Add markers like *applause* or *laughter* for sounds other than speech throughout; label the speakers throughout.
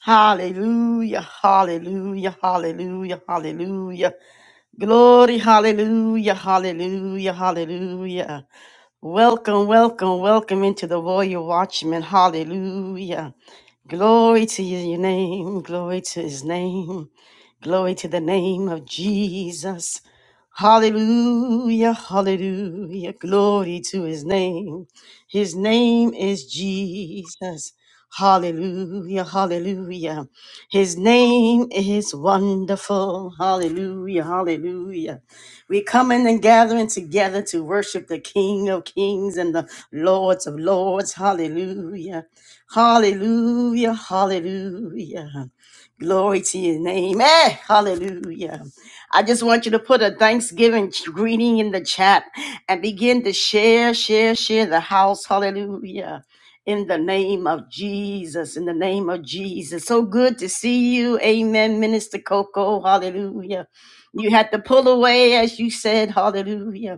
Speaker 1: Hallelujah, hallelujah, hallelujah, hallelujah. Glory, hallelujah, hallelujah, hallelujah. Welcome, welcome, welcome into the warrior Watchman. Hallelujah. Glory to your name, glory to his name, glory to the name of Jesus. Hallelujah, hallelujah, glory to his name. His name is Jesus. Hallelujah, hallelujah. His name is wonderful. Hallelujah, hallelujah. We coming and gathering together to worship the King of Kings and the Lords of Lords. Hallelujah. Hallelujah, hallelujah. Glory to your name. Eh, hallelujah. I just want you to put a Thanksgiving greeting in the chat and begin to share, share, share the house. Hallelujah. In the name of Jesus, in the name of Jesus. So good to see you. Amen, Minister Coco. Hallelujah. You had to pull away, as you said. Hallelujah.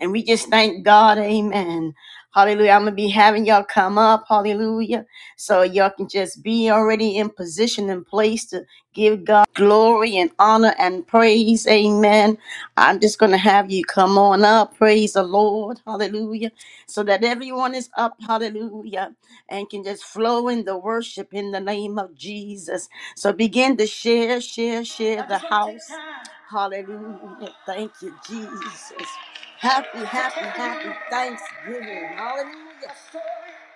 Speaker 1: And we just thank God, amen. Hallelujah. I'm going to be having y'all come up, hallelujah. So y'all can just be already in position and place to give God glory and honor and praise, amen. I'm just going to have you come on up, praise the Lord, hallelujah. So that everyone is up, hallelujah, and can just flow in the worship in the name of Jesus. So begin to share, share, share the house. Hallelujah. Thank you, Jesus. Happy, happy, happy Thanksgiving. Hallelujah.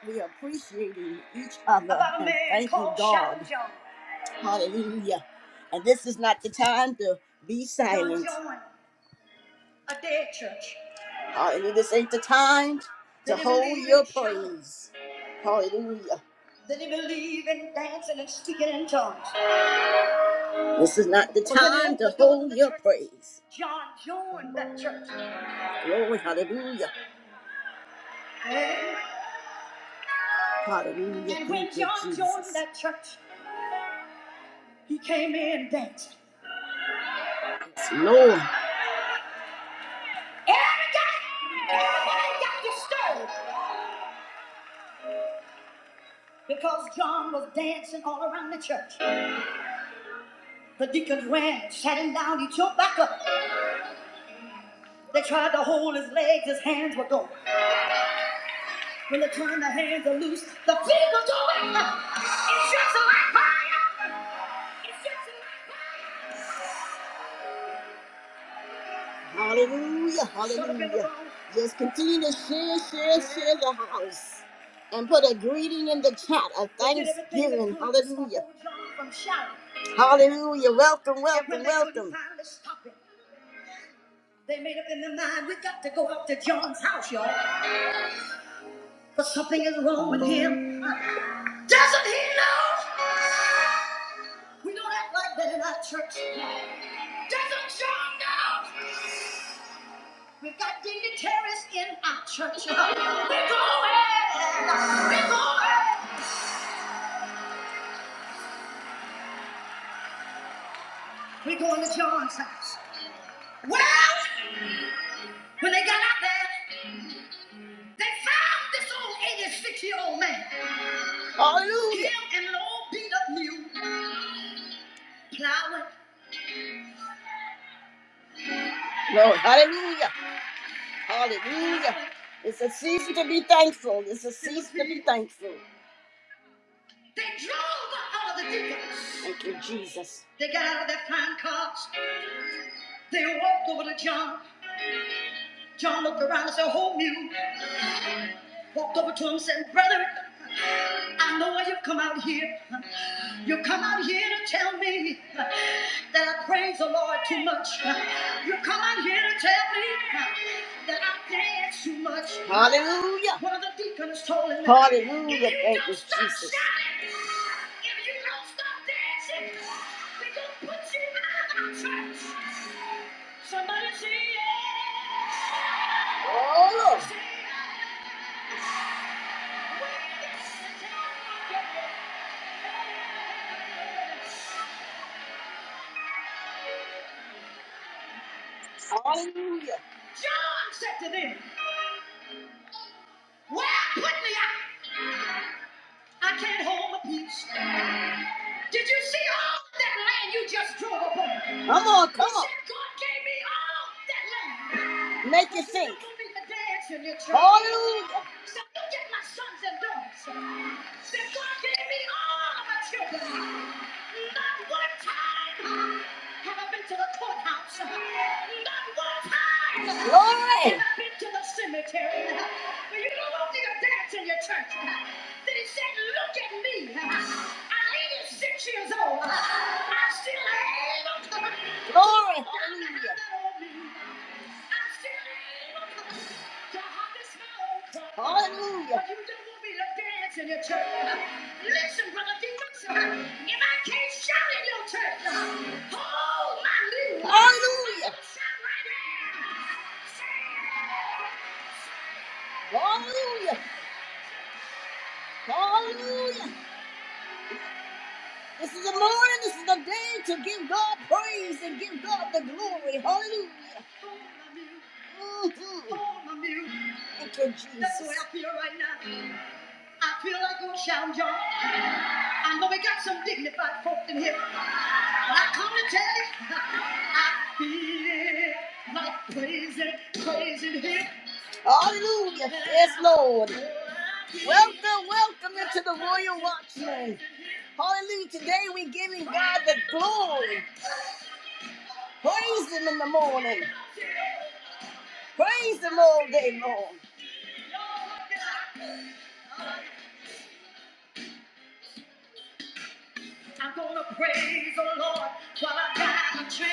Speaker 1: We appreciating each other and thanking God. Hallelujah. And this is not the time to be silent. Hallelujah. This ain't the time to hold your praise. Hallelujah. This is not the time to hold your praise. John, joined that church. Glory, hallelujah. Hallelujah. And when Thank you, John Jesus. joined that church, he came in dancing. Yes, Lord. Everybody, everybody got disturbed because John was dancing all around the church. The deacons ran, sat him down, he jumped back up. They tried to hold his legs, his hands were going. When they turned the hands loose, the feet were going. It's just like fire. It's just like fire. Hallelujah, hallelujah. Just continue to share, share, share the house. And put a greeting in the chat, a thanksgiving. Hallelujah. Hallelujah. Welcome, welcome, welcome. They made up in their mind, we got to go up to John's house, y'all. But something is wrong with him. Doesn't he know? We don't act like that in our church. Doesn't John know? We got dignitaries in our church. We're going. We're going. We're going to John's house. Well, when they got out there, they found this old 86 year old man. Hallelujah. Him and an old beat up mule plowing. Lord, hallelujah. Hallelujah. It's a season to be thankful. It's a season to be thankful. They drove out of the deacons. Thank you, Jesus. They got out of their fine cars. They walked over to John. John looked around and said, Who knew? Walked over to him and said, Brother, I know why you've come out here. You've come out here to tell me that I praise the Lord too much. You've come out here to tell me that I dance too much. Hallelujah. One of the deacons told him, Hallelujah. If you Thank don't you, stop Jesus. shouting, If you don't stop dancing, we're going to put you out of our church. Somebody say yeah. Oh, Lord. Hallelujah. John said to them, Well, put me out. I can't hold a piece. Did you see all of that land you just drove up on? Come on, come on. He said, God gave me all that land. Make you think. Hallelujah. So look at my sons and daughters. That God gave me all of my children. Not one time have I been to the courthouse. Not one time Glory. have I been to the cemetery. But you don't want me to dance in your church. Then he said, look at me. I'm 86 years old. I still have Glory. Hallelujah. I'm still Hallelujah. You don't want me to dance in your church. Listen, brother Deacon, if I can't shout in your church, hold my little. Hallelujah. Shout right there. Hallelujah. Hallelujah. This is the morning, this is the day to give God praise and give God the glory. Hallelujah. Hold my mule. Mhm. Hold my mule. Thank you, Jesus. That's so help you right now. I feel like I'm shouting. y'all. I know we got some dignified folk in here, but I come to tell you, *laughs* I feel like praising, praising Him. Hallelujah. Yes, Lord. Welcome, welcome into the Royal Watchman. Hallelujah. Today we're giving God the glory. Praise Him in the morning. Praise Him all day long. while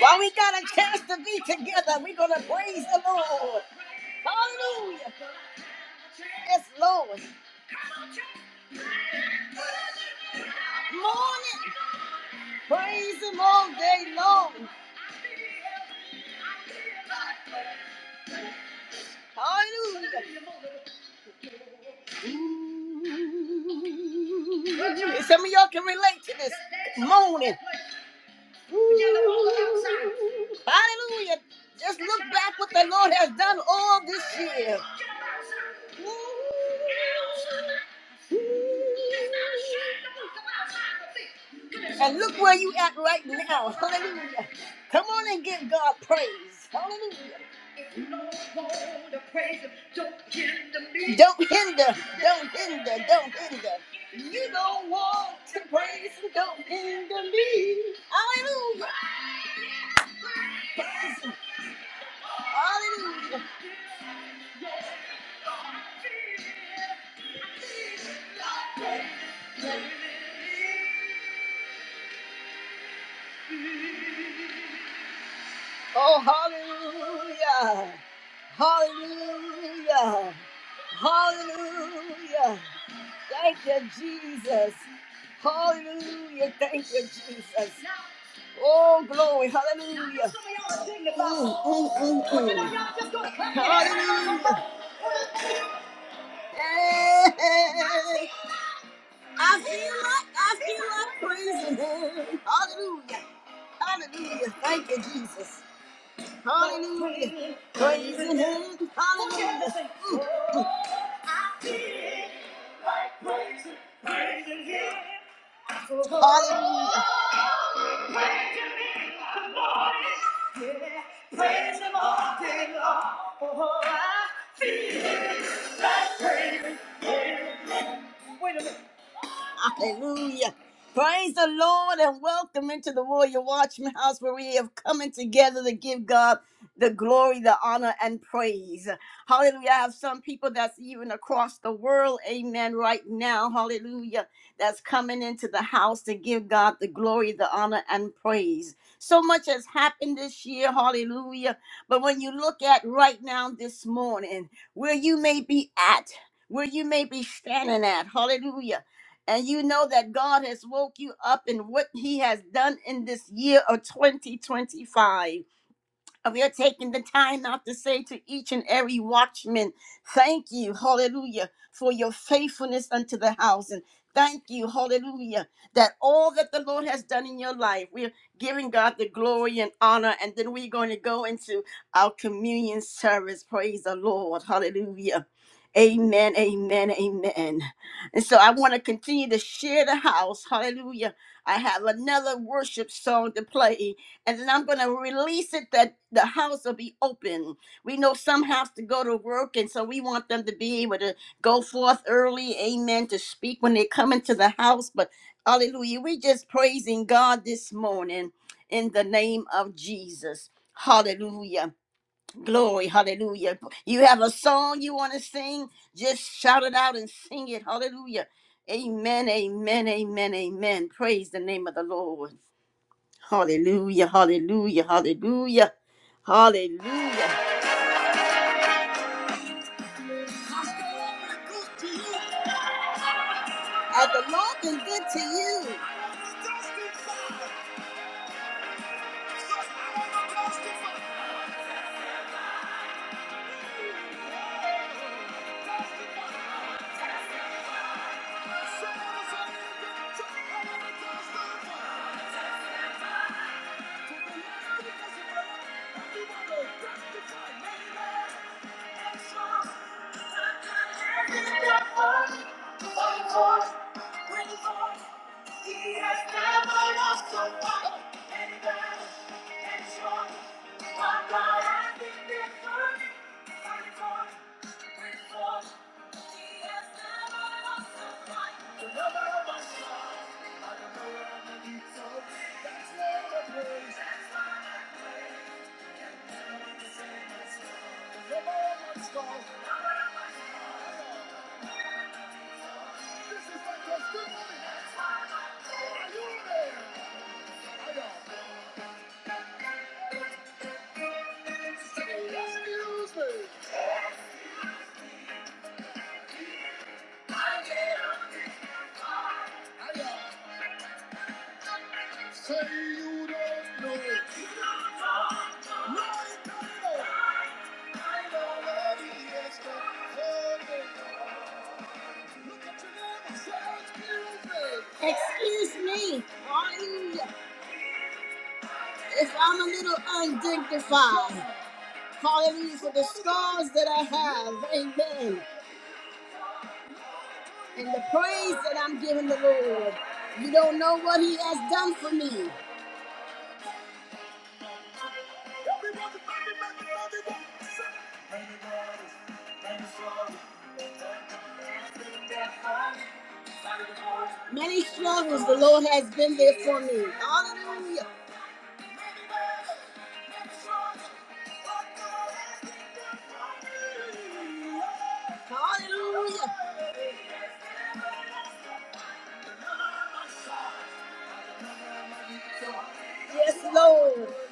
Speaker 1: While we got a chance to be together, we're gonna praise the Lord. Hallelujah. Yes, Lord. Morning. Praise him all day long. Hallelujah. Ooh. Some of y'all can relate to this moaning. We gotta look outside. Hallelujah. Just look back what the Lord has done all this year. And look where you at right now. Hallelujah. Come on and give God praise. Hallelujah. Don't hinder, don't hinder, don't hinder. You don't want to praise and don't end to me. Hallelujah. Praise him. Hallelujah. Oh, hallelujah. Hallelujah. Hallelujah. Thank you, Jesus. Hallelujah. Thank you, Jesus. Oh, glory. Hallelujah. Mm, mm, mm, mm. Hallelujah. Hey, I feel like I feel like praising him. Hallelujah. Hallelujah. Thank you, Jesus. Hallelujah. Praise Him. Hallelujah. I feel like Mm, mm. Hallelujah. Praising Him in the morning, yeah, Praise Him all day long. Oh, I feel like praising. Wait a minute. Hallelujah. Praise the Lord and welcome into the Warrior Watchman House where we have coming together to give God the glory, the honor, and praise. Hallelujah. I have some people that's even across the world, amen, right now. Hallelujah. That's coming into the house to give God the glory, the honor, and praise. So much has happened this year. Hallelujah. But when you look at right now this morning, where you may be at, where you may be standing at. Hallelujah and you know that God has woke you up in what He has done in this year of 2025 of your taking the time out to say to each and every watchman, thank you, hallelujah, for your faithfulness unto the house. And thank you, hallelujah, that all that the Lord has done in your life, we're giving God the glory and honor. And then we're going to go into our communion service. Praise the Lord, hallelujah. Amen, amen, amen. And so I want to continue to share the house. Hallelujah. I have another worship song to play and then I'm going to release it that the house will be open. We know some have to go to work, and so we want them to be able to go forth early, amen, to speak when they come into the house. But hallelujah, we just praising God this morning in the name of Jesus. Hallelujah. Glory. Hallelujah. You have a song you want to sing? Just shout it out and sing it. Hallelujah. Amen. Amen. Amen. Amen. Praise the name of the Lord. Hallelujah, hallelujah, hallelujah, hallelujah. Has the Lord been good to you? He has never lost a one. And battle and strong. My God has been there for me. I rejoice with joy. He has never lost a one. The number of my song. I don't know where I'm gonna be so. That's where I praise. That's where I praise. Can never be the same as before. The number of my song. The number of my song. Right For the scars that I have. Many struggles the Lord has been there for me. Hallelujah. Hallelujah. Yes, Lord.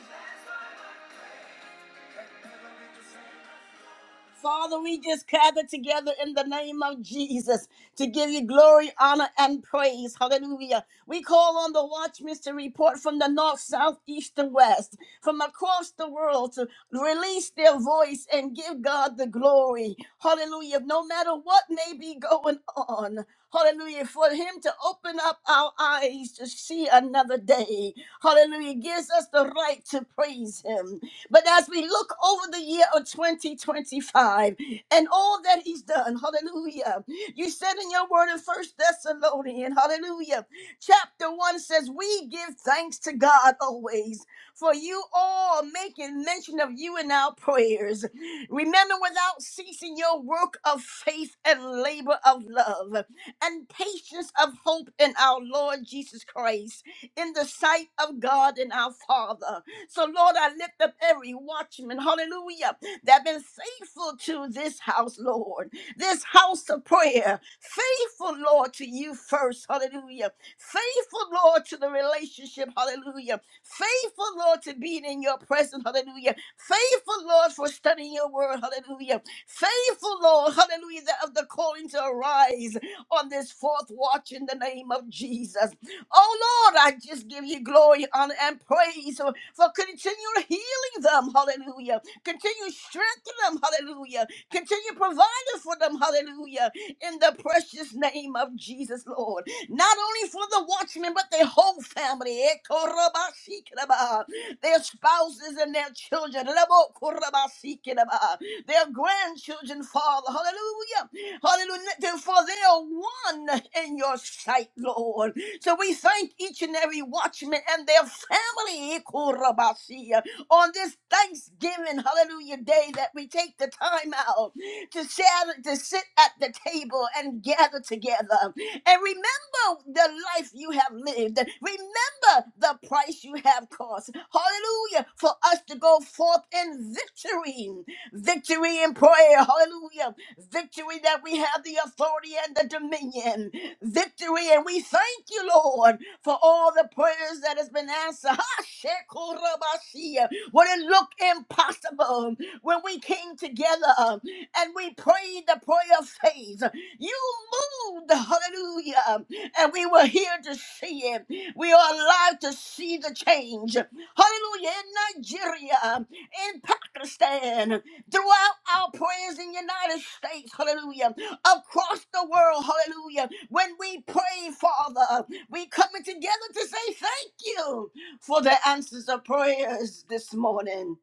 Speaker 1: Father, we just gather together in the name of Jesus to give you glory, honor, and praise. Hallelujah. We call on the watchmen to report from the north, south, east, and west, from across the world to release their voice and give God the glory. Hallelujah. No matter what may be going on. Hallelujah. For him to open up our eyes to see another day. Hallelujah. Gives us the right to praise him. But as we look over the year of 2025 and all that he's done, hallelujah. You said in your word in First Thessalonians, hallelujah. Chapter 1 says, We give thanks to God always for you all making mention of you in our prayers. Remember without ceasing your work of faith and labor of love and patience of hope in our Lord Jesus Christ, in the sight of God and our Father. So, Lord, I lift up every watchman, hallelujah, that have been faithful to this house, Lord, this house of prayer, faithful, Lord, to you first, hallelujah, faithful, Lord, to the relationship, hallelujah Faithful, Lord, to be in your presence. Hallelujah. Faithful, Lord, for studying your word. Hallelujah. Faithful, Lord, hallelujah, of the calling to arise on this fourth watch in the name of Jesus. Oh, Lord, I just give you glory, honor, and praise for for continual healing them, hallelujah. Continue strengthening them, hallelujah. Continue providing for them, hallelujah, in the precious name of Jesus, Lord. Not only for the watchmen, but their whole family. Eh, korobasikinaba, Their spouses and their children. Rabo korobasikinaba their grandchildren, Father. Hallelujah. Hallelujah. for they are one in your sight, Lord. So we thank each and every watchman and their family Korabasiya, on this Thanksgiving, hallelujah, day that we take the time out to, share to sit at the table and gather together and remember the life you have lived. Remember the price you have cost. Hallelujah. For us to go forth in victory victory, victory in prayer. Hallelujah. Victory that we have the authority and the dominion. Victory, and we thank you, Lord, for all the prayers that has been answered. *laughs* Hashekurabashia. When it looked impossible, when we came together and we prayed the prayer of faith, you moved, hallelujah, and we were here to see it. We are alive to see the change. Hallelujah. In Nigeria in Pakistan, throughout our prayers in the United States, hallelujah, across the world, hallelujah. When we pray, Father, we coming together to say thank you for the answers of prayers this morning.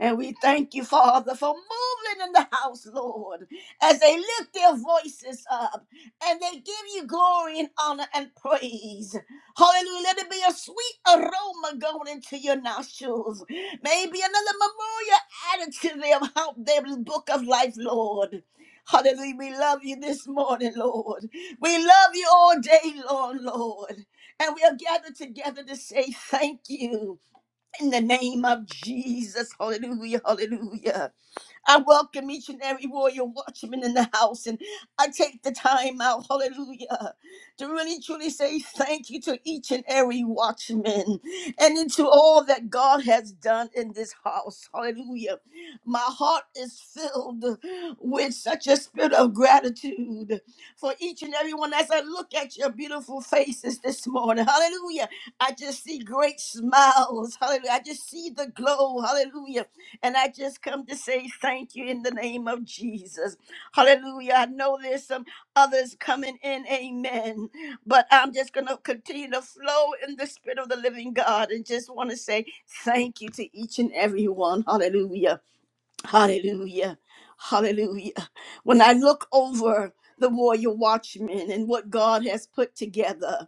Speaker 1: And we thank you, Father, for moving in the house, Lord, as they lift their voices up and they give you glory and honor and praise. Hallelujah. Let it be a sweet aroma going into your nostrils. Maybe another memorial added to them out there in the book of life, Lord. Hallelujah. We love you this morning, Lord. We love you all day long, Lord. And we are gathered together to say thank you in the name of Jesus. Hallelujah. Hallelujah. I welcome each and every warrior watchman in the house, and I take the time out, hallelujah, to really truly say thank you to each and every watchman and into all that God has done in this house, hallelujah. My heart is filled with such a spirit of gratitude for each and every one as I look at your beautiful faces this morning, hallelujah. I just see great smiles, hallelujah. I just see the glow, hallelujah and I just come to say thank you in the name of Jesus. Hallelujah. I know there's some others coming in. Amen. But I'm just going to continue to flow in the spirit of the living God and just want to say thank you to each and every one. Hallelujah. Hallelujah. Hallelujah. When I look over the warrior watchmen and what God has put together,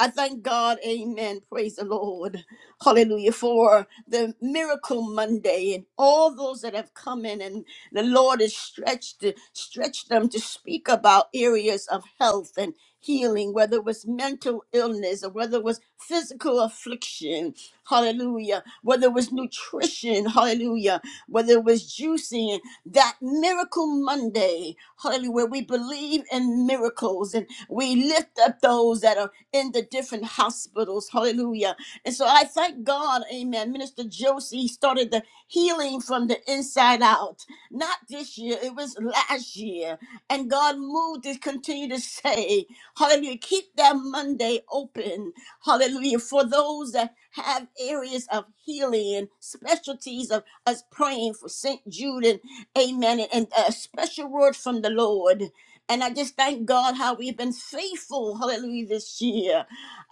Speaker 1: I thank God, amen. Praise the Lord. Hallelujah. For the miracle Monday and all those that have come in and the Lord has stretched stretched them to speak about areas of health and healing, whether it was mental illness or whether it was physical affliction. Hallelujah. Whether it was nutrition, hallelujah. Whether it was juicing, that miracle Monday, hallelujah, where we believe in miracles and we lift up those that are in the different hospitals, hallelujah. And so I thank God, amen. Minister Josie started the healing from the inside out. Not this year, it was last year. And God moved to continue to say, hallelujah, keep that Monday open. Hallelujah. For those that have areas of healing and specialties of us praying for St. Jude and amen. And, and a special word from the Lord. And I just thank God how we've been faithful, hallelujah, this year.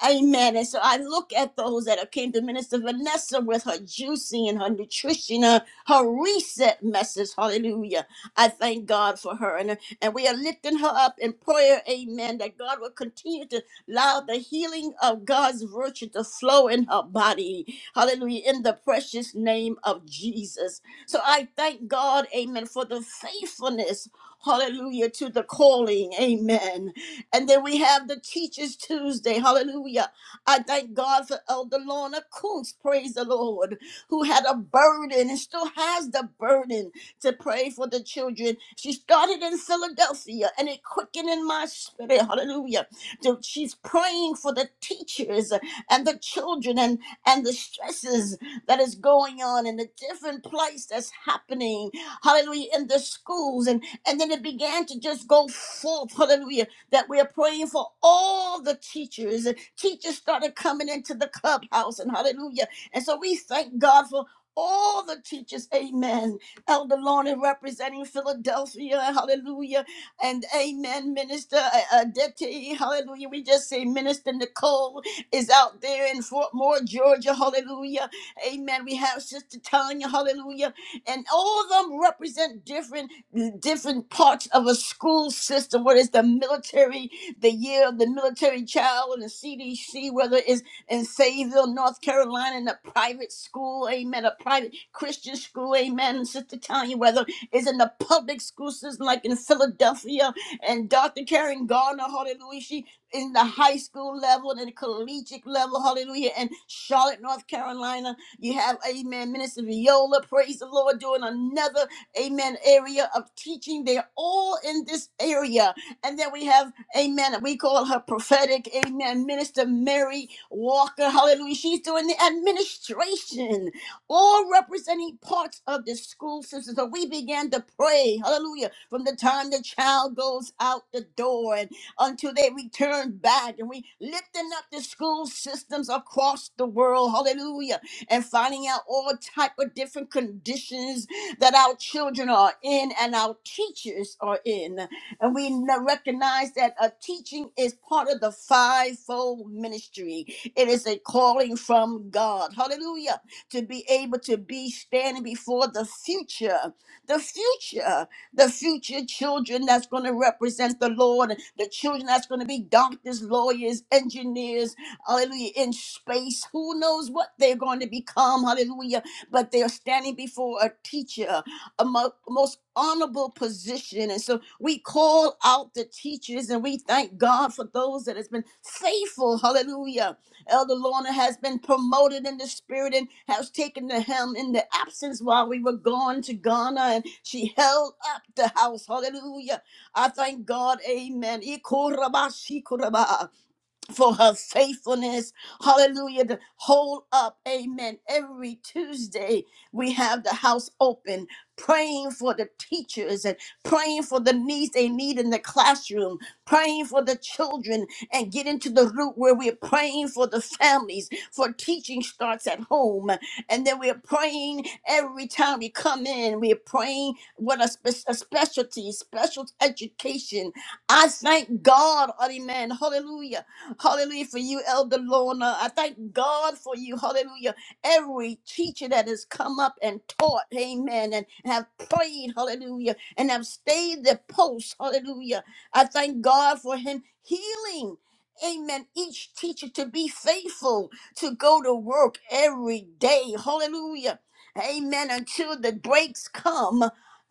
Speaker 1: Amen. And so I look at those that have came to Minister Vanessa with her juicy and her nutrition, her, her reset message, hallelujah. I thank God for her. And, and we are lifting her up in prayer, amen, that God will continue to allow the healing of God's virtue to flow in her body. Hallelujah. In the precious name of Jesus. So I thank God, amen, for the faithfulness. Hallelujah to the calling. Amen. And then we have the Teachers Tuesday. Hallelujah. I thank God for Elder Lorna Coons. Praise the Lord who had a burden and still has the burden to pray for the children. She started in Philadelphia and it quickened in my spirit. Hallelujah. So She's praying for the teachers and the children and, and the stresses that is going on and the different place that's happening. Hallelujah. In the schools. And, and then it began to just go forth. Hallelujah. That we are praying for all the teachers. And teachers started coming into the clubhouse and hallelujah. And so we thank God for all the teachers. Amen Elder Lorna representing Philadelphia, hallelujah, and amen, Minister uh, Aditi, hallelujah. We just say Minister Nicole is out there in Fort Moore, Georgia, hallelujah, amen. We have Sister Tanya, hallelujah, and all of them represent different different parts of a school system, whether it's the military, the year of the military child, and the CDC, whether it's in Fayetteville, North Carolina, in a private school, amen, a private Christian school, amen, and Sister Tanya, whether it's in the public school system like in Philadelphia, and Dr. Karen Garner, hallelujah, she in the high school level and the collegiate level, hallelujah, and Charlotte, North Carolina, you have, amen, Minister Viola, praise the Lord, doing another, amen, area of teaching. They're all in this area. And then we have, amen, we call her prophetic, amen, Minister Mary, Walker, hallelujah. She's doing the administration, all representing parts of the school system. So we began to pray, hallelujah, from the time the child goes out the door and until they return back. And we lifting up the school systems across the world, hallelujah, and finding out all type of different conditions that our children are in and our teachers are in. And we n- recognize that a teaching is part of the fivefold ministry. It is a calling from God. Hallelujah. To be able to be standing before the future, the future, the future children that's going to represent the Lord, the children that's going to be doctors, lawyers, engineers, hallelujah, in space. Who knows what they're going to become, hallelujah. But they're standing before a teacher, a mo- most honorable position. And so we call out the teachers and we thank God for those that has been faithful, hallelujah Elder Lorna has been promoted in the spirit and has taken the helm in the absence while we were gone to Ghana, and she held up the house. Hallelujah. I thank God. Amen. Ikorabashikoraba for her faithfulness. Hallelujah. To hold up. Amen. Every Tuesday, we have the house open, praying for the teachers and praying for the needs they need in the classroom, praying for the children, and get into the root where we're praying for the families, for teaching starts at home. And then we're praying every time we come in, we're praying what a, spe- a specialty, special education. I thank God, amen. Hallelujah Hallelujah for you, Elder Lorna. I thank God for you. Hallelujah. Every teacher that has come up and taught, amen, and have prayed, hallelujah, and have stayed the post, hallelujah. I thank God for him healing. Amen. Each teacher to be faithful to go to work every day. Hallelujah. Amen. Until the breaks come.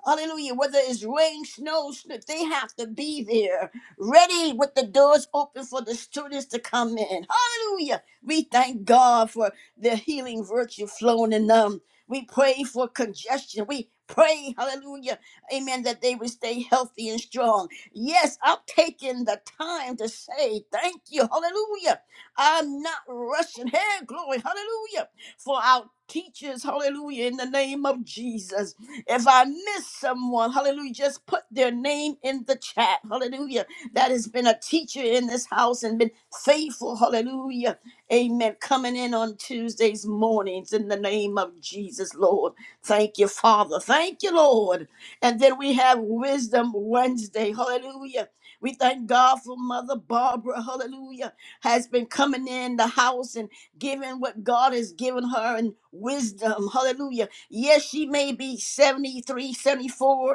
Speaker 1: Hallelujah. Whether it's rain, snow, sn- they have to be there ready with the doors open for the students to come in. Hallelujah. We thank God for the healing virtue flowing in them. We pray for congestion. We pray, hallelujah, amen, that they would stay healthy and strong. Yes, I'm taking the time to say thank you, hallelujah. I'm not rushing. Hey, glory, hallelujah, for our teachers, hallelujah, in the name of Jesus. If I miss someone, hallelujah, just put their name in the chat, hallelujah that has been a teacher in this house and been faithful. Hallelujah. Amen. Coming in on Tuesdays mornings in the name of Jesus, Lord. Thank you, Father. Thank you, Lord. And then we have Wisdom Wednesday. Hallelujah. We thank God for Mother Barbara. Hallelujah. Has been coming in the house and giving what God has given her and wisdom. Hallelujah. Yes, she may be seventy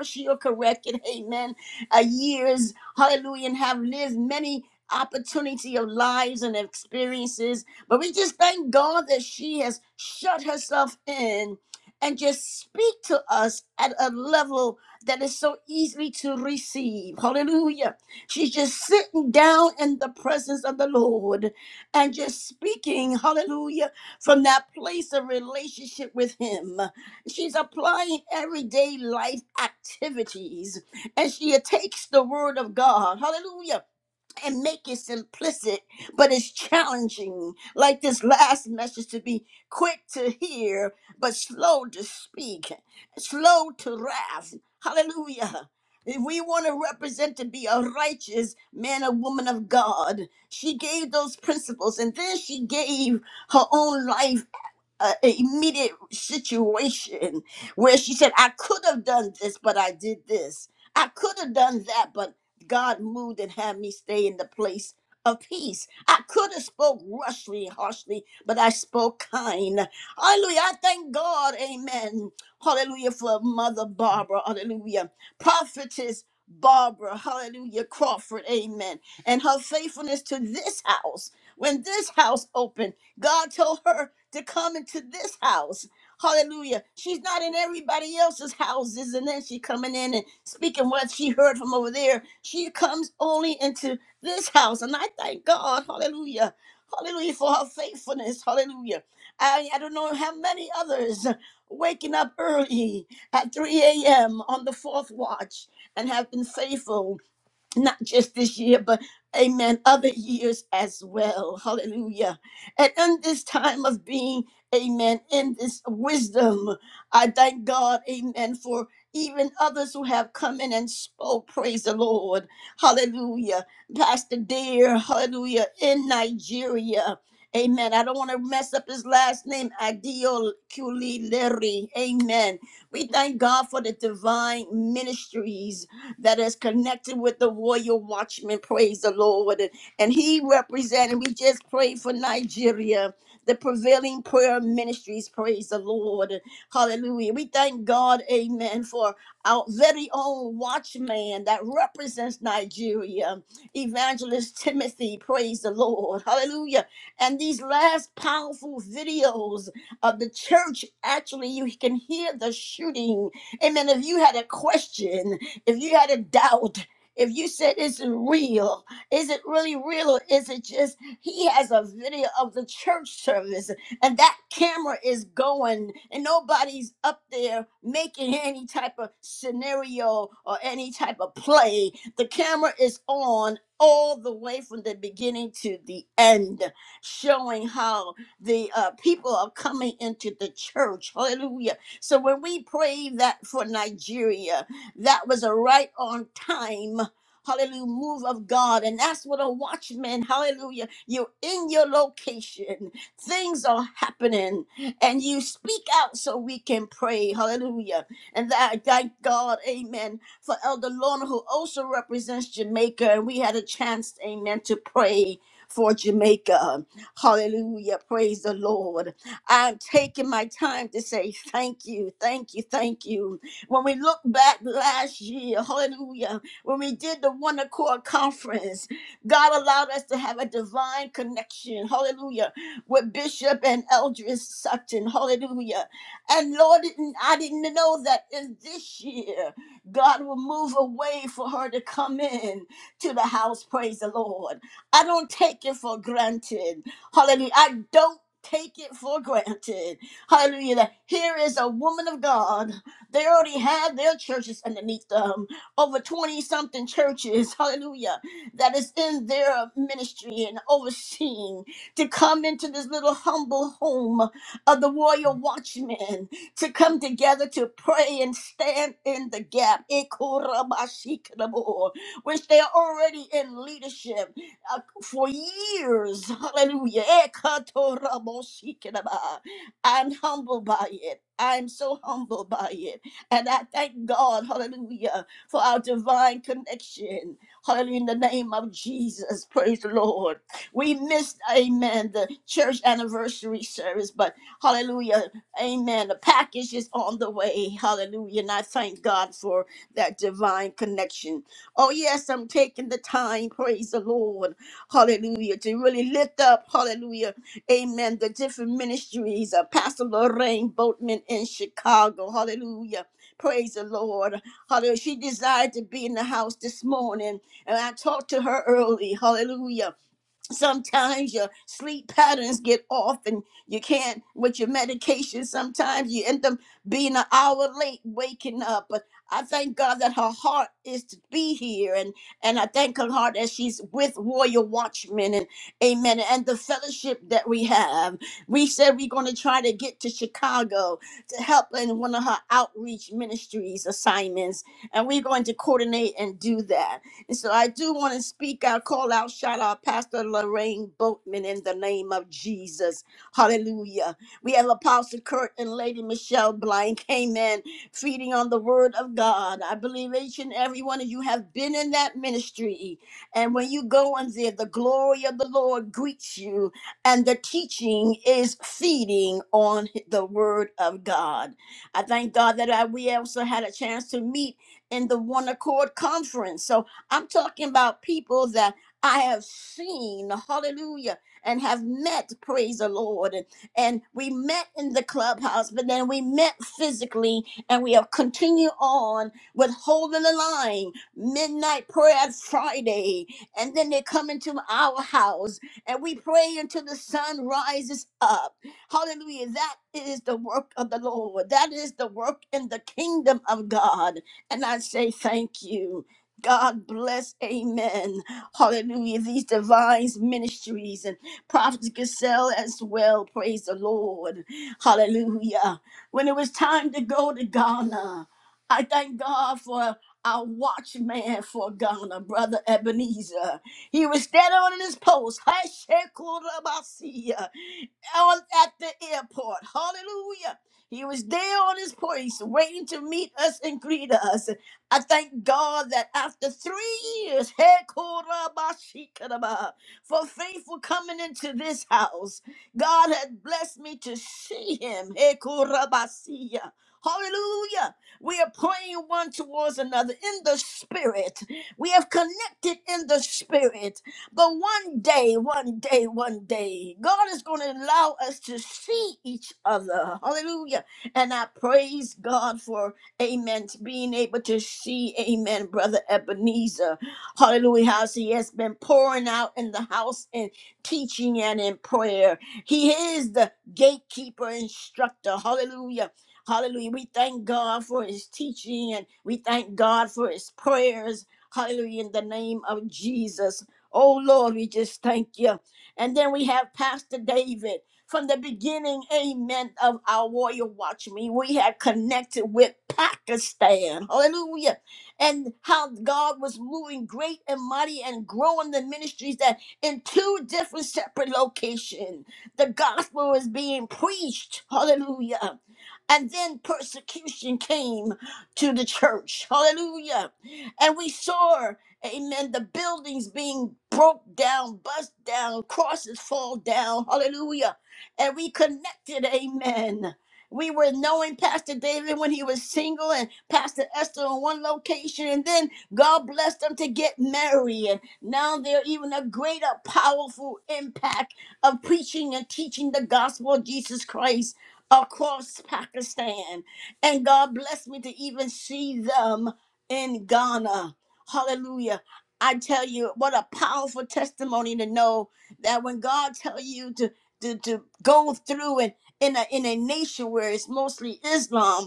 Speaker 1: She'll correct it. Amen uh, years, hallelujah, and have lived many opportunity of lives and experiences. But we just thank God that she has shut herself in and just speak to us at a level that is so easily to receive. Hallelujah. She's just sitting down in the presence of the Lord and just speaking, hallelujah, from that place of relationship with Him. She's applying everyday life activities and she takes the word of God, hallelujah, and make it simplistic, but it's challenging. Like this last message to be quick to hear, but slow to speak, slow to wrath, hallelujah. If we want to represent to be a righteous man or woman of God, she gave those principles and then she gave her own life uh, immediate situation where she said, I could have done this, but I did this. I could have done that, but God moved and had me stay in the place of peace. I could have spoke rushly, harshly, but I spoke kind. Hallelujah. I thank God. Amen. Hallelujah for Mother Barbara. Hallelujah. Prophetess Barbara. Hallelujah. Crawford. Amen. And her faithfulness to this house. When this house opened, God told her to come into this house. Hallelujah. She's not in everybody else's houses, and then she coming in and speaking what she heard from over there. She comes only into this house. And I thank God, hallelujah. Hallelujah for her faithfulness. Hallelujah. I, I don't know how many others waking up early at 3 a.m. on the fourth watch and have been faithful not just this year, but amen, other years as well. Hallelujah. And in this time of being, amen, in this wisdom, I thank God, amen, for even others who have come in and spoke. Praise the Lord. Hallelujah. Pastor Dear, hallelujah, in Nigeria. Amen. I don't want to mess up his last name, Adil Kulileri. Amen. We thank God for the divine ministries that is connected with the royal watchman. Praise the Lord. And, and he represented, we just prayed for Nigeria, the prevailing prayer ministries. Praise the Lord. Hallelujah. We thank God, amen, for our very own watchman that represents Nigeria, Evangelist Timothy. Praise the Lord. Hallelujah. And these last powerful videos of the church, actually, you can hear the shooting Amen. If you had a question, if you had a doubt, if you said it's real, is it really real or is it just he has a video of the church service and that camera is going and nobody's up there making any type of scenario or any type of play. The camera is on all the way from the beginning to the end, showing how the uh, people are coming into the church. Hallelujah. So when we pray that for Nigeria, that was a right on time. Hallelujah, move of God. And that's what a watchman, hallelujah, you're in your location. Things are happening. And you speak out so we can pray. Hallelujah. And that I thank God, amen, for Elder Lorna, who also represents Jamaica. And we had a chance, amen, to pray for Jamaica. Hallelujah. Praise the Lord. I'm taking my time to say thank you, thank you, thank you. When we look back last year, hallelujah, when we did the One Accord Conference, God allowed us to have a divine connection, hallelujah, with Bishop and Eldris Sutton, hallelujah. And Lord, didn't- I didn't know that in this year, God will move a way for her to come in to the house, praise the Lord. I don't take it for granted, hallelujah. I don't take it for granted, hallelujah. that Here is a woman of God they already have their churches underneath them, over 20 something churches, *laughs* hallelujah, that is in their ministry and overseeing to come into this little humble home of the royal watchmen to come together to pray and stand in the gap, Ikorabashikrabo, which they are already in leadership uh, for years, hallelujah. Ekatoraboshikraba. I'm humbled by it. I'm so humbled by it. And I thank God, hallelujah, for our divine connection. Hallelujah, in the name of Jesus. Praise the Lord. We missed, amen, the church anniversary service, but hallelujah, amen. The package is on the way. Hallelujah. And I thank God for that divine connection. Oh, yes, I'm taking the time, praise the Lord, hallelujah, to really lift up, hallelujah, amen, the different ministries of Pastor Lorraine Boatman in Chicago. Hallelujah Praise the Lord. Hallelujah. She desired to be in the house this morning. And I talked to her early. Hallelujah sometimes your sleep patterns get off and you can't with your medication sometimes you end up being an hour late waking up but i thank god that her heart is to be here and and i thank her heart that she's with warrior watchmen and amen and the fellowship that we have we said we're going to try to get to chicago to help in one of her outreach ministries assignments and we're going to coordinate and do that and so I do want to speak out, call out, shout out Pastor Lorraine Boatman in the name of Jesus. Hallelujah. We have Apostle Kurt and Lady Michelle Blank. Amen. Feeding on the word of God. I believe each and every one of you have been in that ministry. And when you go in there, the glory of the Lord greets you. And the teaching is feeding on the word of God. I thank God that I, we also had a chance to meet in the One Accord Conference. So I'm talking about people that I have seen, hallelujah, and have met, praise the Lord. And, and we met in the clubhouse, but then we met physically, and we have continued on with holding the line, midnight prayer Friday. And then they come into our house, and we pray until the sun rises up. Hallelujah. That is the work of the Lord. That is the work in the kingdom of God. And I say thank you. God bless, amen. Hallelujah. These divine ministries and Prophet Gazelle as well. Praise the Lord. Hallelujah. When it was time to go to Ghana, I thank God for our watchman for Ghana, Brother Ebenezer. He was standing on his post. Hashekurabasiya, On at the airport. Hallelujah. He was there on his place, waiting to meet us and greet us. I thank God that after three years, *laughs* hey, korabashikaraba, for faithful coming into this house, God had blessed me to see him. Hey, korabasiya. Hallelujah. We are praying one towards another in the spirit. We have connected in the spirit. But one day, one day, one day, God is going to allow us to see each other. Hallelujah. And I praise God for Amen. To being able to see, amen, Brother Ebenezer. Hallelujah. How he has been pouring out in the house and teaching and in prayer. He is the gatekeeper, instructor. Hallelujah. Hallelujah. We thank God for his teaching and we thank God for his prayers. Hallelujah. In the name of Jesus. Oh Lord, we just thank you. And then we have Pastor David. From the beginning, amen, of our warrior watchmen, we had connected with Pakistan. Hallelujah. And how God was moving great and mighty and growing the ministries that in two different separate locations, the gospel was being preached. Hallelujah. And then persecution came to the church. Hallelujah. And we saw Amen. The buildings being broke down, bust down, crosses fall down. Hallelujah and we connected. Amen. We were knowing Pastor David when he was single and Pastor Esther on one location, and then God blessed them to get married. And now they're even a greater, powerful impact of preaching and teaching the gospel of Jesus Christ across Pakistan. And God blessed me to even see them in Ghana. Hallelujah. I tell you, what a powerful testimony to know that when God tells you to to, to go through and in a in a nation where it's mostly Islam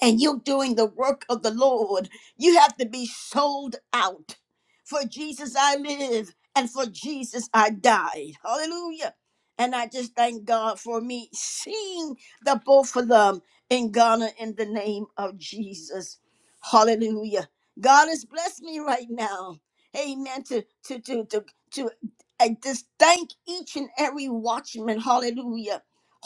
Speaker 1: and you're doing the work of the Lord, you have to be sold out. For Jesus I live, and for Jesus I died. Hallelujah. And I just thank God for me seeing the both of them in Ghana in the name of Jesus. Hallelujah. God has blessed me right now. Amen. To to to to to I just thank each and every watchman. Hallelujah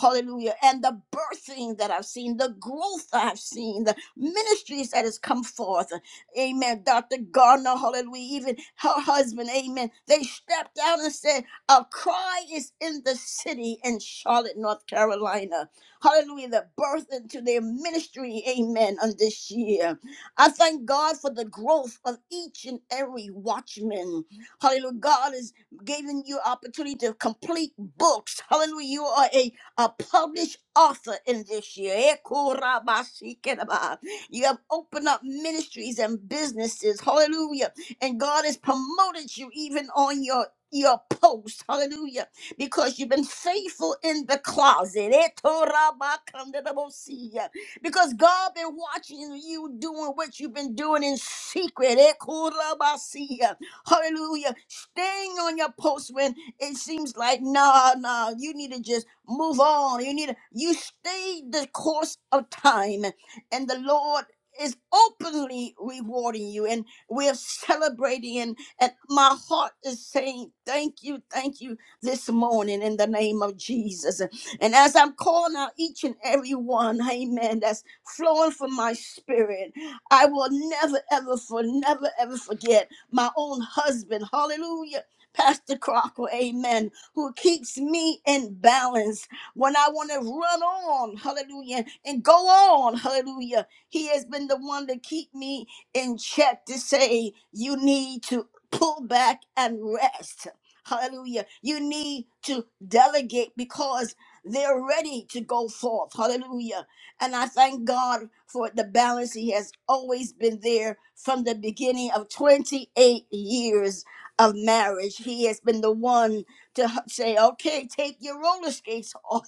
Speaker 1: Hallelujah. And the birthing that I've seen, the growth I've seen, the ministries that has come forth. Amen. Dr. Gardner, hallelujah, even her husband, amen. They stepped out and said, A cry is in the city in Charlotte, North Carolina. Hallelujah. The birth into their ministry, amen, on this year. I thank God for the growth of each and every watchman. Hallelujah. God is giving you opportunity to complete books. Hallelujah. You are a a published author in this year. Eh, kurabashikinaba. You have opened up ministries and businesses. Hallelujah. And God has promoted you even on your your post, hallelujah, because you've been faithful in the closet. Eh, torabakandadabosia. Because God been watching you doing what you've been doing in secret. Eh, kurabasia. Hallelujah. Staying on your post when it seems like, no, no, you need to just move on. You need to, you stay the course of time, and the Lord is openly rewarding you, and we're celebrating. And, and my heart is saying, Thank you, thank you this morning in the name of Jesus. And as I'm calling out each and every one, amen, that's flowing from my spirit, I will never, ever, for never, ever forget my own husband. Hallelujah Pastor Crocker, amen, who keeps me in balance when I want to run on, hallelujah, and go on, hallelujah. He has been the one to keep me in check to say, you need to pull back and rest. Hallelujah. You need to delegate because they're ready to go forth. Hallelujah. And I thank God for the balance. He has always been there from the beginning of 28 years of marriage. He has been the one to h- say, okay, take your roller skates off.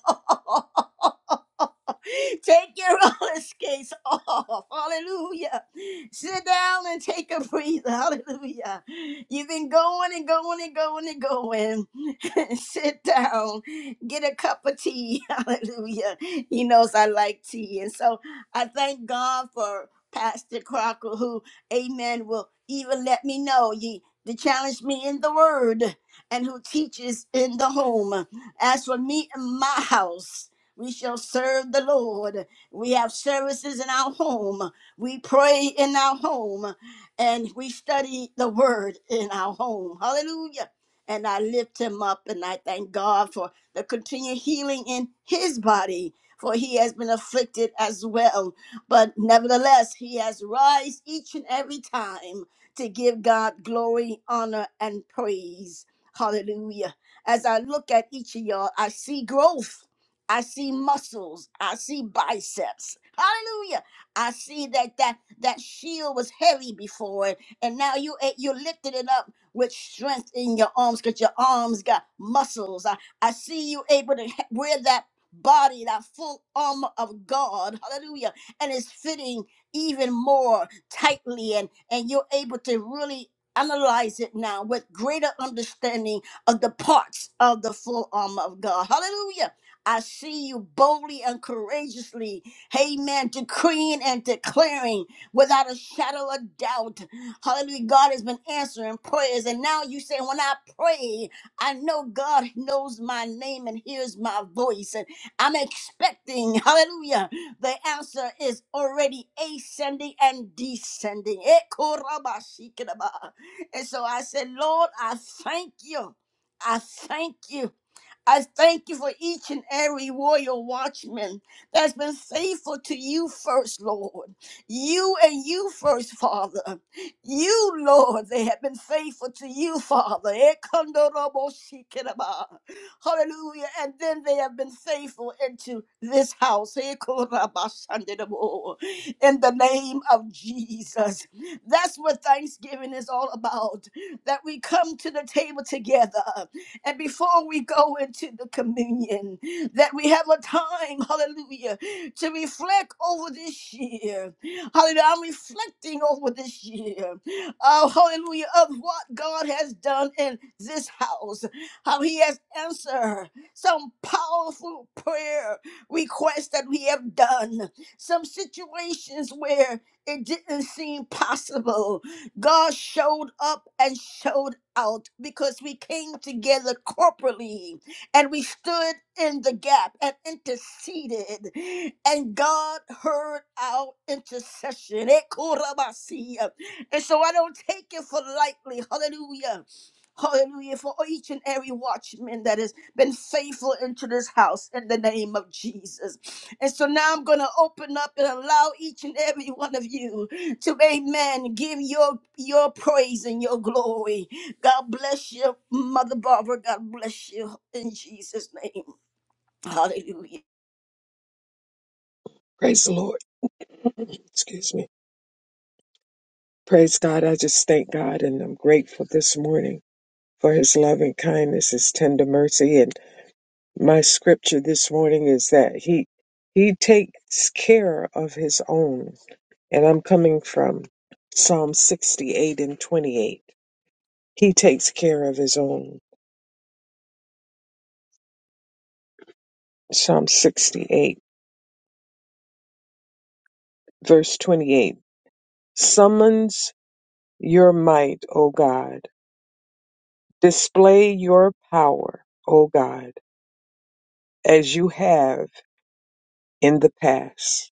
Speaker 1: *laughs* Take your roller skates off. Hallelujah. Sit down and take a breather. Hallelujah. You've been going and going and going and going. *laughs* Sit down. Get a cup of tea. *laughs* Hallelujah. He knows I like tea. And so I thank God for Pastor Crocker, who, amen, will even let me know that challenge me in the word and who teaches in the home. As for me and my house, we shall serve the Lord. We have services in our home. We pray in our home and we study the word in our home. Hallelujah. And I lift him up and I thank God for the continued healing in his body, for he has been afflicted as well. But nevertheless, he has rise each and every time to give God glory, honor, and praise. Hallelujah. As I look at each of y'all, I see growth. I see muscles. I see biceps. Hallelujah. I see that that that shield was heavy before it, and now you you lifted it up with strength in your arms because your arms got muscles. I, I see you able to ha- wear that body, that full armor of God. Hallelujah. And it's fitting even more tightly and and you're able to really analyze it now with greater understanding of the parts of the full armor of God. Hallelujah. I see you boldly and courageously, amen, decreeing and declaring without a shadow of doubt. Hallelujah. God has been answering prayers. And now you say, when I pray, I know God knows my name and hears my voice. And I'm expecting, hallelujah. The answer is already ascending and descending. Ekorabashikidaba. And so I said, Lord, I thank you. I thank you. I thank you for each and every warrior watchman that's been faithful to you first, Lord. You and you first, Father. You, Lord, they have been faithful to you, Father. Ekandorobosikiraba. Hallelujah. And then they have been faithful into this house. Ekorabasanderebo. In the name of Jesus. That's what Thanksgiving is all about. That we come to the table together. And before we go into the communion, that we have a time, hallelujah, to reflect over this year. Hallelujah. I'm reflecting over this year. Oh, hallelujah, of what God has done in this house, how He has answered some powerful prayer requests that we have done, some situations where it didn't seem possible. God showed up and showed out because we came together corporately and we stood in the gap and interceded, and God heard our intercession. Ekorabasi. And so I don't take it for lightly. Hallelujah. Hallelujah for each and every watchman that has been faithful into this house in the name of Jesus. And so now I'm going to open up and allow each and every one of you to amen give your your praise and your glory god bless you mother barbara god bless you in jesus name hallelujah
Speaker 2: Praise the Lord. *clears throat* Excuse me. Praise God. I just thank God and I'm grateful this morning for his loving kindness, his tender mercy. And my scripture this morning is that he he takes care of his own. And I'm coming from Psalm 68 and 28. He takes care of his own. Psalm 68, verse 28. Summons your might, O God. Display your power, O God as you have. in the past.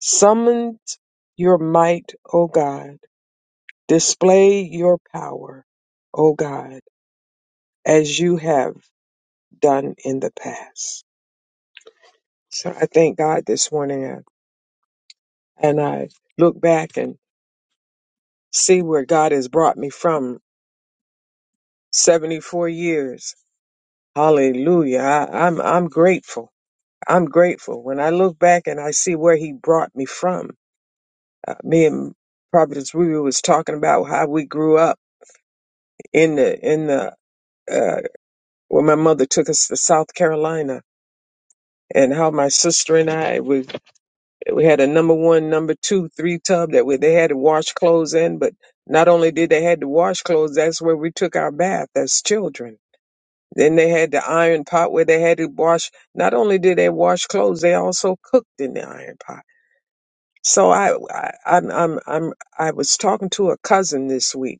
Speaker 2: Summoned your might, O God. Display your power, O God, as you have done in the past. So I thank God this morning and and I look back and see where God has brought me from 74 years. Hallelujah. I, I'm, I'm grateful. I'm grateful. When I look back and I see where he brought me from, uh, me and Providence Ruby was talking about how we grew up in the in the uh, when my mother took us to South Carolina, and how my sister and I we we had a number one, number two, three tub that we they had to wash clothes in. But not only did they had to wash clothes, that's where we took our bath as children. Then they had the iron pot where they had to wash. Not only did they wash clothes, they also cooked in the iron pot. So I, I I'm I'm I'm I was talking to a cousin this week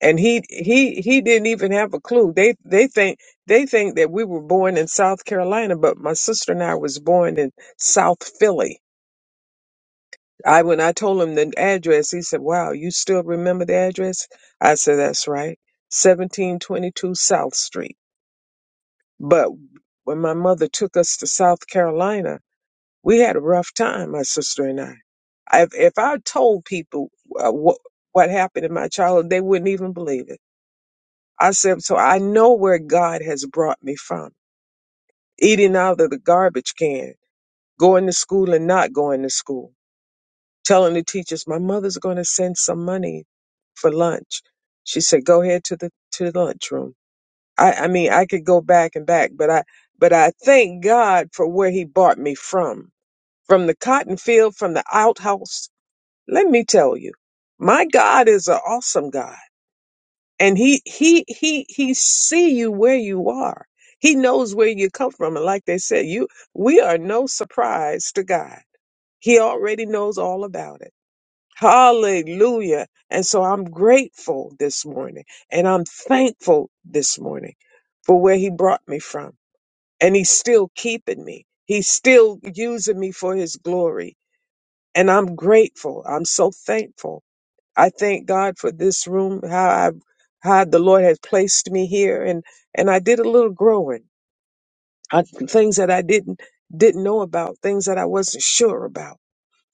Speaker 2: and he he he didn't even have a clue they they think they think that we were born in south carolina but my sister and i was born in south philly i when i told him the address he said wow you still remember the address i said that's right 1722 south street but when my mother took us to south carolina we had a rough time my sister and i if, if i told people uh, what what happened in my childhood they wouldn't even believe it I said, so I know where God has brought me from. Eating out of the garbage can, going to school and not going to school, telling the teachers, my mother's going to send some money for lunch. She said, go ahead to the, to the lunchroom. I, I mean, I could go back and back, but I, but I thank God for where he brought me from, from the cotton field, from the outhouse. Let me tell you, my God is an awesome God. and he he he he see you where you are he knows where you come from and like they said you we are no surprise to god he already knows all about it hallelujah and so i'm grateful this morning and i'm thankful this morning for where he brought me from and he's still keeping me he's still using me for his glory and i'm grateful i'm so thankful I thank God for this room, how I how the Lord has placed me here and and I did a little growing on things that I didn't didn't know about, things that I wasn't sure about.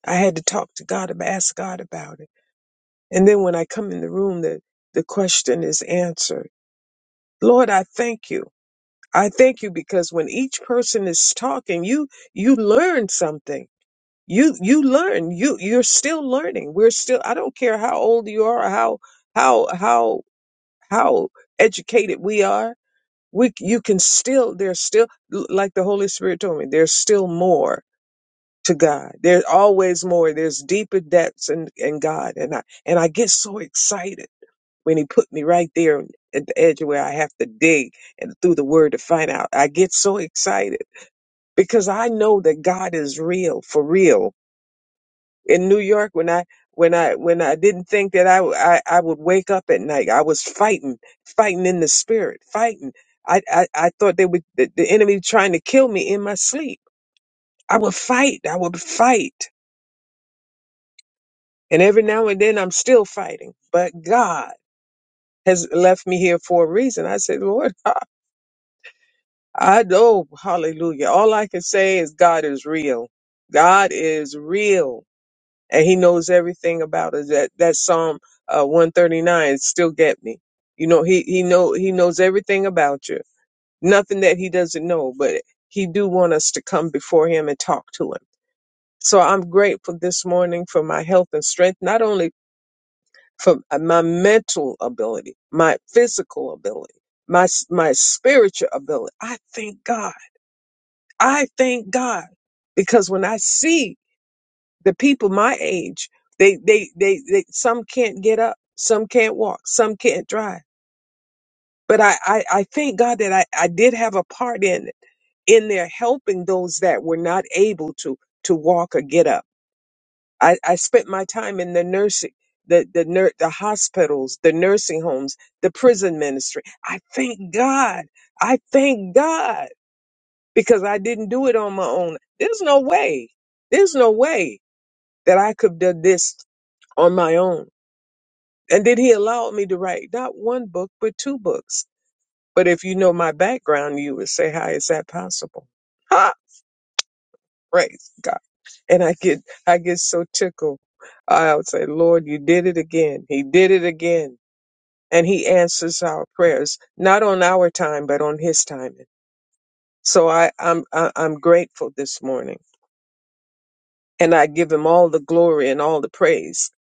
Speaker 2: I had to talk to God and ask God about it. And then when I come in the room the the question is answered. Lord, I thank you. I thank you because when each person is talking, you you learn something. You you learn. You you're still learning. We're still I don't care how old you are or how how how how educated we are, we c- you can still there's still l- like the Holy Spirit told me, there's still more to God. There's always more. There's deeper depths in, in God. And I and I get so excited when he put me right there at the edge of where I have to dig and through the word to find out. I get so excited because I know that God is real for real in New York when I when I when I didn't think that I, w- I I would wake up at night. I was fighting, fighting in the spirit, fighting. I I, I thought they would the, the enemy trying to kill me in my sleep. I would fight. I would fight, and every now and then I'm still fighting. But God has left me here for a reason. I said, Lord, *laughs* I know, Hallelujah. All I can say is God is real. God is real. and he knows everything about us. That that Psalm uh, one thirty nine still get me. You know, he he know he knows everything about you. Nothing that he doesn't know, but he do want us to come before him and talk to him. So I'm grateful this morning for my health and strength, not only for my mental ability, my physical ability, my s- my spiritual ability. I thank God. I thank God because when I see the people my age they, they they they some can't get up some can't walk some can't drive but i i, I thank god that I, I did have a part in it in there helping those that were not able to to walk or get up i i spent my time in the nursing the the nur- the hospitals the nursing homes the prison ministry i thank god i thank god because i didn't do it on my own there's no way there's no way that i could have done this on my own And then he allowed me to write not one book, but two books. But if you know my background, you would say, How is that possible? *laughs* Ha! Praise God. And I get I get so tickled. I would say, Lord, you did it again. He did it again. And he answers our prayers, not on our time, but on his timing. So I, I'm I- I'm grateful this morning. And I give him all the glory and all the praise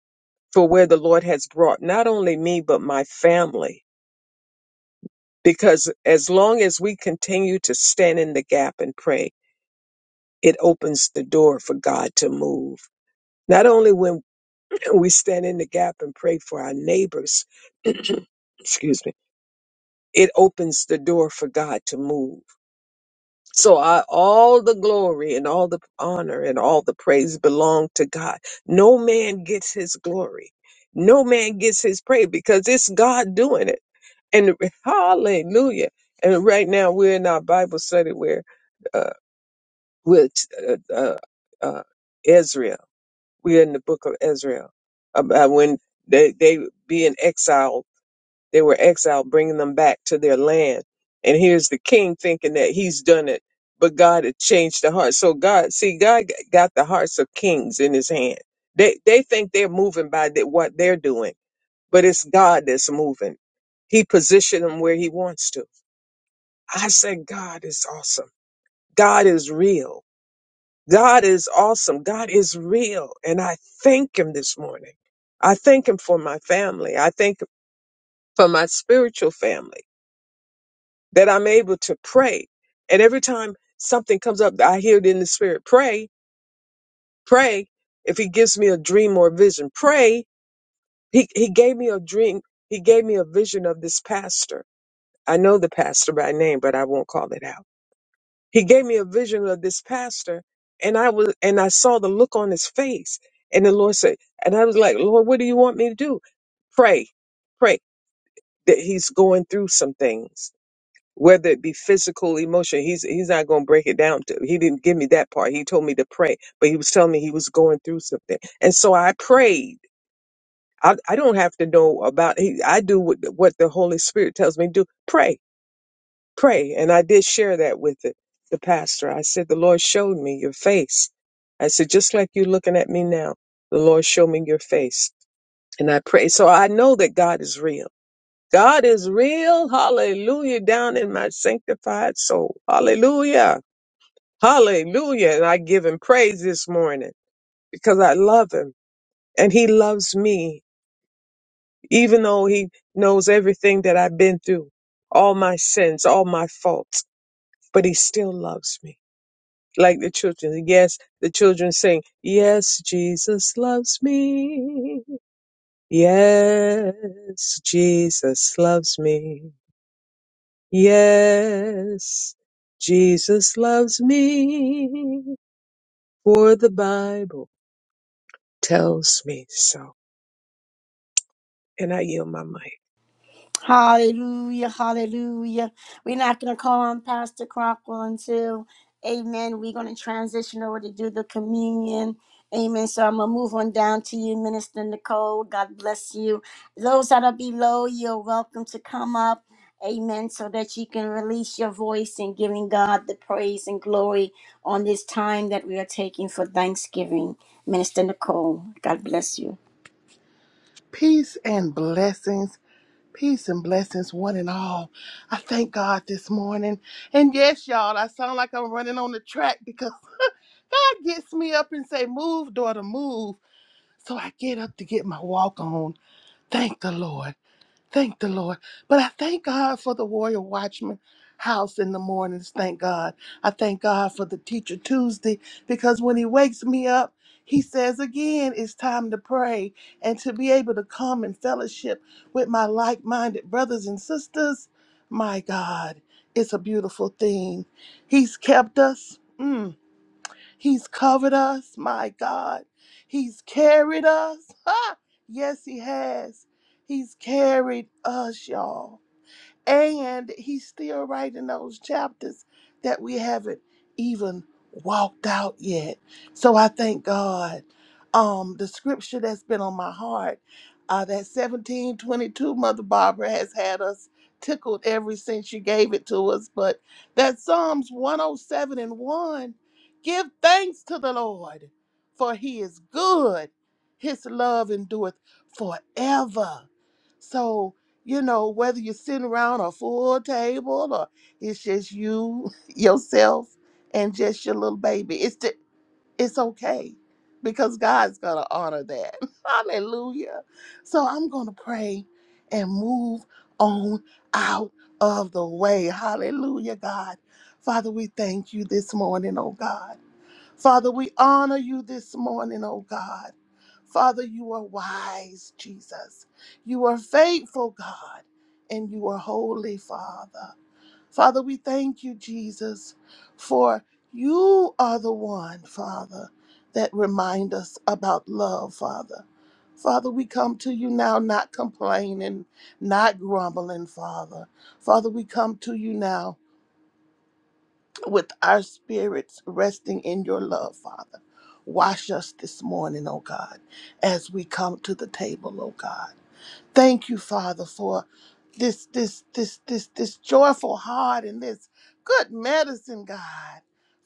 Speaker 2: for where the Lord has brought not only me, but my family because as long as we continue to stand in the gap and pray, it opens the door for God to move. Not only when *clears throat* we stand in the gap and pray for our neighbors, *clears throat* excuse me, it opens the door for God to move So I, all the glory and all the honor and all the praise belong to God. No man gets his glory. No man gets his praise because it's God doing it. And *laughs* hallelujah. And right now we're in our Bible study where uh, with uh, uh, uh, Ezra. We're in the book of Ezra about when they, they being exiled they were exiled, bringing them back to their land. And here's the king thinking that he's done it, but God had changed the heart. So God, see, God g- got the hearts of kings in his hand. They, they think they're moving by the, what they're doing, but it's God that's moving. He positioned them where he wants to. I said, God is awesome. God is real. God is awesome. God is real. And I thank him this morning. I thank him for my family. I thank him for my spiritual family. that I'm able to pray. And every time something comes up, I hear it in the spirit. Pray, pray. If he gives me a dream or a vision, pray. He, he gave me a dream. He gave me a vision of this pastor. I know the pastor by name, but I won't call it out. He gave me a vision of this pastor and I was, and I saw the look on his face and the Lord said, and I was like, Lord, what do you want me to do? Pray, pray that he's going through some things whether it be physical, emotional. He's he's not going to break it down. To, he didn't give me that part. He told me to pray, but he was telling me he was going through something, and so I prayed. I, I don't have to know about. He, I do what what the Holy Spirit tells me to do. Pray, pray, and I did share that with the, the pastor. I said, "The Lord showed me your face." I said, "Just like you're looking at me now, the Lord showed me your face." And I pray. So I know that God is real. God is real. Hallelujah. Down in my sanctified soul. Hallelujah. Hallelujah. And I give him praise this morning because I love him and he loves me, even though he knows everything that I've been through, all my sins, all my faults, but he still loves me. Like the children. Yes, the children sing, Yes, Jesus loves me. Yes, Jesus loves me. Yes, Jesus loves me, for the Bible tells me so. And I yield my mic.
Speaker 1: Hallelujah, hallelujah. We're not going to call on Pastor Crockwell until, amen, we're going to transition over to do the communion. Amen. So I'm going to move on down to you, Minister Nicole. God bless you. Those that are below, you're welcome to come up. Amen. So that you can release your voice in giving God the praise and glory on this time that we are taking for Thanksgiving. Minister Nicole, God bless you.
Speaker 3: Peace and blessings. Peace and blessings, one and all. I thank God this morning. And yes, y'all, I sound like I'm running on the track because *laughs* God gets me up and say, move, daughter, move. So I get up to get my walk on. Thank the Lord. Thank the Lord. But I thank God for the Warrior Watchman house in the mornings. Thank God. I thank God for the Teacher Tuesday because when he wakes me up, he says again, it's time to pray and to be able to come and fellowship with my like minded brothers and sisters. My God, it's a beautiful thing. He's kept us. Mm. He's covered us, my God. He's carried us. Ha! Yes, He has. He's carried us, y'all. And he's still writing those chapters that we haven't even walked out yet. So I thank God. Um, the scripture that's been on my heart, uh, that 1722 Mother Barbara has had us tickled ever since she gave it to us. But that Psalms 107 and 1 give thanks to the Lord, for he is good. His love endureth forever. So, you know, whether you're sitting around a full table or it's just you, *laughs* yourself, and just your little baby. It's the, it's okay because God's gonna honor that. *laughs* Hallelujah. So I'm gonna pray and move on out of the way. Hallelujah, God. Father, we thank you this morning, oh God. Father, we honor you this morning, oh God. Father, you are wise, Jesus. You are faithful, God, and you are holy, Father. Father, we thank you, Jesus, for you are the one, Father, that remind us about love, Father. Father, we come to you now not complaining, not grumbling, Father. Father, we come to you now with our spirits resting in your love, Father. Wash us this morning, O God, as we come to the table, O God. Thank you, Father, for this this this this this joyful heart and this good medicine, God.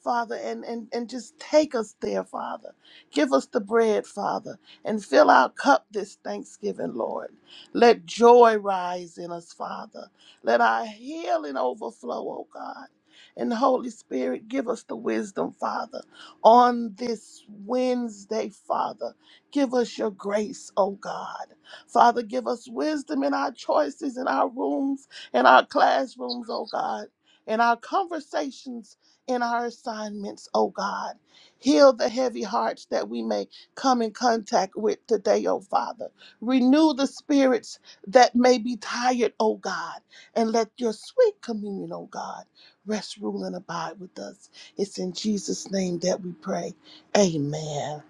Speaker 3: Father, and, and, and just take us there, Father. Give us the bread, Father, and fill our cup this Thanksgiving, Lord. Let joy rise in us, Father. Let our healing overflow, oh God. And Holy Spirit, give us the wisdom, Father, on this Wednesday, Father. Give us your grace, oh God. Father, give us wisdom in our choices, in our rooms, in our classrooms, oh God, in our conversations, in our assignments, oh God. Heal the heavy hearts that we may come in contact with today, oh Father. Renew the spirits that may be tired, oh God, and let your sweet communion, oh God, rest, rule, and abide with us. It's in Jesus' name that we pray. Amen.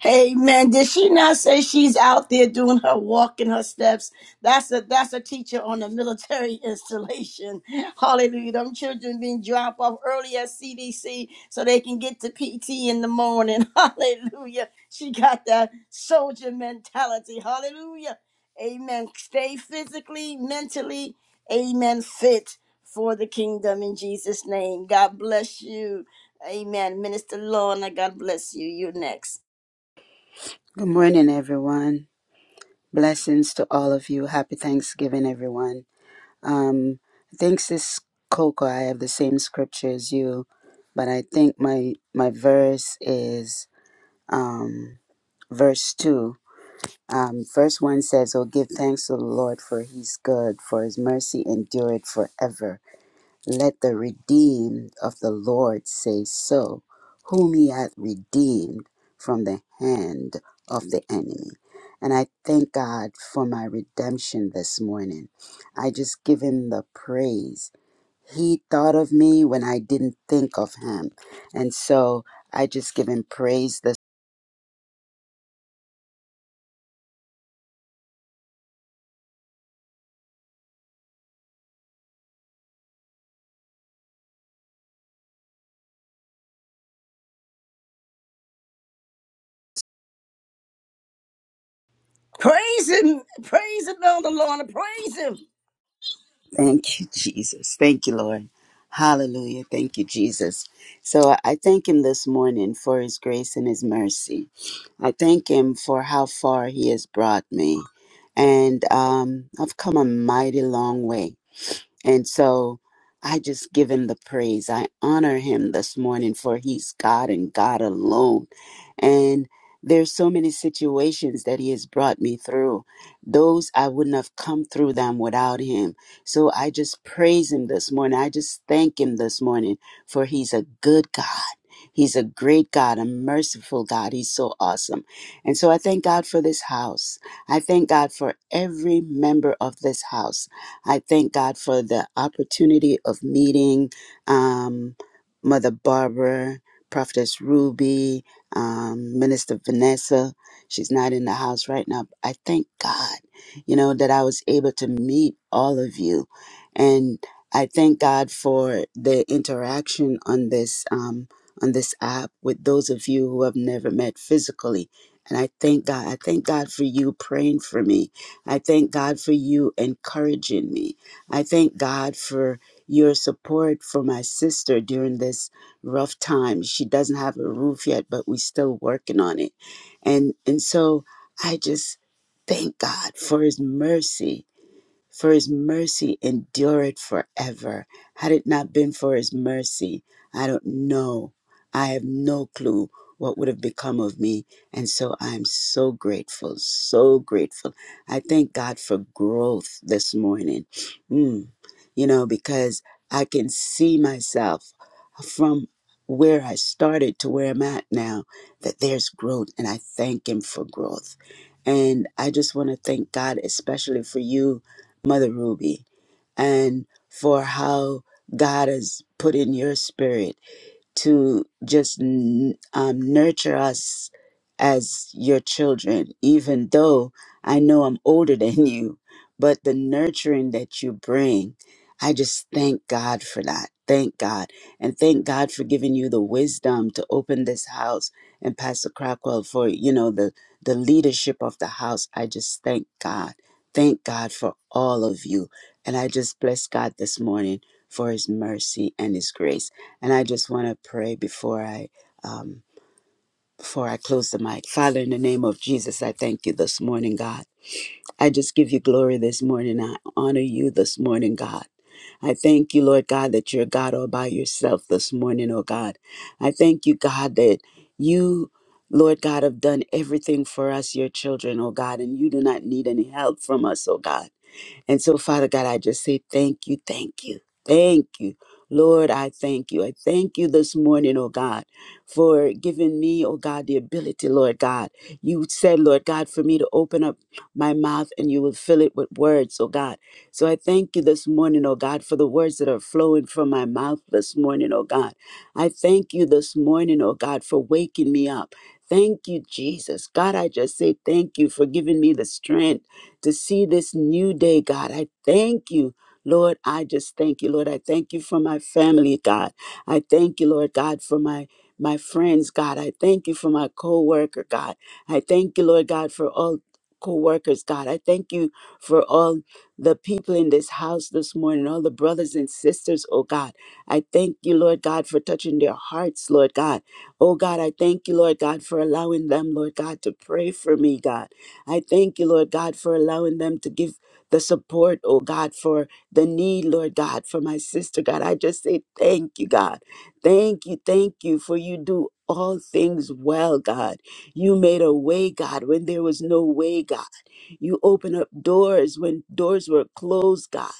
Speaker 1: Hey man, did she not say she's out there doing her walk and her steps? That's a that's a teacher on a military *laughs* installation. Hallelujah. Them children being dropped off early at CDC so they can get to PT in the morning. *laughs* Hallelujah. She got that soldier mentality. Hallelujah. Amen. Stay physically, mentally, amen, fit for the kingdom in Jesus' name. God bless you. Amen. Minister Lorna, God bless you. You're next.
Speaker 4: Good morning, everyone. Blessings to all of you. Happy Thanksgiving, everyone. Um, thanks, this Coco. I have the same scripture as you, but I think my my verse is um, verse two. Um, verse one says, "Oh, give thanks to the Lord, for He's good; for His mercy endureth forever." Let the redeemed of the Lord say so, whom he hath redeemed from the hand of the enemy. And I thank God for my redemption this morning. I just give him the praise. He thought of me when I didn't think of him. And so I just give him praise. This-
Speaker 1: Praise him. Praise him the Lord. Praise him.
Speaker 4: *laughs* thank you, Jesus. Thank you, Lord. Hallelujah. Thank you, Jesus. So I thank him this morning for his grace and his mercy. I thank Him for how far He has brought me. And um, I've come a mighty long way. And so I just give him the praise. I honor him this morning for he's God and God alone. And there's so many situations that he has brought me through. Those I wouldn't have come through them without him. So I just praise him this morning. I just thank him this morning for he's a good God. He's a great God, a merciful God. He's so awesome. And so I thank God for this house. I thank God for every member of this house. I thank God for the opportunity of meeting um, Mother Barbara, Prophetess Ruby, um, Minister Vanessa. She's not in the house right now. I thank God, you know, that I was able to meet all of you. And I thank God for the interaction on this um, on this app with those of you who have never met physically. And I thank God. I thank God for you praying for me I thank God for you encouraging me. I thank God for your support for my sister during this rough time. She doesn't have a roof yet, but we're still working on it. And and so I just thank God for his mercy for his mercy endureth forever. Had it not been for his mercy, I don't know. I have no clue what would have become of me. And so I'm so grateful, so grateful. I thank God for growth this morning. Mm you know, because I can see myself from where I started to where I'm at now that there's growth, and I thank Him for growth. And I just want to thank God, especially for you, Mother Ruby, and for how God has put in your spirit to just n- um, nurture us as your children, even though I know I'm older *laughs* than you, but the nurturing that you bring, I just thank God for that. Thank God. And thank God for giving you the wisdom to open this house and Pastor Crockwell for, you know, the, the leadership of the house. I just thank God. Thank God for all of you. And I just bless God this morning for his mercy and his grace. And I just want to pray before I um, before I close the mic. Father, in the name of Jesus, I thank you this morning, God. I just give you glory this morning. I honor you this morning, God. I thank you, Lord God, that you're God all by yourself this morning, oh God. I thank you, God, that you, Lord God, have done everything for us, your children, oh God, and you do not need any help from us, oh God. And so, Father God, I just say thank you, thank you, thank you. Lord, I thank you. I thank you this morning, oh God, for giving me, oh God, the ability, Lord God. You said, Lord God, for me to open up my mouth and you will fill it with words, oh God. So I thank you this morning, oh God, for the words that are flowing from my mouth this morning, oh God. I thank you this morning, oh God, for waking me up. Thank you, Jesus. God, I just say thank you for giving me the strength to see this new day, God. I thank you. Lord, I just thank you, Lord. I thank you for my family, God. I thank you, Lord God, for my my friends, God. I thank you for my co-worker, God. I thank you, Lord God, for all co-workers, God. I thank you for all the people in this house this morning, all the brothers and sisters, oh God. I thank you, Lord God, for touching their hearts, Lord God. Oh God, I thank you, Lord God, for allowing them, Lord God, to pray for me, God. I thank you, Lord God, for allowing them to give the support, oh God, for the need, Lord God, for my sister, God. I just say thank you, God. Thank you, thank you, for you do all things well, God. You made a way, God, when there was no way, God. You open up doors when doors were closed, God.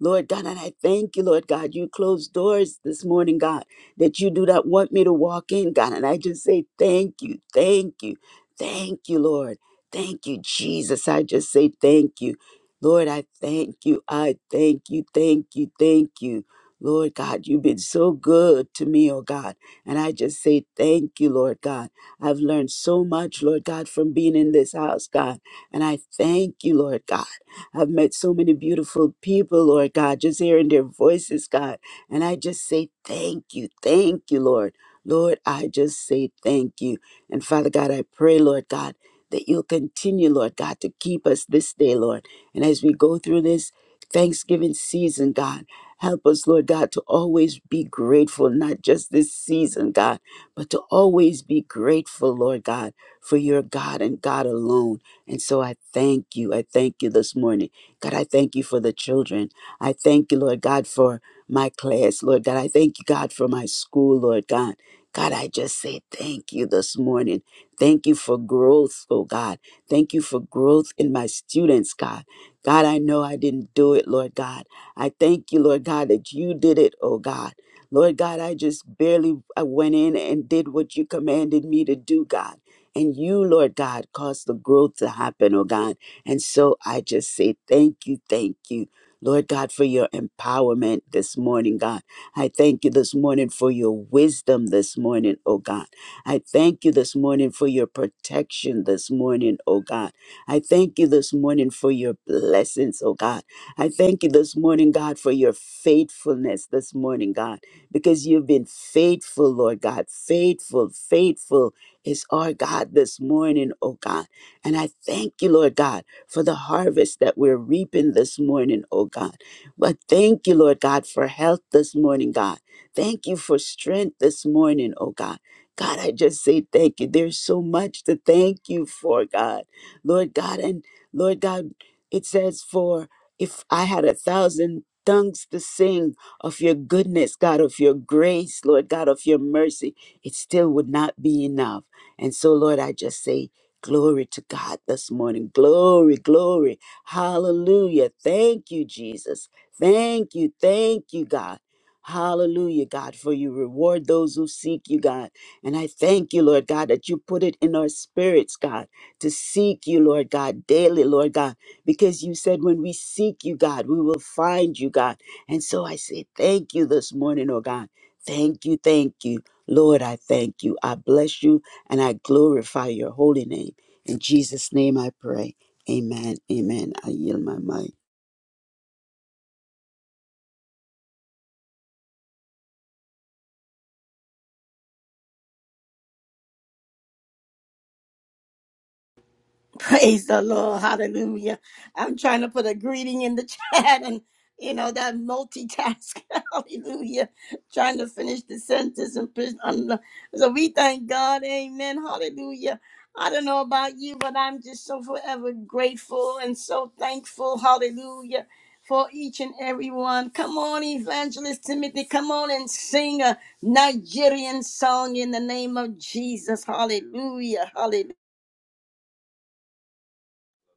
Speaker 4: Lord God, and I thank you, Lord God. You closed doors this morning, God, that you do not want me to walk in, God. And I just say thank you, thank you, thank you, Lord. Thank you, Jesus. I just say thank you. Lord, I thank you. I thank you, thank you, thank you. Lord God, you've been so good to me, oh God. And I just say thank you, Lord God. I've learned so much, Lord God, from being in this house, God. And I thank you, Lord God. I've met so many beautiful people, Lord God, just hearing their voices, God. And I just say thank you, thank you, Lord. Lord, I just say thank you. And Father God, I pray, Lord God, that you'll continue, Lord God, to keep us this day, Lord. And as we go through this Thanksgiving season, God, help us, Lord God, to always be grateful, not just this season, God, but to always be grateful, Lord God, for your God and God alone. And so I thank you. I thank you this morning. God, I thank you for the children. I thank you, Lord God, for my class, Lord God. I thank you, God, for my school, Lord God. God, I just say thank you this morning. Thank you for growth, oh God. Thank you for growth in my students, God. God, I know I didn't do it, Lord God. I thank you, Lord God, that you did it, oh God. Lord God, I just barely I went in and did what you commanded me to do, God. And you, Lord God, cause the growth to happen, oh God. And so I just say thank you, thank you. Lord God, for your empowerment this morning, God. I thank you this morning for your wisdom this morning, oh God. I thank you this morning for your protection this morning, oh God. I thank you this morning for your blessings, oh God. I thank you this morning, God, for your faithfulness this morning, God, because you've been faithful, Lord God, faithful, faithful is our God this morning, oh God. And I thank you, Lord God, for the harvest that we're reaping this morning, oh God. But thank you, Lord God, for health this morning, God. Thank you for strength this morning, oh God. God, I just say thank you. There's so much to thank you for, God. Lord God, and Lord God, it says, for if I had a thousand tongues to sing of your goodness, God, of your grace, Lord God, of your mercy, it still would not be enough. And so, Lord, I just say, Glory to God this morning. Glory, glory. Hallelujah. Thank you, Jesus. Thank you. Thank you, God. Hallelujah, God, for you reward those who seek you, God. And I thank you, Lord God, that you put it in our spirits, God, to seek you, Lord God, daily, Lord God, because you said when we seek you, God, we will find you, God. And so I say thank you this morning, oh God. Thank you, thank you. Lord, I thank you. I bless you. And I glorify your holy name. In Jesus' name I pray. Amen. Amen. I yield my mic.
Speaker 1: *laughs* Praise the Lord. Hallelujah. I'm trying to put a greeting in the *laughs* chat and, you know, that multitask. *laughs* Hallelujah. Trying to finish the sentence. And put on so we thank God. Amen. Hallelujah. I don't know about you, but I'm just so forever grateful and so thankful. Hallelujah. For each and every one. Come on, Evangelist Timothy. Come on and sing a Nigerian song in the name of Jesus. Hallelujah.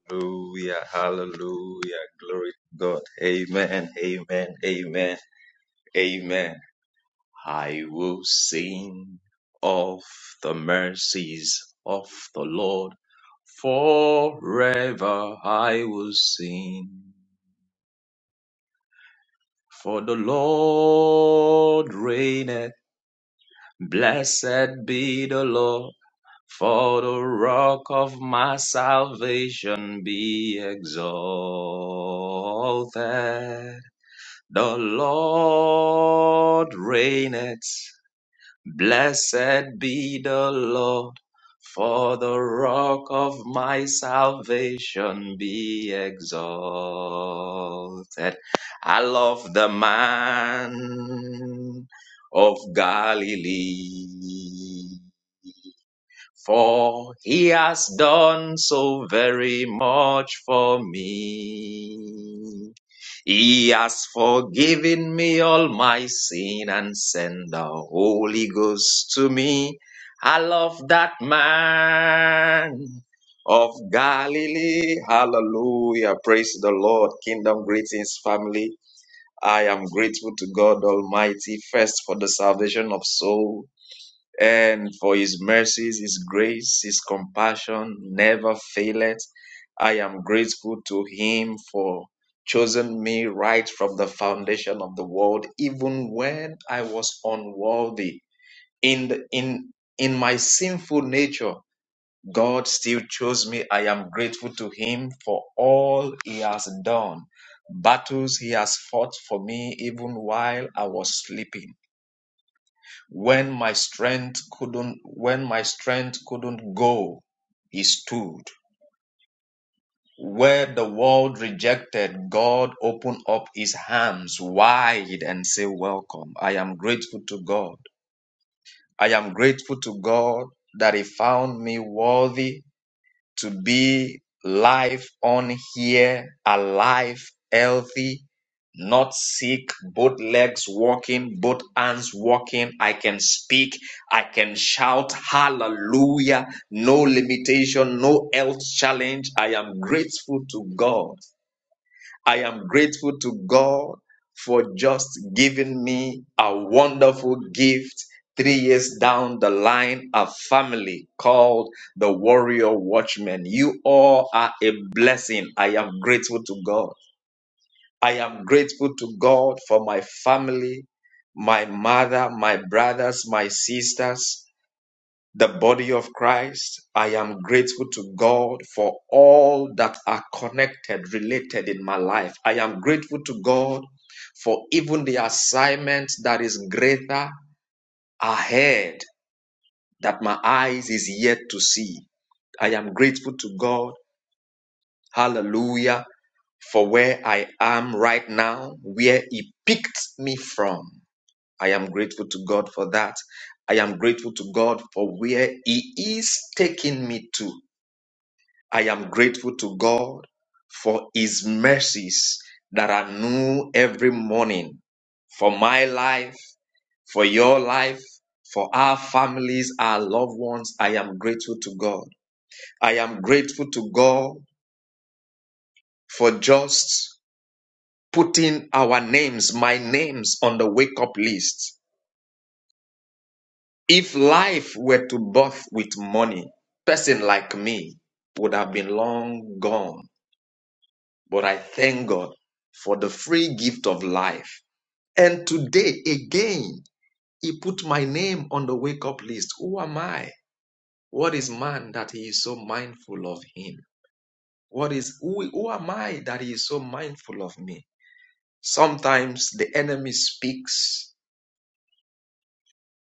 Speaker 5: Hallelujah, hallelujah, glory to God. Amen, amen, amen, amen. I will sing of the mercies of the Lord. Forever I will sing. For the Lord reigneth. Blessed be the Lord. For the rock of my salvation be exalted. The Lord reigneth. Blessed be the Lord, for the rock of my salvation be exalted. I love the man of Galilee, for he has done so very much for me. He has forgiven me all my sin and sent the Holy Ghost to me. I love that man of Galilee. Hallelujah. Praise the Lord. Kingdom greetings, family. I am grateful to God Almighty first for the salvation of souls and for his mercies, his grace, his compassion never faileth. I am grateful to him for choosing me right from the foundation of the world, even when I was unworthy. In the, in in my sinful nature, God still chose me. I am grateful to him for all he has done. Battles he has fought for me even while I was sleeping. When my strength couldn't when my strength couldn't go, he stood. Where the world rejected, God opened up his arms wide and said, Welcome. I am grateful to God. I am grateful to God that he found me worthy to be life on here, alive, healthy, not sick, both legs walking, both hands walking. I can speak, I can shout hallelujah, no limitation, no health challenge. I am grateful to God I am grateful to God for just giving me a wonderful gift three years down the line, a family called the Warrior Watchmen. You all are a blessing. I am grateful to God. I am grateful to God for my family, my mother, my brothers, my sisters the body of Christ. I am grateful to God for all that are connected, related in my life. I am grateful to God for even the assignment that is greater ahead that my eyes is yet to see. I am grateful to God. Hallelujah. For where I am right now, where He picked me from. I am grateful to God for that. I am grateful to God for where He is taking me to. I am grateful to God for His mercies that are new every morning for my life, for your life, for our families, our loved ones. I am grateful to God. I am grateful to God for just putting our names, my names on the wake up list. If life were to birth with money, person like me would have been long gone. But I thank God for the free gift of life. And today, again, He put my name on the wake up list. Who am I? What is man that He is so mindful of him? What is who, who am I that He is so mindful of me? Sometimes the enemy speaks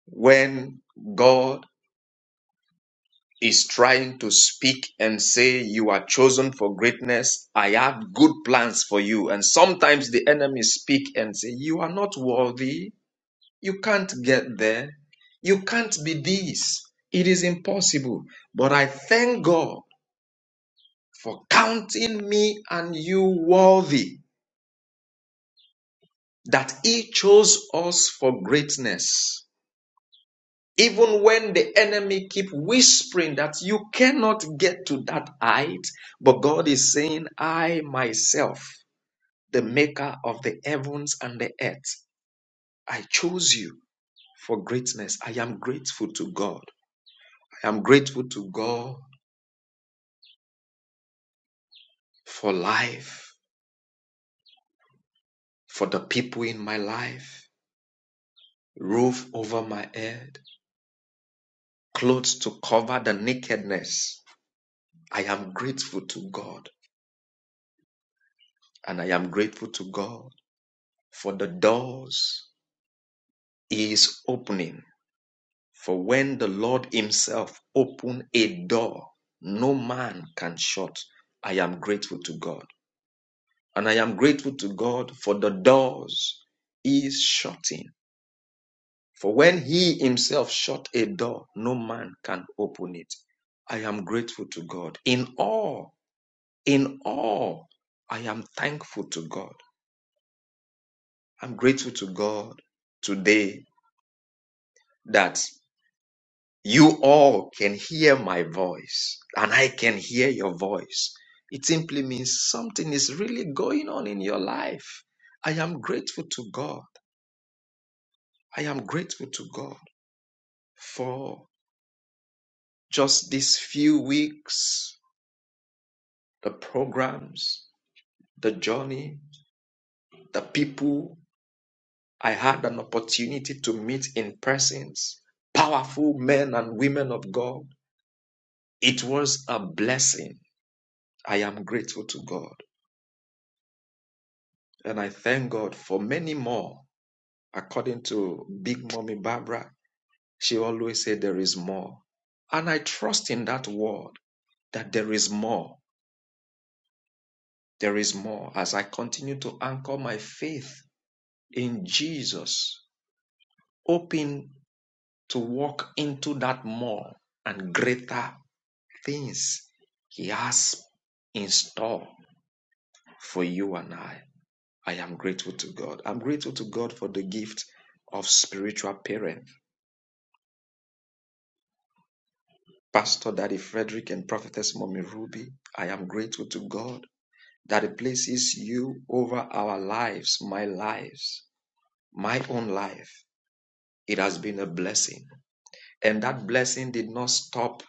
Speaker 5: when God is trying to speak and say, You are chosen for greatness. I have good plans for you. And sometimes the enemy speak and say, You are not worthy. You can't get there. You can't be this. It is impossible. But I thank God for counting me and you worthy that he chose us for greatness. Even when the enemy keep whispering that you cannot get to that height, but God is saying, I myself, the maker of the heavens and the earth, I chose you for greatness. I am grateful to God. I am grateful to God for life, for the people in my life, roof over my head, clothes to cover the nakedness. I am grateful to God, and I am grateful to God for the doors He is opening. For when the Lord Himself opened a door, no man can shut. I am grateful to God, and I am grateful to God for the doors He is shutting For when he himself shut a door, no man can open it. I am grateful to God. In all, in all, I am thankful to God. I'm grateful to God today that you all can hear my voice and I can hear your voice. It simply means something is really going on in your life. I am grateful to God. I am grateful to God for just these few weeks the programs, the journey, the people I had an opportunity to meet in persons, powerful men and women of God. It was a blessing. I am grateful to God. And I thank God for many more. According to Big Mommy Barbara, she always said, There is more. And I trust in that word that there is more. There is more as I continue to anchor my faith in Jesus. Open to walk into that more and greater things He has in store for you and I. I am grateful to God. I'm grateful to God for the gift of spiritual parent, Pastor Daddy Frederick and Prophetess Mommy Ruby. I am grateful to God that He places you over our lives, my lives, my own life. It has been a blessing. And that blessing did not stop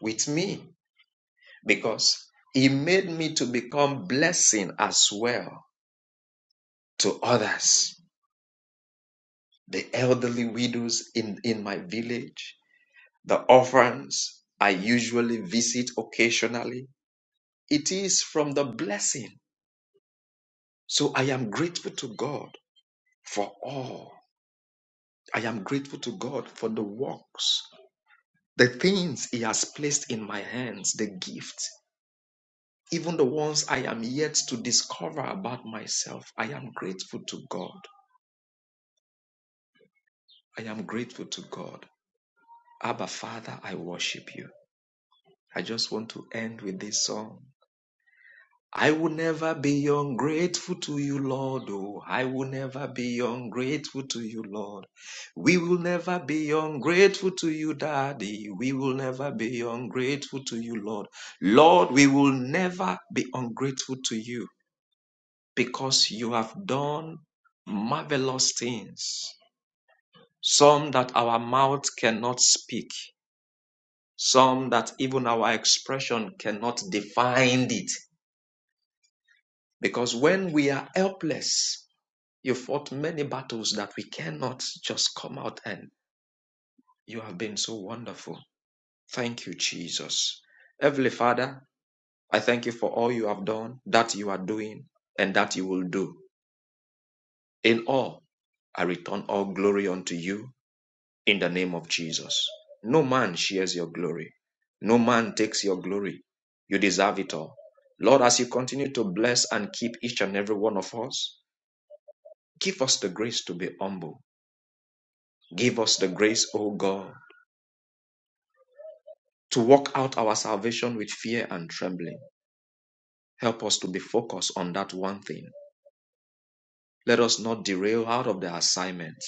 Speaker 5: with me. because he made me to become blessing as well to others the elderly widows in, in my village the orphans i usually visit occasionally it is from the blessing so i am grateful to god for all i am grateful to god for the works the things he has placed in my hands the gifts even the ones i am yet to discover about myself i am grateful to god I am grateful to God. Abba, Father, I worship you. I just want to end with this song. I will never be ungrateful to you, Lord. Oh, I will never be ungrateful to you, Lord. We will never be ungrateful to you, Daddy. We will never be ungrateful to you, Lord. Lord, we will never be ungrateful to you because you have done marvelous things, some that our mouth cannot speak. some that even our expression cannot define it. Because when we are helpless, you fought many battles that we cannot just come out and you have been so wonderful. Thank you, Jesus. Heavenly Father, I thank you for all you have done, that you are doing, and that you will do. In all, I return all glory unto you in the name of Jesus. No man shares your glory. No man takes your glory. You deserve it all. Lord, as you continue to bless and keep each and every one of us, give us the grace to be humble. Give us the grace, O God, to work out our salvation with fear and trembling. Help us to be focused on that one thing. Let us not derail out of the assignment.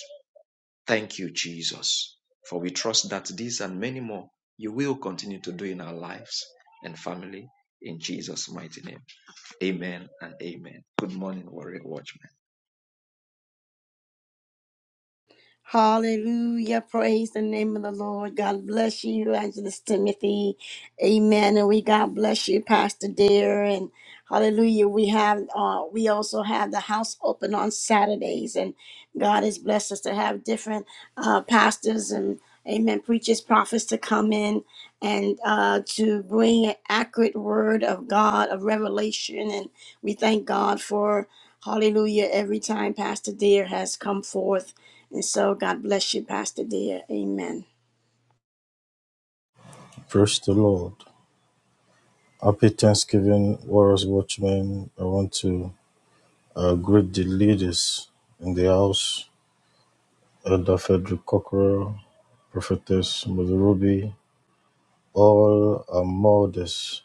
Speaker 5: Thank you, Jesus, for we trust that these and many more you will continue to do in our lives and family in Jesus' mighty name. Amen and amen. Good morning, Warrior Watchmen.
Speaker 1: Hallelujah. Praise the name of the Lord. God bless you, Evangelist Timothy. Amen. And we God bless you, Pastor Dare. And hallelujah. We have uh we also have the house open on Saturdays. And God has blessed us to have different uh pastors and amen, preachers, prophets to come in and uh to bring an accurate word of God, of revelation. And we thank God for Hallelujah. Every time Pastor Dare has come forth. And so God bless you, Pastor dear. Amen.
Speaker 6: Praise the Lord. Happy Thanksgiving, Warriors Watchmen. I want to uh, greet the leaders in the house, Elder Frederick Cockrell, Prophetess Mother Ruby, all our mothers,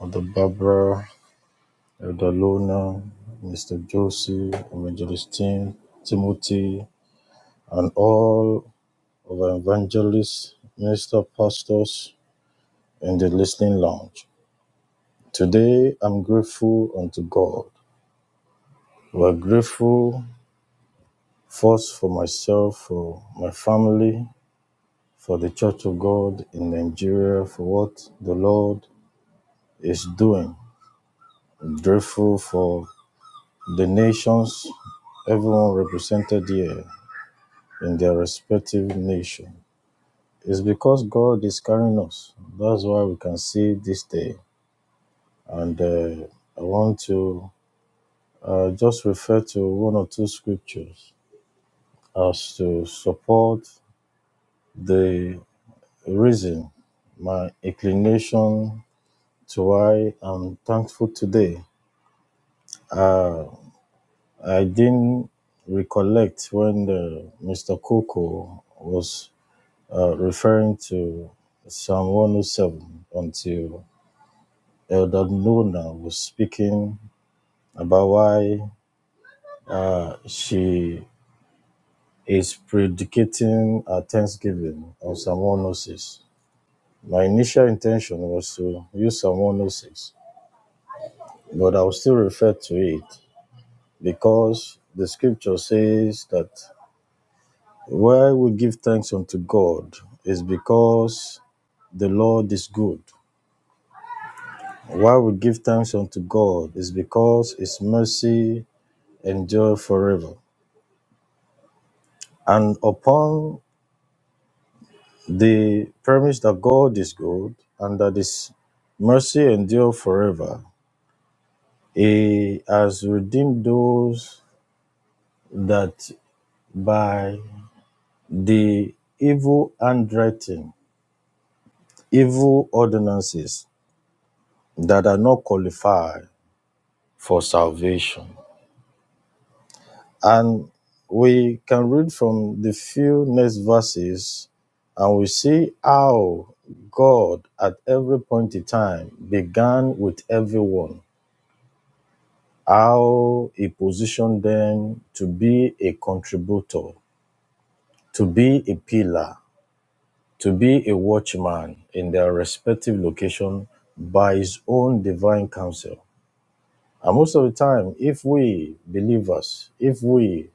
Speaker 6: Mother Barbara, Elder Lona, Mr. Josie, Evangelist Tim, Timothy, and all of our evangelists, minister pastors in the listening lounge. Today, I'm grateful unto God. We're grateful first for myself, for my family, for the Church of God in Nigeria, for what the Lord is doing. I'm grateful for the nations, everyone represented here in their respective nation. It's because God is carrying us. That's why we can see this day. And uh, I want to uh, just refer to one or two scriptures as to support the reason, my inclination to why I'm thankful today. Uh, I didn't recollect when the, Mr. Coco was uh, referring to Psalm 107 until Elder Nona was speaking about why uh, she is predicating her thanksgiving on Psalm 106. My initial intention was to use Psalm 106 but I'll still refer to it because the scripture says that why we give thanks unto God is because the Lord is good. Why we give thanks unto God is because his mercy endure forever. And upon the premise that God is good and that his mercy endure forever, he has redeemed those that by the evil handwriting, evil ordinances that are not qualified for salvation. And we can read from the few next verses and we see how God at every point in time began with everyone, how he positioned them to be a contributor, to be a pillar, to be a watchman in their respective location by his own divine counsel. And most of the time, if we believers, if we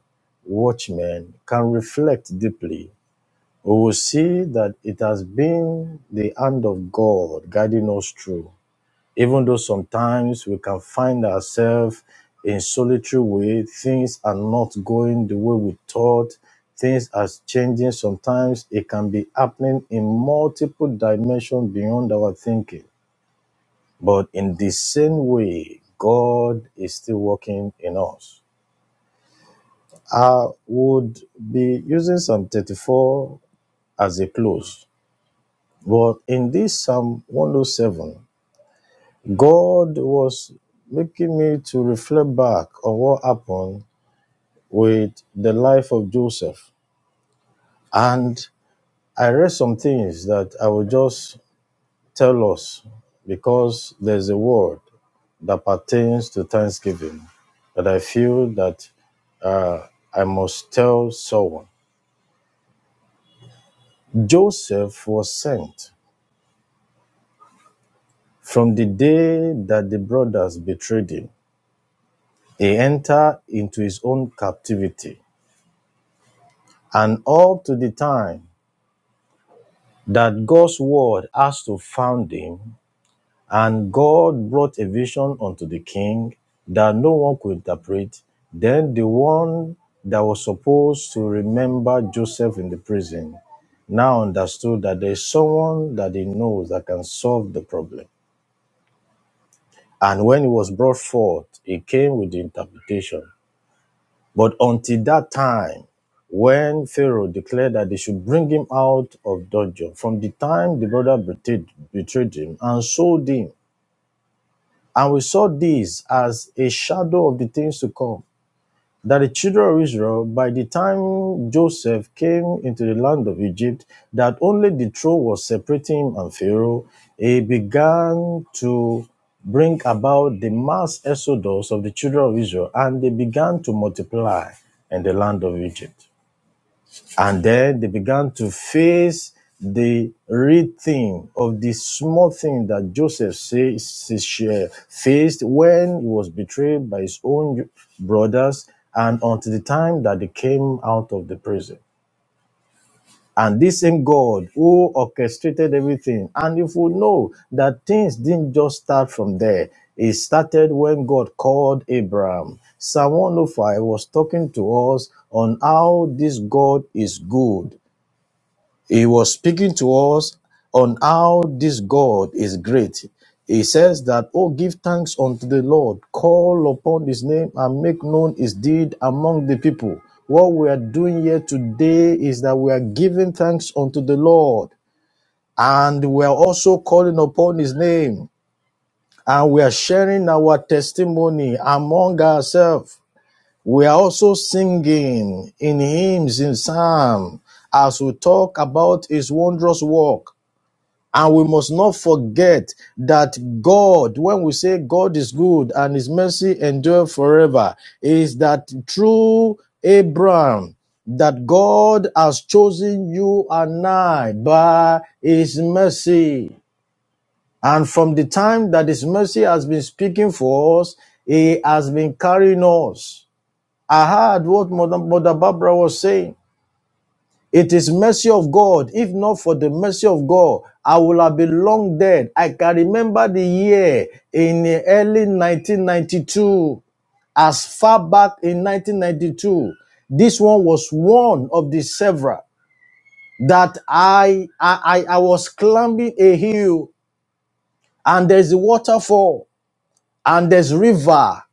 Speaker 6: watchmen can reflect deeply, we will see that it has been the hand of God guiding us through even though sometimes we can find ourselves in solitary way things are not going the way we thought things are changing sometimes it can be happening in multiple dimensions beyond our thinking but in the same way god is still working in us i would be using psalm 34 as a close but in this psalm 107 God was making me to reflect back on what happened with the life of Joseph. And I read some things that I will just tell us because there's a word that pertains to Thanksgiving that I feel that uh, I must tell someone. Joseph was sent from the day that the brothers betrayed him. He entered into his own captivity. and up to the time that God's word has to found him, and God brought a vision unto the king that no one could interpret, then the one that was supposed to remember Joseph in the prison now understood that there is someone that he knows that can solve the problem. And when it was brought forth, it came with the interpretation. But until that time, when Pharaoh declared that they should bring him out of dungeon, from the time the brother betrayed, betrayed him and sold him, and we saw this as a shadow of the things to come that the children of Israel, by the time Joseph came into the land of Egypt, that only the throne was separating him and Pharaoh, he began to bring about the mass exodus of the children of Israel, and they began to multiply in the land of Egypt. And then they began to face the real thing of the small thing that Joseph says he faced when he was betrayed by his own brothers and until the time that they came out of the prison. And this same God who orchestrated everything. And if we know that things didn't just start from there, it started when God called Abraham. Psalm 105 was talking to us on how this God is good he was speaking to us on how this God is great. He says that, Oh, give thanks unto the Lord, call upon his name and make known his deed among the people. What we are doing here today is that we are giving thanks unto the Lord and we are also calling upon his name and we are sharing our testimony among ourselves. We are also singing in hymns, in psalms, as we talk about his wondrous work. And we must not forget that God, when we say God is good and his mercy endure forever, is that through Abraham, that God has chosen you and I by his mercy. And from the time that his mercy has been speaking for us, he has been carrying us. I heard what Mother Barbara was saying it is mercy of God. If not for the mercy of God, I would have been long dead. I can remember the year in the early 1992. As far back in 1992, this one was one of the several that I I, I I was climbing a hill and there's a waterfall and there's river.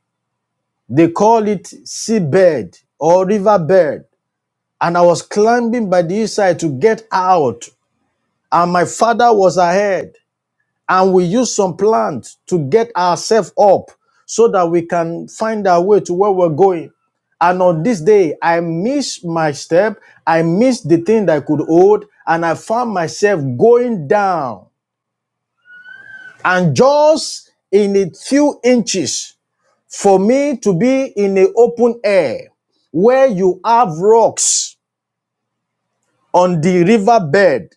Speaker 6: They call it seabed or riverbed. And I was climbing by the hillside to get out and my father was ahead and we used some plans to get ourselves up so that we can find our way to where we're going and on this day i missed my step i missed the thing that i could hold and i found myself going down and just in a few inches for me to be in the open air where you have rocks on the riverbed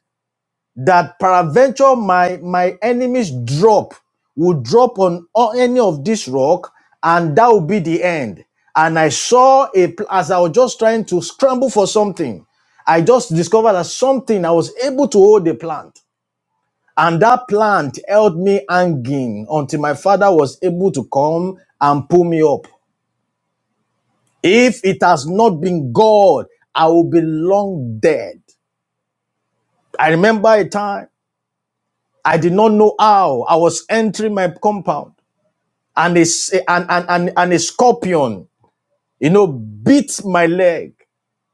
Speaker 6: that peradventure my my enemies drop will drop on, on any of this rock and that will be the end and i saw a pl- as i was just trying to scramble for something i just discovered that something i was able to hold a plant and that plant held me hanging until my father was able to come and pull me up if it has not been god i will be long dead i remember a time I did not know how. I was entering my compound and a and, and, and, and a scorpion, you know, bit my leg.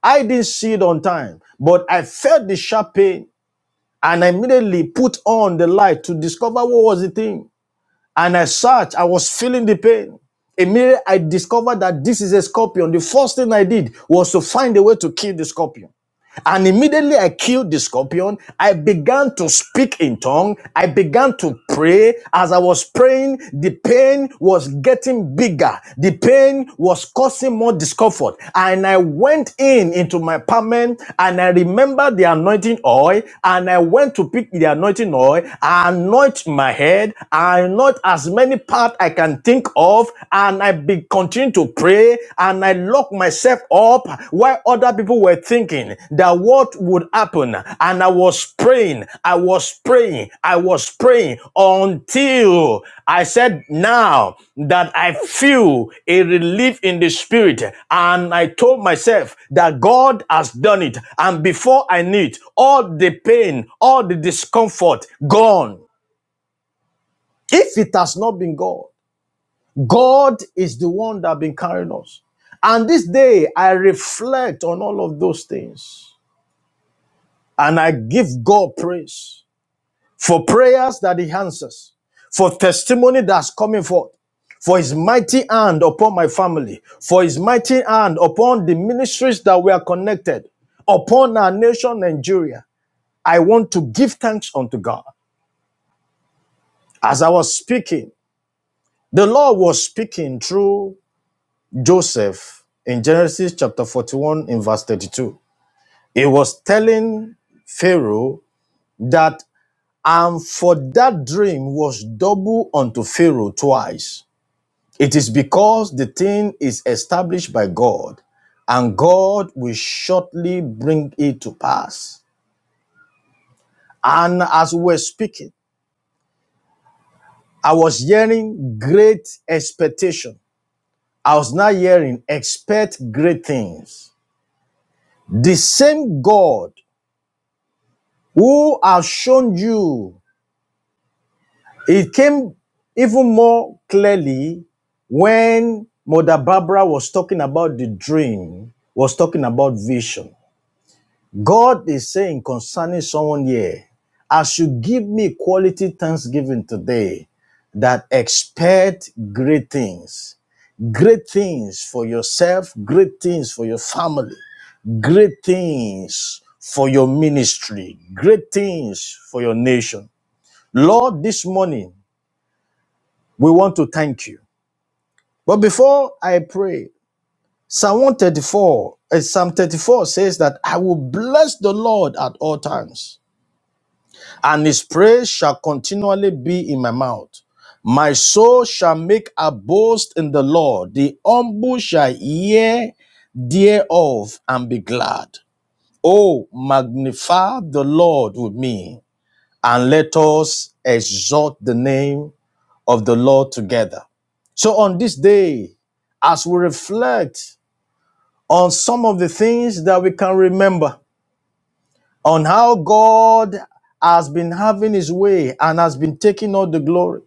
Speaker 6: I didn't see it on time, but I felt the sharp pain and I immediately put on the light to discover what was the thing. And I searched, I was feeling the pain. Immediately I discovered that this is a scorpion. The first thing I did was to find a way to kill the scorpion. And immediately I killed the scorpion. I began to speak in tongue. I began to pray. As I was praying, the pain was getting bigger. The pain was causing more discomfort. And I went in into my apartment and I remembered the anointing oil and I went to pick the anointing oil. I anoint my head. I anoint as many parts I can think of and I become continue to pray and I locked myself up while other people were thinking that what would happen. And I was praying, I was praying, I was praying until I said, Now that I feel a relief in the spirit. And I told myself that God has done it. And before I knew it, all the pain, all the discomfort gone. If it has not been God, God is the one that has been carrying us. And this day, I reflect on all of those things and I give God praise for prayers that He answers, for testimony that's coming forth, for His mighty hand upon my family, for His mighty hand upon the ministries that we are connected, upon our nation, Nigeria. I want to give thanks unto God. As I was speaking, the Lord was speaking through Joseph in Genesis chapter 41 in verse 32. He was telling Pharaoh that, and for that dream was double unto Pharaoh twice. It is because the thing is established by God, and God will shortly bring it to pass. And as we were speaking, I was hearing great expectation. I was now hearing expect great things. The same God who has shown you. It came even more clearly when Mother Barbara was talking about the dream, was talking about vision. God is saying concerning someone here, as you give me quality thanksgiving today, that expect great things, great things for yourself, great things for your family, great things for your ministry, great things for your nation. Lord, this morning we want to thank you. But before I pray, Psalm 134, uh, Psalm 34 says that I will bless the Lord at all times, and his praise shall continually be in my mouth. My soul shall make a boast in the Lord. The humble shall hear thereof and be glad. Oh, magnify the Lord with me, and let us exalt the name of the Lord together. So on this day, as we reflect on some of the things that we can remember, on how God has been having his way and has been taking all the glory,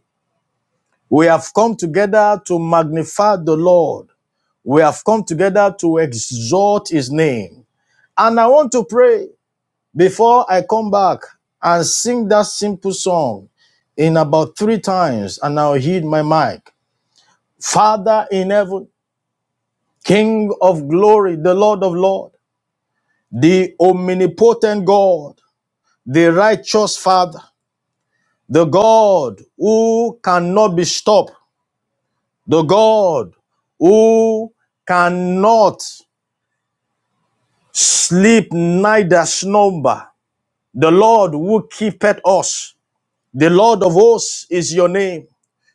Speaker 6: we have come together to magnify the Lord. We have come together to exalt his name. And I want to pray before I come back and sing that simple song in about three times, and I'll heed my mic. Father in heaven, King of glory, the Lord of Lords, the omnipotent God, the righteous Father, the God who cannot be stopped, the God who cannot sleep neither slumber, the Lord who keepeth us, the Lord of hosts is your name.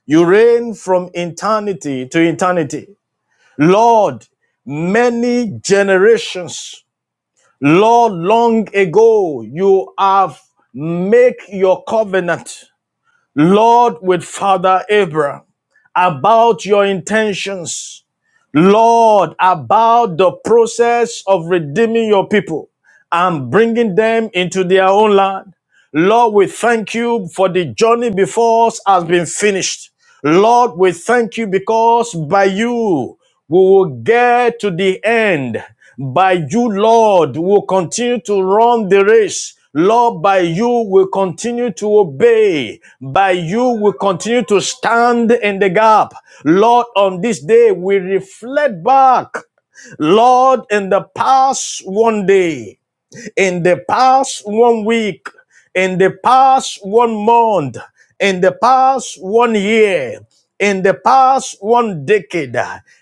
Speaker 6: You reign from eternity to eternity. Lord, many generations Lord, long ago you have made your covenant, Lord, with Father Abraham about your intentions, Lord, about the process of redeeming your people and bringing them into their own land. Lord, we thank you for the journey before us has been finished. Lord, we thank you because by you we will get to the end. By you, Lord, we will continue to run the race. Lord, by you we continue to obey. By you we continue to stand in the gap. Lord, on this day we reflect back Lord, in the past one day in the past one week, in the past one month, in the past one year, in the past one decade,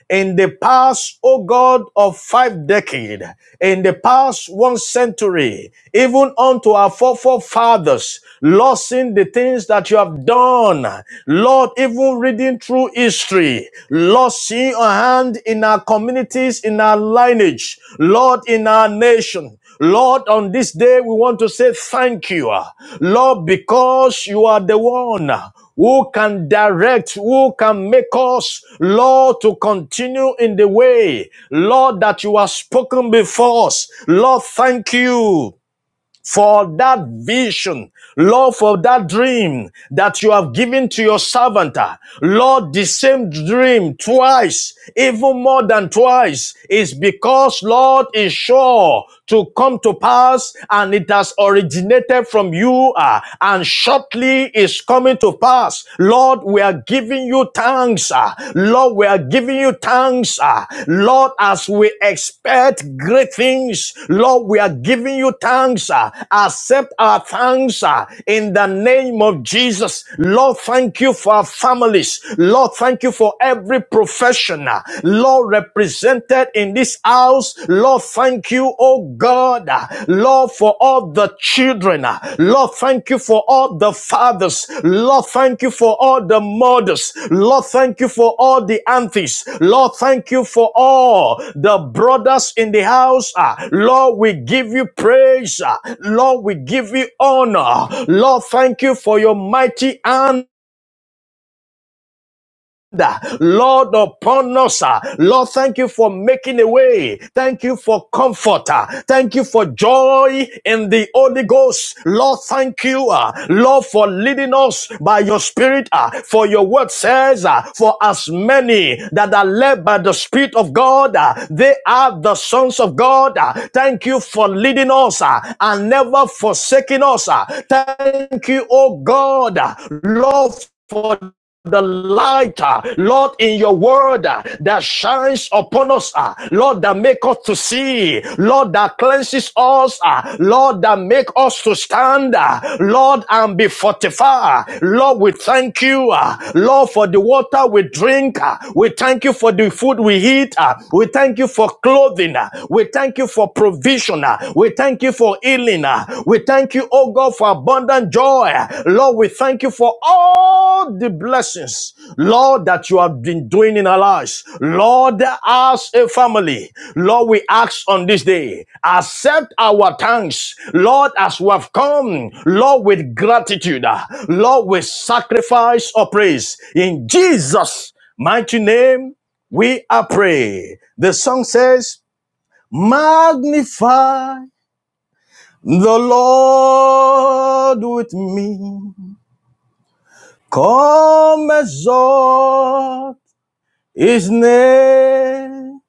Speaker 6: in the past, oh God, of five decades, in the past one century, even unto our forefathers, Lord, seeing the things that you have done, Lord, even reading through history, Lord, seeing your hand in our communities, in our lineage, Lord, in our nation, Lord, on this day, we want to say thank you. uh, Lord, because you are the one who can direct, who can make us, Lord, to continue in the way, Lord, that you have spoken before us. Lord, thank you for that vision, Lord, for that dream that you have given to your servant. uh, Lord, the same dream twice, even more than twice, is because, Lord, is sure to come to pass and it has originated from you uh, and shortly is coming to pass. Lord, we are giving you thanks. ah. Lord, we are giving you thanks. ah. Lord, as we expect great things, Lord, we are giving you thanks. ah. Accept our thanks ah, in the name of Jesus. Lord, thank you for our families. Lord, thank you for every professional. Lord, represented in this house. Lord, thank you, oh oh God, uh, Lord, for all the children. uh, Lord, thank you for all the fathers. Lord, thank you for all the mothers. Lord, thank you for all the aunties. Lord, thank you for all the brothers in the house. uh, Lord, we give you praise. uh, Lord, we give you honor. Lord, thank you for your mighty hand Lord, upon us. ah. Lord, thank you for making a way. Thank you for comfort. ah. Thank you for joy in the Holy Ghost. Lord, thank you, ah, Lord, for leading us by your Spirit. ah. For your word says, ah, for as many that are led by the Spirit of God, ah, they are the sons of God. ah. Thank you for leading us ah, and never forsaking us. ah. Thank you, oh God, ah, Lord, for the light, uh, Lord, in your word uh, that shines upon us, uh, Lord, that make us to see, Lord, that cleanses us, uh, Lord, that make us to stand, uh, Lord, and be fortified. Lord, we thank you, uh, Lord, for the water we drink. uh, we thank you for the food we eat. uh, we thank you for clothing. uh, we thank you for provision. uh, we thank you for healing. We thank you, oh God, for abundant joy. Lord, we thank you for all the blessings, Lord, that you have been doing in our lives. Lord, as a family, Lord, we ask on this day, accept our thanks, Lord, as we have come, Lord, with gratitude. Lord, we sacrifice or praise in Jesus' mighty name. We are praying. The song says, Magnify the Lord with me, come exalt his name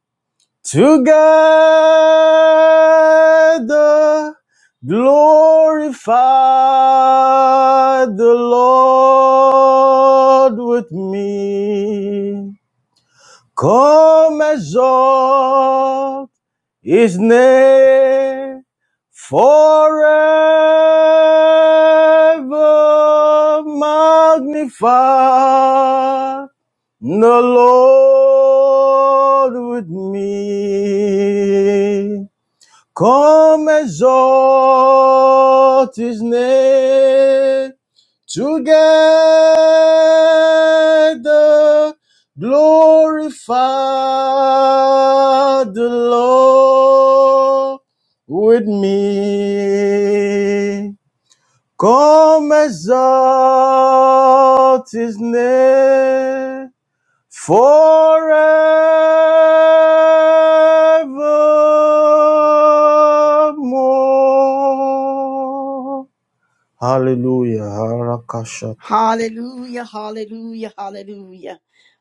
Speaker 6: together. Glorify the Lord with me. Come exalt His name forever magnify the Lord with me. Come exalte his name together, glorify the Lord with me. Come exalt his name forevermore. Hallelujah. Harakashat.
Speaker 1: Hallelujah, hallelujah, hallelujah.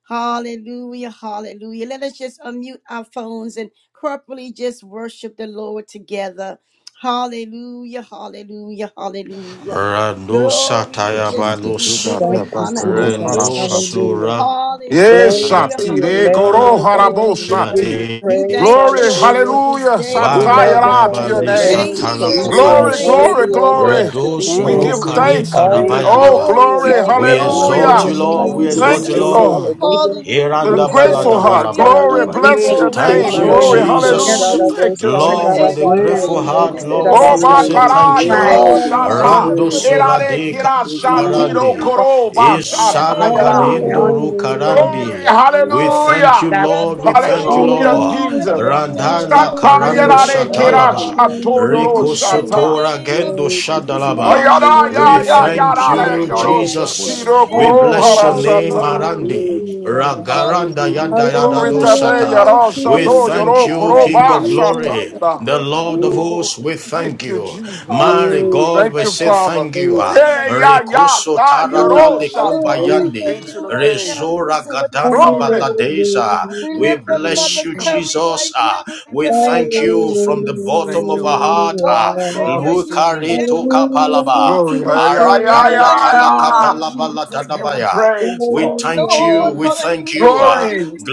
Speaker 1: Hallelujah, hallelujah. Let us just unmute our phones and corporately just worship the Lord together. Hallelujah, hallelujah, hallelujah.
Speaker 6: Rando
Speaker 1: Glory,
Speaker 7: you,
Speaker 1: we
Speaker 6: sataya
Speaker 1: just
Speaker 7: Jesus.
Speaker 1: give you
Speaker 6: balos.
Speaker 2: Thank
Speaker 1: glory,
Speaker 2: you,
Speaker 1: honor, and
Speaker 7: Ekakakoro
Speaker 2: Jesus.
Speaker 6: Rendo
Speaker 1: praise.
Speaker 7: parashati.
Speaker 2: Hallelujah.
Speaker 6: surakya
Speaker 7: Yes,
Speaker 2: Glory
Speaker 1: Hallelujah,
Speaker 2: to
Speaker 7: shati.
Speaker 2: your name,
Speaker 7: Rekoro
Speaker 1: hallelujah,
Speaker 2: O
Speaker 7: harabo
Speaker 2: God. We
Speaker 1: hallelujah.
Speaker 2: give
Speaker 7: shati.
Speaker 2: you
Speaker 6: de.
Speaker 1: We
Speaker 2: praise.
Speaker 1: thank you,
Speaker 7: Glory,
Speaker 1: Lord, for
Speaker 2: Hallelujah.
Speaker 1: this
Speaker 7: hallelujah.
Speaker 1: day,
Speaker 2: We
Speaker 1: Lord.
Speaker 6: Waranda
Speaker 7: Satayara to
Speaker 2: magnify
Speaker 7: your
Speaker 2: your
Speaker 6: bali
Speaker 1: We
Speaker 4: Thank
Speaker 7: name.
Speaker 1: thank
Speaker 4: you,
Speaker 2: name
Speaker 1: you,
Speaker 6: satala
Speaker 2: because
Speaker 1: Lord.
Speaker 4: Jesus.
Speaker 2: you
Speaker 1: We
Speaker 2: are
Speaker 7: Glory,
Speaker 6: kupanus.
Speaker 1: thank
Speaker 2: worthy,
Speaker 7: glory,
Speaker 1: you,
Speaker 2: O
Speaker 1: Lord. We
Speaker 7: glory.
Speaker 2: Lord, to
Speaker 6: Redo
Speaker 1: thank
Speaker 2: be
Speaker 1: you,
Speaker 7: We
Speaker 4: Thank
Speaker 6: soro
Speaker 7: give
Speaker 2: praised.
Speaker 4: you, Lord.
Speaker 6: kare
Speaker 1: Lord.
Speaker 7: thanks. We
Speaker 2: All
Speaker 7: give,
Speaker 2: the
Speaker 4: Thank
Speaker 6: karabaya
Speaker 4: you.
Speaker 7: oh,
Speaker 6: daba.
Speaker 1: Glory
Speaker 2: glory and
Speaker 1: to
Speaker 7: glory,
Speaker 2: all
Speaker 1: your
Speaker 2: the
Speaker 6: We
Speaker 1: name,
Speaker 2: honor,
Speaker 1: Lord
Speaker 4: Hey,
Speaker 6: exalt
Speaker 7: hallelujah.
Speaker 6: you,
Speaker 2: Lord,
Speaker 8: Thank
Speaker 6: Lord.
Speaker 4: God,
Speaker 6: We
Speaker 4: you've
Speaker 2: belongs to
Speaker 4: been
Speaker 6: exalt
Speaker 7: Thank
Speaker 6: you,
Speaker 7: you,
Speaker 4: so
Speaker 1: Jesus.
Speaker 2: you.
Speaker 6: Lord.
Speaker 4: good.
Speaker 7: Lord.
Speaker 8: you
Speaker 2: Hallelujah.
Speaker 7: With
Speaker 8: for
Speaker 7: a
Speaker 2: We
Speaker 1: Hallelujah,
Speaker 2: set our
Speaker 7: grateful
Speaker 1: Jesus.
Speaker 7: heart.
Speaker 1: We give
Speaker 7: Glory,
Speaker 1: you
Speaker 4: You're
Speaker 2: desire.
Speaker 6: Irandabaladabalaba.
Speaker 1: the
Speaker 8: breathing.
Speaker 7: bless your
Speaker 4: worthy,
Speaker 2: Hallelujah. Hallelujah.
Speaker 1: glory,
Speaker 4: God.
Speaker 6: Thank
Speaker 7: name.
Speaker 6: you,
Speaker 1: honor, and
Speaker 7: Glory,
Speaker 4: Worthy, God.
Speaker 8: Thank
Speaker 7: hallelujah.
Speaker 6: Jesus.
Speaker 1: praise
Speaker 4: You're
Speaker 7: Thank you,
Speaker 8: you for
Speaker 1: for
Speaker 6: Lord, with
Speaker 7: Jesus.
Speaker 6: a
Speaker 1: every
Speaker 6: grateful
Speaker 4: worthy.
Speaker 6: heart,
Speaker 1: watchman,
Speaker 4: God. I'm
Speaker 6: Lord, we
Speaker 7: O
Speaker 4: so
Speaker 6: want to
Speaker 1: Lord.
Speaker 6: say
Speaker 4: worthy.
Speaker 7: bakara
Speaker 6: thank you. Ah,
Speaker 7: yoro
Speaker 1: Lord,
Speaker 4: God.
Speaker 1: bless
Speaker 7: shata.
Speaker 1: them
Speaker 6: Rando
Speaker 1: for
Speaker 4: Worthy.
Speaker 1: their
Speaker 7: Erare
Speaker 6: Suradeka.
Speaker 7: kira
Speaker 1: faithfulness,
Speaker 4: There's none like
Speaker 7: shatiro
Speaker 4: you.
Speaker 1: Father.
Speaker 6: Karande,
Speaker 7: koro ba
Speaker 1: In the
Speaker 6: Isara
Speaker 1: name of
Speaker 7: shatayara.
Speaker 4: None
Speaker 8: and
Speaker 4: Like
Speaker 8: all
Speaker 6: Garindo Ru
Speaker 1: Jesus, Lord, we
Speaker 7: Glory,
Speaker 6: Karande.
Speaker 1: thank you
Speaker 6: We
Speaker 1: for
Speaker 6: thank you,
Speaker 7: hallelujah.
Speaker 1: the
Speaker 8: God
Speaker 1: breath
Speaker 6: Lord.
Speaker 8: we
Speaker 6: We
Speaker 1: of
Speaker 4: you.
Speaker 8: lift.
Speaker 4: awesome
Speaker 6: thank
Speaker 1: life
Speaker 6: you,
Speaker 4: in
Speaker 1: and
Speaker 4: this.
Speaker 7: Hallelujah,
Speaker 6: Lord.
Speaker 1: all that
Speaker 7: Jesus.
Speaker 1: you have done this
Speaker 6: Radala
Speaker 1: whole year
Speaker 4: You're
Speaker 6: Karando
Speaker 1: for
Speaker 7: Shatayarare
Speaker 4: worthy
Speaker 1: them,
Speaker 4: of all
Speaker 7: kira
Speaker 4: praise.
Speaker 6: Shatalaba.
Speaker 1: Father.
Speaker 7: shato yoro
Speaker 6: Rico
Speaker 1: In the
Speaker 7: shata.
Speaker 6: Sotora
Speaker 1: name of
Speaker 6: Gendo
Speaker 4: Glory to your
Speaker 1: Jesus,
Speaker 4: name.
Speaker 1: Lord,
Speaker 6: Shadalaba.
Speaker 7: Ayara
Speaker 1: each and
Speaker 7: ya
Speaker 6: We
Speaker 7: ya
Speaker 1: every
Speaker 4: You're
Speaker 6: thank
Speaker 7: yarare
Speaker 4: Glory
Speaker 6: you,
Speaker 4: in
Speaker 7: yoro
Speaker 4: the
Speaker 1: watchman
Speaker 4: rest of
Speaker 6: Jesus.
Speaker 4: us.
Speaker 7: shatiro
Speaker 2: Hallelujah.
Speaker 6: We
Speaker 1: in
Speaker 7: koro
Speaker 1: this
Speaker 6: bless
Speaker 2: Hallelujah.
Speaker 7: hara
Speaker 6: your
Speaker 1: house,
Speaker 6: name,
Speaker 7: shata.
Speaker 1: Lord.
Speaker 6: Marandi.
Speaker 4: Oh, God, you're the God in
Speaker 6: Ragaranda
Speaker 4: heaven,
Speaker 7: Mm,
Speaker 6: Yada
Speaker 1: Hallelujah,
Speaker 4: God.
Speaker 6: Yada
Speaker 7: Glory
Speaker 1: Lord.
Speaker 6: Do
Speaker 1: I
Speaker 7: tate
Speaker 1: thank
Speaker 2: Hallelujah.
Speaker 6: Sata.
Speaker 7: yara
Speaker 1: you.
Speaker 6: We
Speaker 4: Oh,
Speaker 7: shato
Speaker 4: God,
Speaker 6: thank
Speaker 7: yoro
Speaker 1: I
Speaker 4: we
Speaker 6: you,
Speaker 4: just
Speaker 7: koro
Speaker 4: say
Speaker 1: thank
Speaker 4: thank
Speaker 6: King
Speaker 1: you
Speaker 7: ba
Speaker 1: how
Speaker 6: of
Speaker 1: you're
Speaker 4: you,
Speaker 1: taking
Speaker 6: Glory.
Speaker 7: shatayara.
Speaker 6: The
Speaker 1: care of them,
Speaker 6: Lord of
Speaker 4: thank you,
Speaker 1: Lord.
Speaker 6: hosts, we
Speaker 4: thank
Speaker 6: thank
Speaker 7: Thank you,
Speaker 6: you.
Speaker 7: Jesus.
Speaker 6: Mary
Speaker 4: you, thank
Speaker 1: Hallelujah. I
Speaker 6: God,
Speaker 4: you,
Speaker 7: Thank
Speaker 6: we
Speaker 7: you,
Speaker 1: Thank you
Speaker 6: say
Speaker 1: how you
Speaker 7: Father.
Speaker 6: thank
Speaker 1: have
Speaker 6: you.
Speaker 4: thank
Speaker 1: grown in
Speaker 7: Yeah,
Speaker 1: them,
Speaker 7: yeah,
Speaker 1: Lord.
Speaker 7: ya,
Speaker 6: Rikuso
Speaker 7: da,
Speaker 6: tara
Speaker 7: yoro,
Speaker 6: dali
Speaker 4: you,
Speaker 7: shata.
Speaker 1: Hallelujah.
Speaker 4: thank
Speaker 6: kumbayandi.
Speaker 4: you,
Speaker 2: Hallelujah.
Speaker 7: Ancient
Speaker 1: Heal
Speaker 7: of
Speaker 1: right
Speaker 7: days.
Speaker 1: now,
Speaker 6: Rezora
Speaker 1: Mr. Vanessa,
Speaker 6: gadana
Speaker 2: Hallelujah.
Speaker 7: Glory.
Speaker 1: Lord.
Speaker 6: baladeza.
Speaker 1: We
Speaker 6: We
Speaker 1: lift up
Speaker 6: bless
Speaker 1: Mother
Speaker 6: you,
Speaker 2: Hallelujah.
Speaker 1: Curry
Speaker 6: Jesus.
Speaker 1: right now
Speaker 6: Ah,
Speaker 1: in the
Speaker 6: We we
Speaker 1: name
Speaker 6: thank
Speaker 1: of
Speaker 6: you from the
Speaker 1: Jesus.
Speaker 6: bottom
Speaker 7: Thank you,
Speaker 6: of our
Speaker 7: Lord.
Speaker 6: heart. Ah,
Speaker 1: Lord,
Speaker 7: With
Speaker 1: send
Speaker 7: all
Speaker 1: your
Speaker 7: that's in
Speaker 1: healing
Speaker 7: me.
Speaker 6: Lukari
Speaker 1: down
Speaker 6: toka
Speaker 1: to her
Speaker 2: Hallelujah
Speaker 1: feet.
Speaker 6: palaba.
Speaker 2: to
Speaker 7: Glory.
Speaker 2: the
Speaker 7: yeah, yeah,
Speaker 2: King
Speaker 7: yeah, yeah.
Speaker 1: In
Speaker 2: of
Speaker 6: Aradaya
Speaker 1: the name
Speaker 2: Kings.
Speaker 6: talaka
Speaker 1: of
Speaker 6: talabala
Speaker 7: I
Speaker 1: Jesus,
Speaker 7: give you
Speaker 6: tadabaya.
Speaker 1: Lord.
Speaker 7: praise,
Speaker 6: We
Speaker 7: Father.
Speaker 6: thank you.
Speaker 1: Lord,
Speaker 2: Hallelujah.
Speaker 6: We thank
Speaker 1: hallelujah,
Speaker 2: and
Speaker 6: you.
Speaker 1: your
Speaker 6: ah.
Speaker 7: Glory.
Speaker 2: Hallelujah.
Speaker 1: healing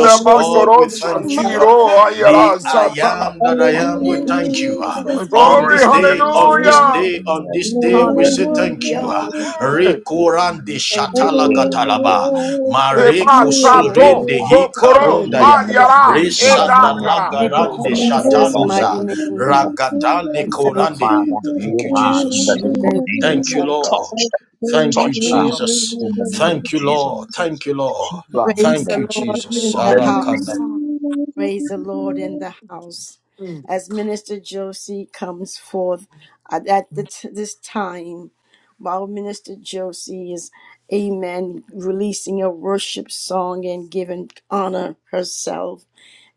Speaker 2: The
Speaker 6: God,
Speaker 2: living
Speaker 7: basoro
Speaker 6: we
Speaker 1: on
Speaker 6: thank you.
Speaker 1: Mother
Speaker 6: ah.
Speaker 7: shatiro,
Speaker 1: Curry
Speaker 2: God.
Speaker 1: right
Speaker 6: the
Speaker 7: ayara,
Speaker 6: I
Speaker 1: now.
Speaker 7: shata.
Speaker 6: am that I am, we
Speaker 1: In
Speaker 6: thank you.
Speaker 2: Hallelujah to
Speaker 6: ah.
Speaker 2: the
Speaker 1: Jesus'
Speaker 6: on
Speaker 1: mighty
Speaker 2: King
Speaker 7: Glory.
Speaker 6: this
Speaker 2: of
Speaker 6: day,
Speaker 1: name.
Speaker 6: on this
Speaker 2: Kings.
Speaker 7: Hallelujah.
Speaker 6: day, on this
Speaker 2: No
Speaker 6: day, we say
Speaker 2: one
Speaker 6: thank you.
Speaker 1: Hallelujah,
Speaker 6: ah.
Speaker 1: hallelujah.
Speaker 7: Glory.
Speaker 6: Rekorande
Speaker 1: Thank you,
Speaker 6: shatala
Speaker 1: Lord.
Speaker 2: Hallelujah.
Speaker 6: gatalaba. Mare
Speaker 1: Praise
Speaker 7: Tepa,
Speaker 1: the
Speaker 2: You are
Speaker 7: shato,
Speaker 6: kosurende
Speaker 1: Lord.
Speaker 7: tokoro,
Speaker 5: Feel
Speaker 6: hikarondaya.
Speaker 5: my
Speaker 1: Hallelujah.
Speaker 7: hayara,
Speaker 5: spirit in the
Speaker 2: worthy.
Speaker 7: eta,
Speaker 5: name of
Speaker 7: kara,
Speaker 1: In
Speaker 5: Jesus,
Speaker 7: yoro,
Speaker 6: Rishadalagarande
Speaker 5: from the
Speaker 2: Hallelujah,
Speaker 7: shati.
Speaker 5: crown of
Speaker 1: Jesus'
Speaker 5: our
Speaker 6: shatanoza.
Speaker 5: head
Speaker 1: mighty
Speaker 5: to the throne
Speaker 1: name.
Speaker 5: of
Speaker 6: Ragadande
Speaker 1: We
Speaker 5: Abba
Speaker 1: thank you.
Speaker 6: korande.
Speaker 5: Father,
Speaker 6: Thank
Speaker 5: you
Speaker 6: you,
Speaker 5: are in the
Speaker 6: Jesus.
Speaker 1: We
Speaker 5: name of
Speaker 1: thank
Speaker 6: Thank
Speaker 5: Jesus.
Speaker 6: you,
Speaker 1: you.
Speaker 7: Oh God.
Speaker 6: Lord.
Speaker 5: Touch,
Speaker 6: Thank you,
Speaker 5: touch
Speaker 1: Lord.
Speaker 5: her
Speaker 6: Jesus.
Speaker 5: in the name of
Speaker 6: Thank you,
Speaker 5: Jesus.
Speaker 6: Lord. Thank you, Lord.
Speaker 5: Keep her
Speaker 1: Praise
Speaker 6: Thank
Speaker 1: the
Speaker 6: you,
Speaker 5: Lord,
Speaker 1: Lord
Speaker 7: Thank
Speaker 1: in
Speaker 6: Jesus.
Speaker 5: from
Speaker 1: the
Speaker 6: Arakanda.
Speaker 1: house.
Speaker 5: everything.
Speaker 1: Praise the Lord in the house. As Minister Josie comes forth at at the t- this time, while Minister Josie is, amen, releasing a worship song and giving honor herself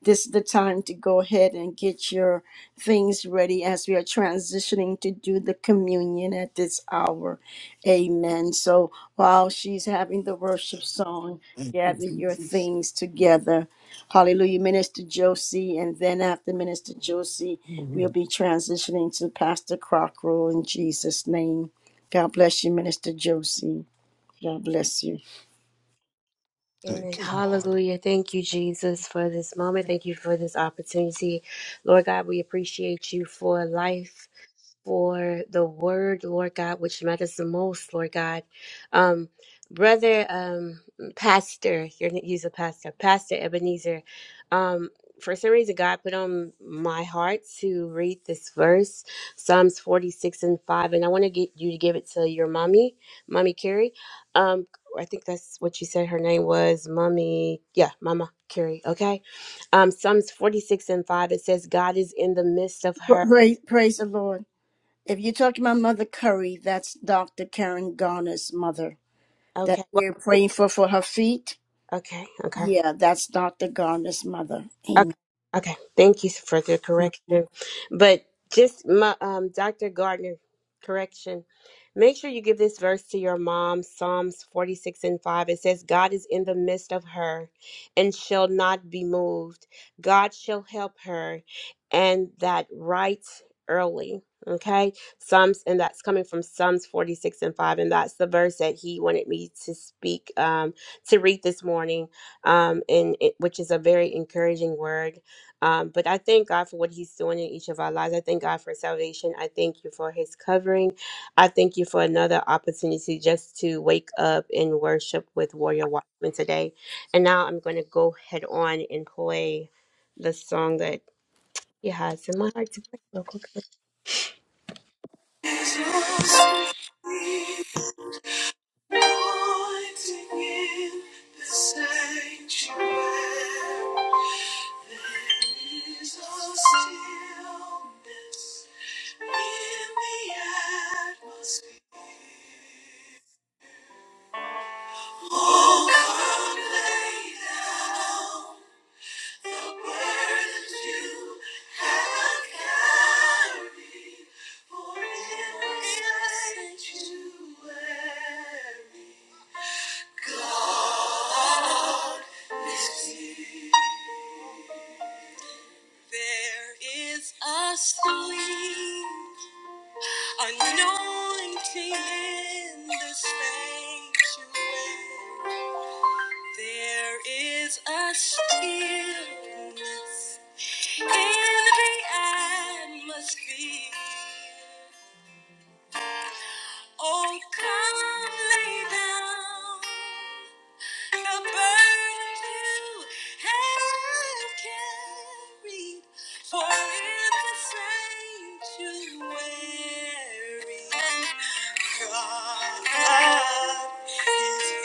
Speaker 1: this is the time to go ahead and get your things ready as we are transitioning to do the communion at this hour. Amen. So while she's having the worship song,
Speaker 7: you,
Speaker 1: gather your
Speaker 7: Jesus.
Speaker 1: things together. Hallelujah. Minister Josie, and then after Minister Josie, we'll be transitioning to Pastor Crocker in Jesus' name. God bless you, Minister Josie. God bless you.
Speaker 8: Amen.
Speaker 7: Thank you, Lord.
Speaker 8: Hallelujah. Thank you, Jesus, for this moment. Thank you for this opportunity. Lord God, we appreciate you for life. for the word, Lord God, which matters the most, Lord God. Um, brother, um, pastor, you're gonna use a pastor, Pastor Ebenezer. Um, for some reason, God put on my heart to read this verse, Psalms 46 and 5, and I want to get you to give it to your mommy, Mommy Carrie. Um, I think that's what you said her name was, Mommy. Yeah, Mama Carrie. Okay. Um, Psalms 46 and 5, it says, God is in the midst of her.
Speaker 1: Praise, praise the Lord. If you're talking about Mother Curry, that's Dr. Karen Garner's mother that
Speaker 8: Okay. well,
Speaker 1: we're praying for for her feet.
Speaker 8: Okay, okay,
Speaker 1: Yeah, that's Dr. Garner's mother. Amen.
Speaker 8: okay, okay. Thank you for the correction. But just my um, Dr. Gardner correction. Make sure you give this verse to your mom. Psalms 46 and 5. It says, God is in the midst of her and shall not be moved. God shall help her and that right early. Okay. Psalms, and that's coming from Psalms 46 and 5. And that's the verse that he wanted me to speak, um, to read this morning um, and it, which is a very encouraging word. Um, but I thank God for what He's doing in each of our lives. I thank God for salvation. I thank you for His covering. I thank you for another opportunity just to wake up and worship with Warrior Watchman today. And now I'm going to go head on and play the song that He has in my heart to play real quickly. Jesus, we want to give the sanctuary. There's a stillness in the atmosphere. Oh, come lay down the burdens you have carried, for it is light you weary. There is a sleep. Anointing in the sanctuary, there is a stillness in the atmosphere. Oh, come lay down And the burdens you have carried, for it's the sanctuary. God is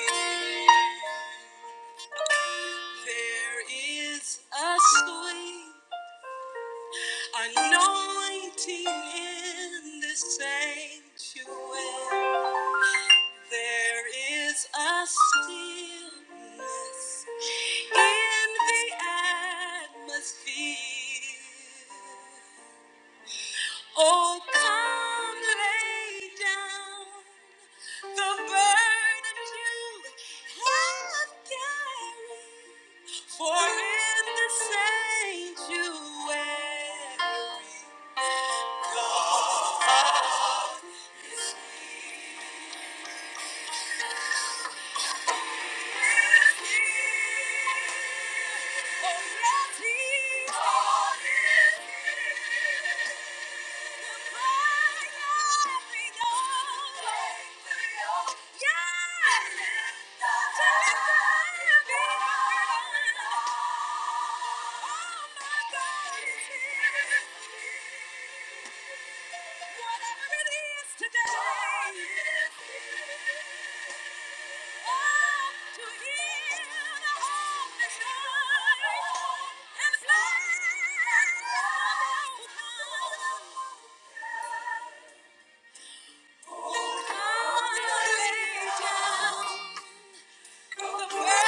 Speaker 8: here. There is a sweet anointing in the sanctuary. There is a stillness in the atmosphere. Oh, come lay down the burden you have carried. For in the sanctuary, God. is near. Oh Yeah! Oh, Hallelujah.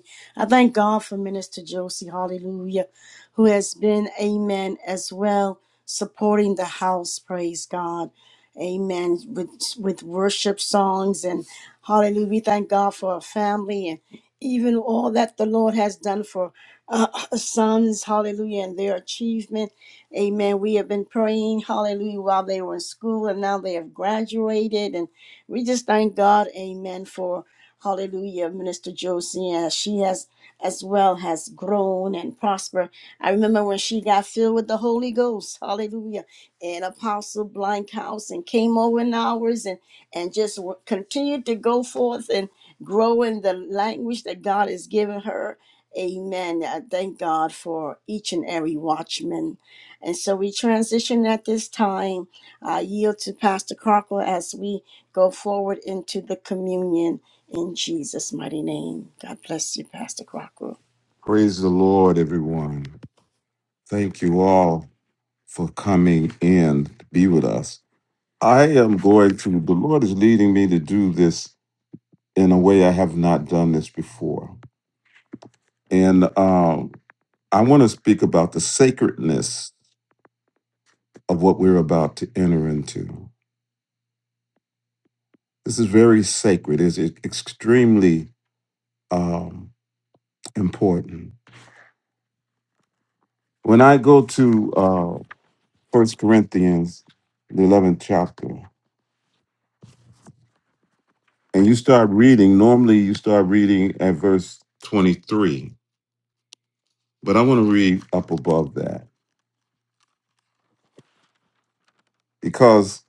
Speaker 1: family. I thank God for Minister Josie, hallelujah, who has been, amen, as well, supporting the house, praise God. Amen. With with worship songs and hallelujah. We thank God for our family and even all that the Lord has done for uh, sons, hallelujah, and their achievement. Amen. We have been praying, hallelujah, while they were in school and now they have graduated. And we just thank God, amen, for Hallelujah, Minister Josie, as she has as well has grown and prospered. I remember when she got filled with the Holy Ghost, hallelujah, and Apostle House and came over in hours and, and just w- continued to go forth and grow in the language that God has given her. Amen. I thank God for each and every watchman. And so we transition at this time. I yield to Pastor Crocker as we go forward into the communion. In Jesus' mighty name. God bless you, Pastor Crocker.
Speaker 7: Praise the Lord, everyone. Thank you all for coming in to be with us. I am going to, the Lord is leading me to do this in a way I have not done this before. And um, I want to speak about the sacredness of what we're about to enter into. This is very sacred, it's extremely um, important. When I go to uh, First Corinthians, the eleventh chapter, and you start reading, normally you start reading at verse twenty-three, but I want to read up above that because,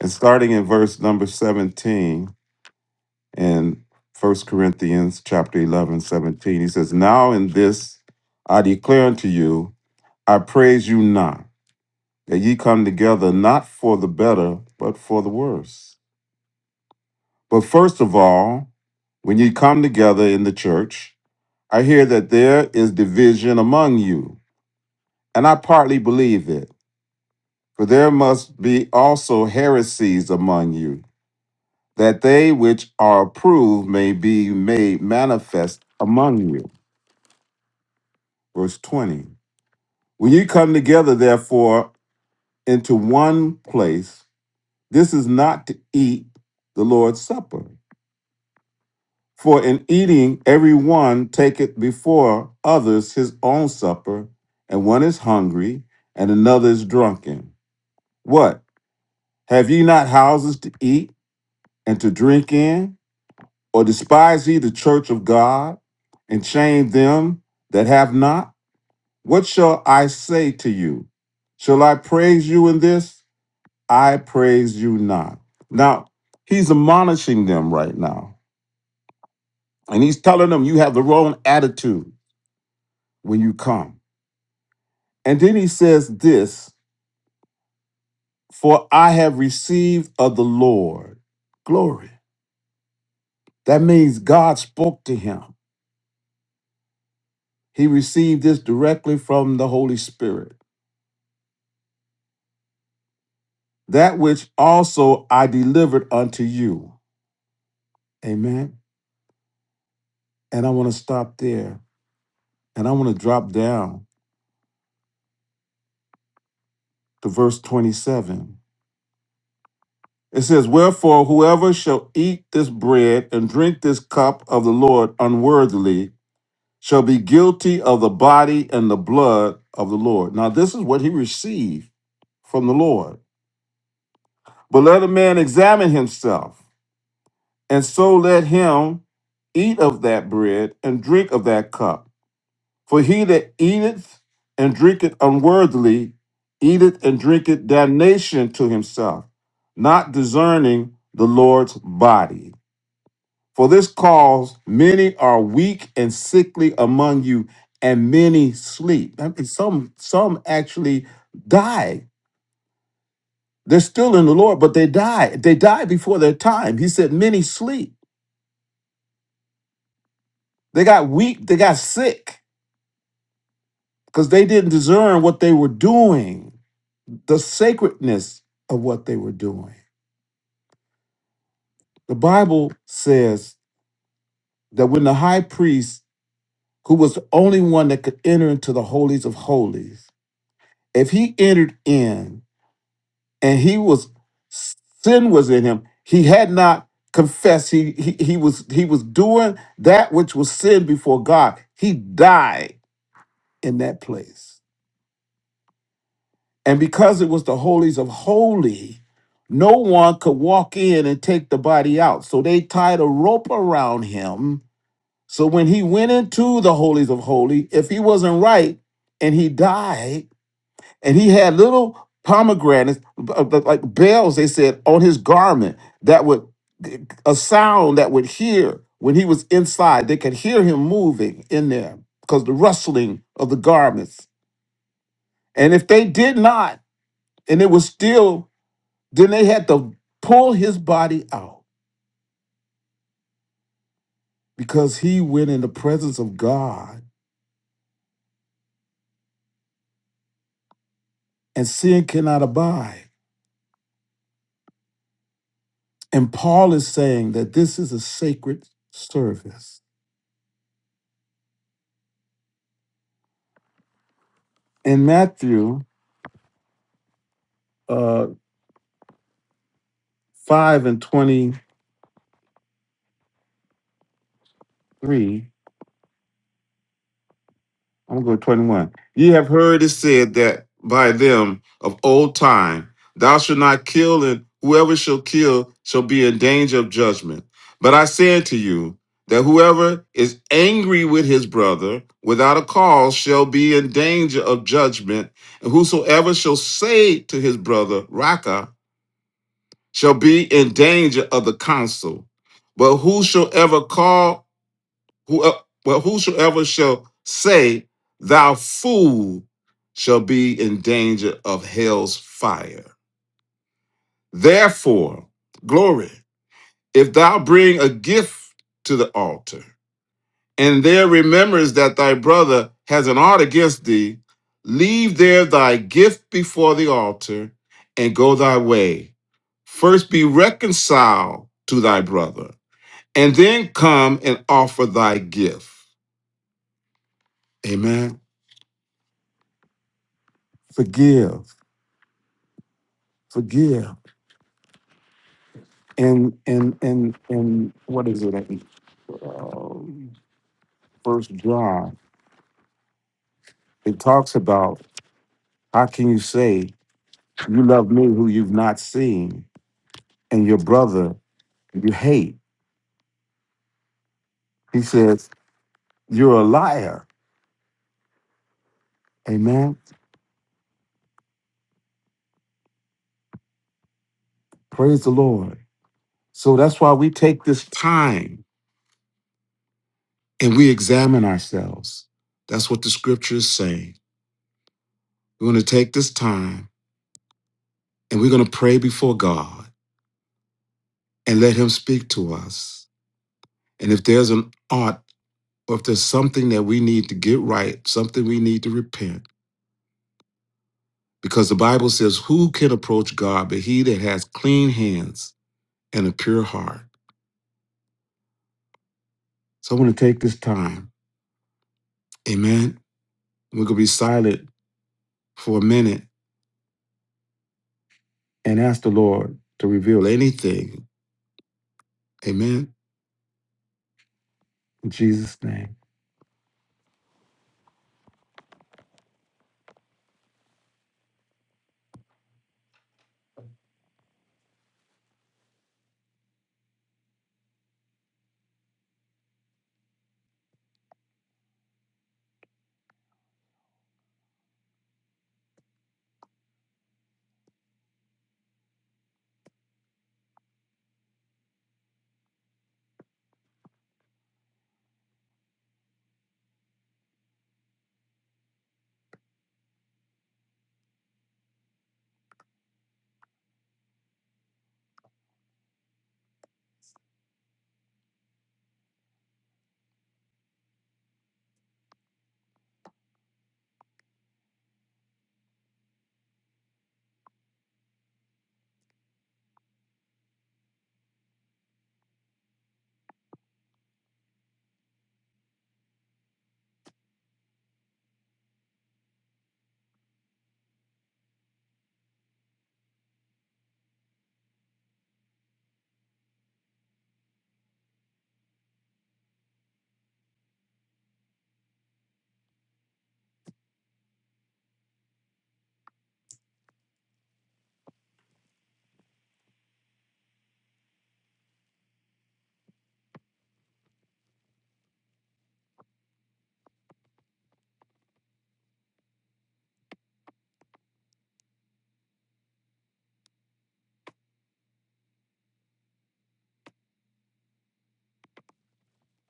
Speaker 7: and starting in verse number seventeen in First Corinthians chapter 11 17, he says, "Now in this I declare unto you, I praise you not, that ye come together not for the better, but for the worse." But first of all, when you come together in the church, I hear that there is division among you, and I partly believe it. For there must be also heresies among you, that they which are approved may be made manifest among you. Verse 20. When you come together, therefore, into one place, this is not to eat the Lord's Supper. For in eating, every one taketh before others his own supper, and one is hungry, and another is drunken. What? Have ye not houses to eat and to drink in? Or despise ye the church of God, and shame them that have not? What shall I say to you? Shall I praise you in this? I praise you not. Now, he's admonishing them right now, and he's telling them, You have the wrong attitude when you come. And then he says this For I have received of the Lord glory. That means God spoke to him. He received this directly from the Holy Spirit. That which also I delivered unto you. Amen. And I want to stop there. And I want to drop down to verse 27. It says, Wherefore, whoever shall eat this bread and drink this cup of the Lord unworthily shall be guilty of the body and the blood of the Lord. Now, this is what he received from the Lord. But let a man examine himself, and so let him eat of that bread and drink of that cup. For he that eateth and drinketh unworthily, eateth and drinketh damnation to himself, not discerning the Lord's body. For this cause, many are weak and sickly among you, and many sleep. I mean, some some actually die. They're still in the Lord, but they die. They die before their time. He said, many sleep. They got weak. They got sick because they didn't discern what they were doing, the sacredness of what they were doing. The Bible says that when the high priest, who was the only one that could enter into the holies of holies, if he entered in and he was sin was in him. He had not confessed. He he, he was he was doing that which was sin before God. He died in that place. And because it was the holies of holy, no one could walk in and take the body out. So they tied a rope around him. So when he went into the holies of holy, if he wasn't right and he died, and he had little pomegranates, uh, uh, like bells, they said, on his garment that would a sound that would hear when he was inside. They could hear him moving in there because the rustling of the garments. And if they did not, and it was still, then they had to pull his body out because he went in the presence of God and sin cannot abide. And Paul is saying that this is a sacred service. In Matthew, uh, 5 and 23, I'm going to go 21. Ye have heard it said that by them of old time, thou shalt not kill, and whoever shall kill shall be in danger of judgment. But I say unto you, that whoever is angry with his brother without a cause shall be in danger of judgment, and whosoever shall say to his brother, Raka, shall be in danger of the council. But whosoever call Who, uh, well, whosoever shall say, Thou fool, shall be in danger of hell's fire. Therefore, glory, if thou bring a gift to the altar, and there remembers that thy brother has an art against thee, leave there thy gift before the altar and go thy way. First be reconciled to thy brother, and then come and offer thy gift. Amen. Forgive forgive. And and and and what is it? Um, First John. It talks about how can you say you love me who you've not seen, and your brother you hate. He says you're a liar. Amen. Praise the Lord. So that's why we take this time and we examine ourselves. That's what the scripture is saying. We're going to take this time and we're going to pray before God and let Him speak to us And if there's an art or if there's something that we need to get right, something we need to repent, because the Bible says, Who can approach God but he that has clean hands and a pure heart? So I want to take this time, amen. We're going to be silent for a minute and ask the Lord to reveal anything, amen. In Jesus' name,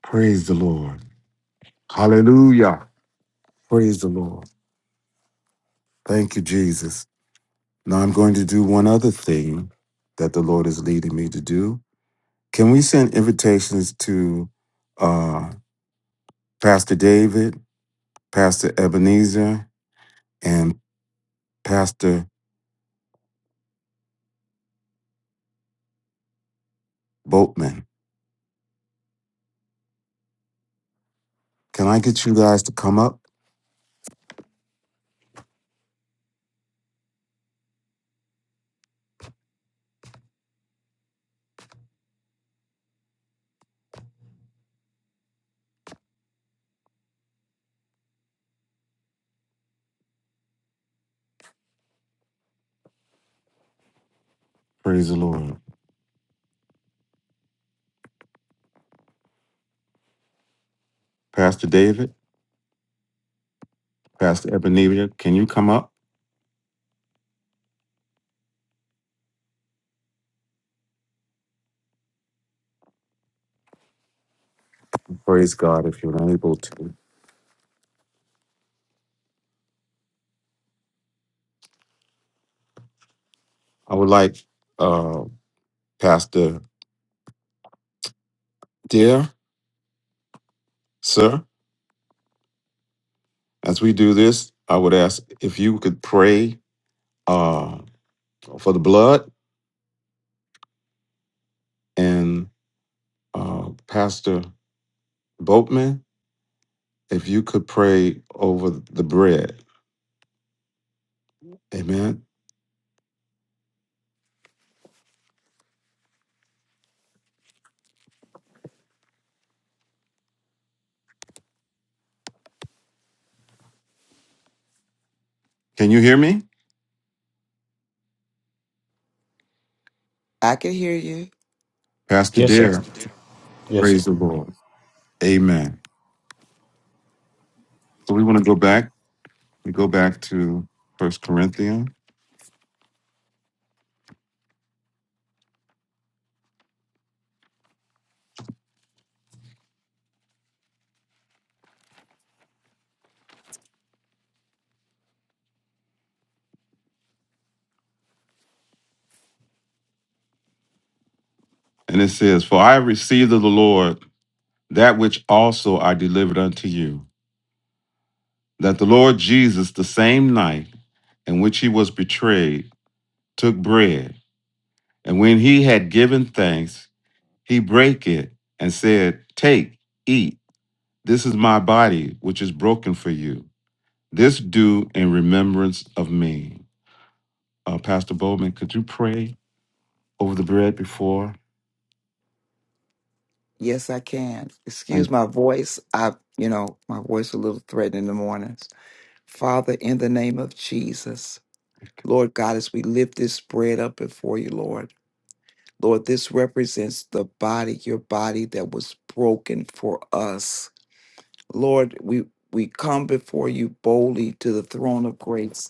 Speaker 7: praise the Lord. Hallelujah. Praise the Lord. Thank you, Jesus. Now I'm going to do one other thing that the Lord is leading me to do. Can we send invitations to uh, Pastor David, Pastor Ebenezer, and Pastor Boatman? Can I get you guys to come up? Praise the Lord. Pastor David, Pastor Ebenezer, can you come up? Praise God if you're able to. I would like uh, Pastor Dear, sir, as we do this, I would ask if you could pray uh, for the blood and uh, Pastor Boatman if you could pray over the bread. Amen. Can you hear me?
Speaker 9: I can hear you.
Speaker 7: Pastor
Speaker 6: Yes, sir.
Speaker 7: Dare,
Speaker 6: Yes, sir.
Speaker 7: praise the Lord. Amen. So we want to go back. We go back to First Corinthians. And it says, For I received of the Lord that which also I delivered unto you, that the Lord Jesus, the same night in which he was betrayed, took bread. And when he had given thanks, he brake it and said, Take, eat. This is my body, which is broken for you. This do in remembrance of me. Uh, Pastor Bowman, could you pray over the bread before?
Speaker 9: Yes, I can.
Speaker 7: Thank
Speaker 9: Excuse my voice. I, you know, my voice a little threatened in the mornings. Father, in the name of Jesus,
Speaker 7: you.
Speaker 9: Lord God, as we lift this bread up before you, Lord, Lord, this represents the body, your body that was broken for us. Lord, we we come before you boldly to the throne of grace.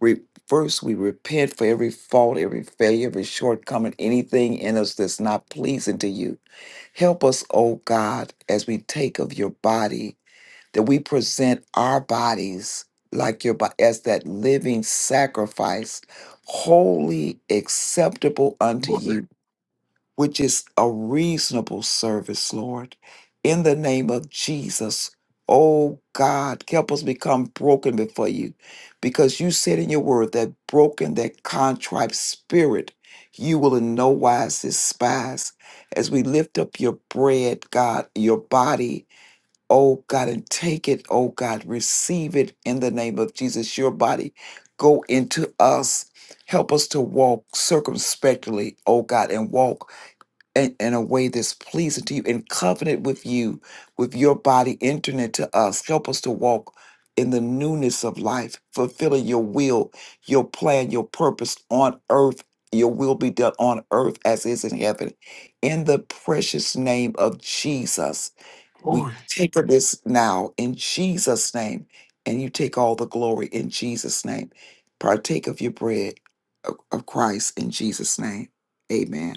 Speaker 9: Re- First, we repent for every fault, every failure, every shortcoming, anything in us that's not pleasing to you. Help us, O God, as we take of your body, that we present our bodies like your body as that living sacrifice, wholly acceptable unto you which is a reasonable service, Lord. In the name of Jesus, oh God, help us become broken before you because you said in your word that broken, that contrite spirit, you will in no wise despise. As we lift up your bread, God, your body, oh God, and take it, oh God, receive it in the name of Jesus, your body. Go into us. Help us to walk circumspectly, oh God, and walk in, in a way that's pleasing to you and covenant with you, with your body entering into us. Help us to walk in the newness of life, fulfilling your will, your plan, your purpose on earth. Your will be done on earth as is in heaven. In the precious name of Jesus, we take of this now in Jesus' name, and you take all the glory in Jesus' name. Partake of your bread of of Christ in Jesus' name. Amen.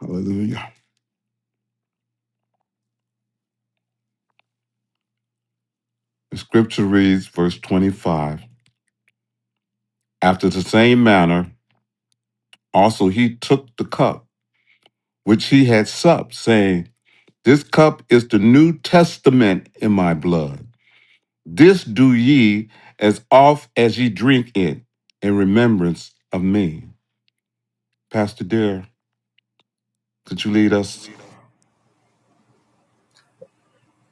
Speaker 7: Hallelujah. The scripture reads, verse 25 After the same manner, also he took the cup which he had supped, saying, This cup is the New Testament in my blood. This do ye as oft as ye drink it in remembrance of me. Pastor Dear, could you lead us?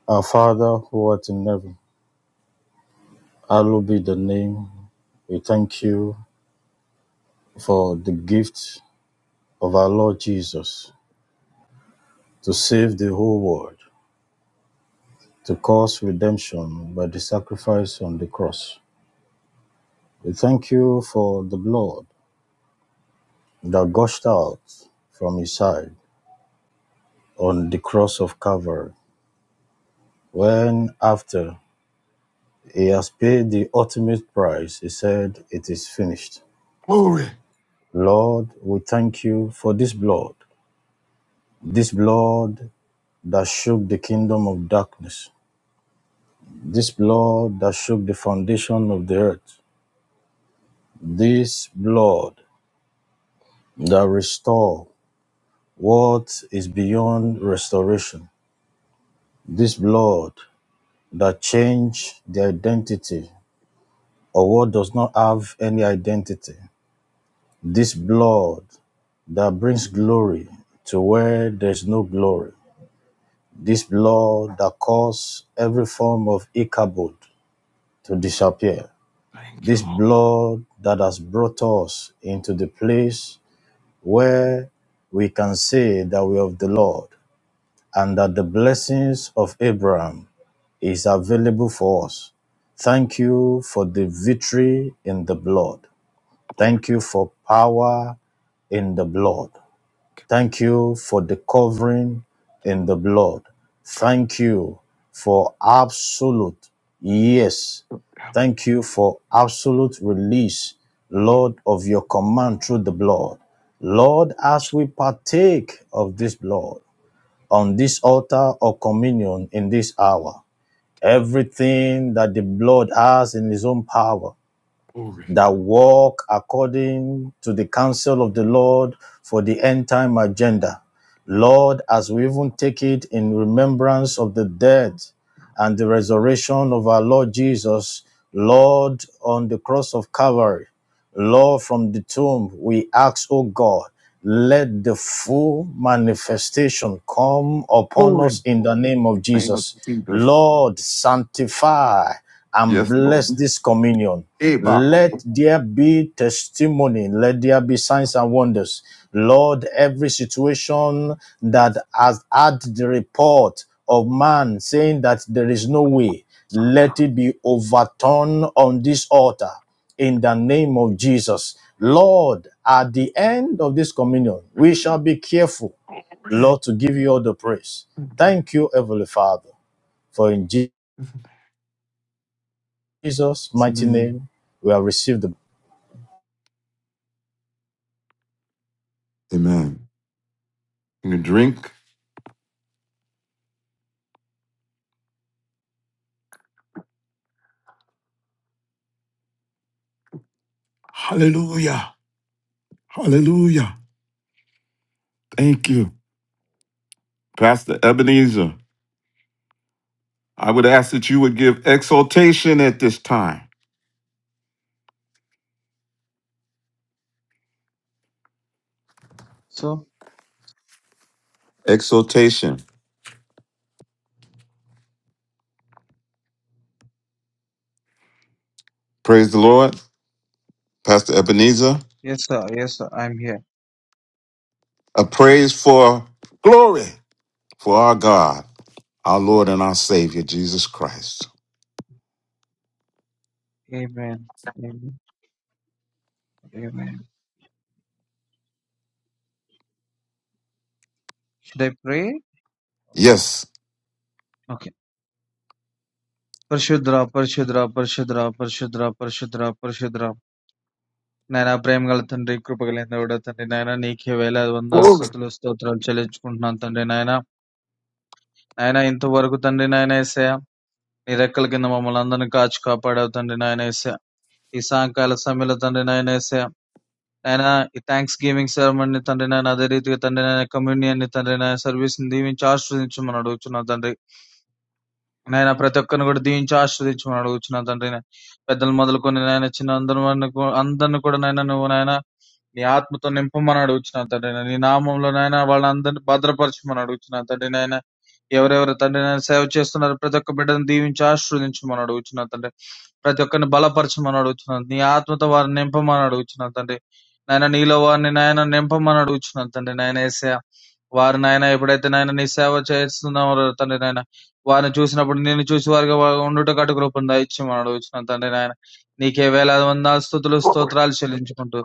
Speaker 6: Our Father who art in heaven, hallowed be the name. We thank you for the gift of our Lord Jesus to save the whole world, to cause redemption by the sacrifice on the cross. We thank you for the blood that gushed out from his side on the cross of Calvary. When after he has paid the ultimate price, he said, It is finished.
Speaker 7: Glory.
Speaker 6: Lord, we thank you for this blood, this blood that shook the kingdom of darkness, this blood that shook the foundation of the earth, this blood that restored what is beyond restoration, this blood that change the identity or what does not have any identity. This blood that brings glory to where there's no glory. This blood that caused every form of Ichabod to disappear.
Speaker 7: Thank you,
Speaker 6: This
Speaker 7: Lord.
Speaker 6: blood that has brought us into the place where we can say that we are of the Lord. and that the blessings of Abraham is available for us. Thank you for the victory in the blood. Thank you for power in the blood. Thank you for the covering in the blood. Thank you for absolute yes. Thank you for absolute release, Lord, of your command through the blood. Lord, as we partake of this blood, on this altar or communion in this hour. Everything that the blood has in his own power
Speaker 7: Glory.
Speaker 6: that walk according to the counsel of the Lord for the end time agenda. Lord, as we even take it in remembrance of the death and the resurrection of our Lord Jesus, Lord, on the cross of Calvary, Lord, from the tomb, we ask, O God, let the full manifestation come upon us in the name of
Speaker 7: name of
Speaker 6: Jesus.
Speaker 7: Jesus.
Speaker 6: Lord, sanctify and
Speaker 7: Yes,
Speaker 6: bless
Speaker 7: Lord.
Speaker 6: this communion.
Speaker 7: Ebaku.
Speaker 6: Let there be testimony. Let there be signs and wonders. Lord, every situation that has had the report of man saying that there is no way, let it be overturned on this altar in the name of Jesus. Lord, at the end of this communion, we shall be careful, Lord, to give you all the praise. Thank
Speaker 7: It's
Speaker 6: you, Heavenly Father, for in Jesus'
Speaker 7: the
Speaker 6: mighty
Speaker 7: name.
Speaker 6: name we have received the.
Speaker 7: Amen. You can drink. Hallelujah. Hallelujah. Thank you. Pastor Ebenezer, I would ask that you would give exaltation at this time.
Speaker 10: So
Speaker 7: Exaltation. Praise the Lord. Pastor Ebenezer,
Speaker 10: yes sir, yes sir, I'm here.
Speaker 7: a praise for glory for our God, our Lord and our Savior, Jesus Christ.
Speaker 10: Amen, amen, amen. They pray.
Speaker 7: Yes.
Speaker 10: Okay. Prashadra, Prashadra, Prashadra, Prashadra, Prashadra, Prashadra. Nayna, prayam galathan, reekro pagalathen udathan. Nayna neekhevela, avandhar
Speaker 7: Glory.
Speaker 10: sutlo sthodral chalij kunthan. Nayna, Nayna intu varuguthan. Nayna ise. Neerakal ke nama malandhan kachka pada than. Nayna ise. Isangkaalasa milathan. Nayna ise. ನಾಯನ ಈ thanks ಗೇವಿಂಗ್ ceremony ತಂದೆ ನಾನು ಅದೇ ರೀತಿగా తండ్రి నాయన communion ని తండ్రి నాయన service ని దీవించి ఆశీర్వదించమని అడుగుతున్నాను తండ్రి నాయన ప్రతి ఒక్కరిని కూడా దీవించి ఆశీర్వదించమని అడుగుతున్నాను తండ్రి పెద్దలు మొదలుకొని నాయన చిన్న అందరూ అందరిని కూడా నాయన నువ్వు నాయన నీ ఆత్మతో నింపమని అడుగుచున్నాను తండ్రి నాయన. నీ నామంలో నాయన వాళ్ళందరినీ భద్రపరచమని అడుగుచున్నాను తండ్రి నాయన ఎవరెవరు తండ్రి నాయన సేవ చేస్తున్నారు ప్రతి ఒక్క బిడ్డను దీవించి ఆశీర్వదించమని అడుగుచున్నాను తండ్రి ప్రతి ఒక్కరిని బలపరచమని అడుగుచున్నాను నీ ఆత్మతో వారిని నింపమని అడుగుచున్నాను తండ్రి నాయన నీలో వారిని నాయన నింపమని అడుగుచున్నాను తండ్రి నాయన ఏసయ వారు నాయన ఎప్పుడైతే నాయన నీ సేవ చేస్తున్నారో తండ్రి నాయన వారిని చూసినప్పుడు నేను చూసి వారిగా వా- ఉండుటకు అటు దయచేయమని అడుగుచున్నాను తండ్రి నాయన నీకే వేలాది వందల స్థుతులు
Speaker 7: Glory.
Speaker 10: స్తోత్రాలు చెల్లించుకుంటూ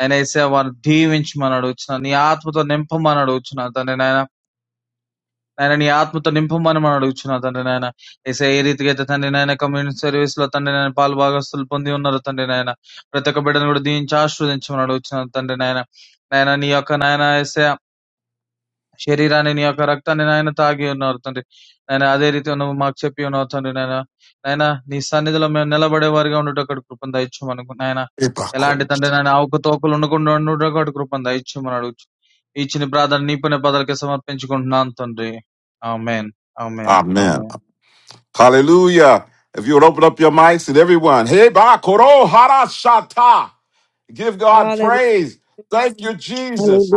Speaker 10: ఆయన ఏసేవారు దీవించమని అడుగుచున్నాను నీ ఆత్మతో నింపమని అడుగుచున్నాను తండ్రి నాయన నాయన నీ ఆత్మతో నింపమని మనం అడుగుచున్నా తండ్రి నాయన ఏసే ఏ రీతిగా అయితే తండ్రి నాయన కమ్యూనిటీ సర్వీస్ లో తండ్రి నాయన పాలు భాగస్తులు పొంది ఉన్నారు తండ్రి నాయన ప్రతి ఒక్క బిడ్డను కూడా దీవించి ఆశీర్వదించమని అడుగుచున్నాను తండ్రి నాయన నాయన నీ యొక్క నాయన Shery Rani niya karakta ni naaina taagiyo naar tondre. Naaina adhe rite ono magche piyo naar tondre naaina naaina nisana ni dholam nela bade varga onu ta karukrupanda ichche manu naaina eland
Speaker 7: Ebaku.
Speaker 10: itondre naaina aukatokulonu ko nnu ta karukrupanda ichche manaru ichne prada niipne padal ke saman panchikun nantondre. Amen. Amen.
Speaker 7: Amen.
Speaker 10: Amen.
Speaker 7: Hallelujah. If you would open up your mics and everyone, hey, ba koro hara shata, Give God praise. Thank you, Jesus.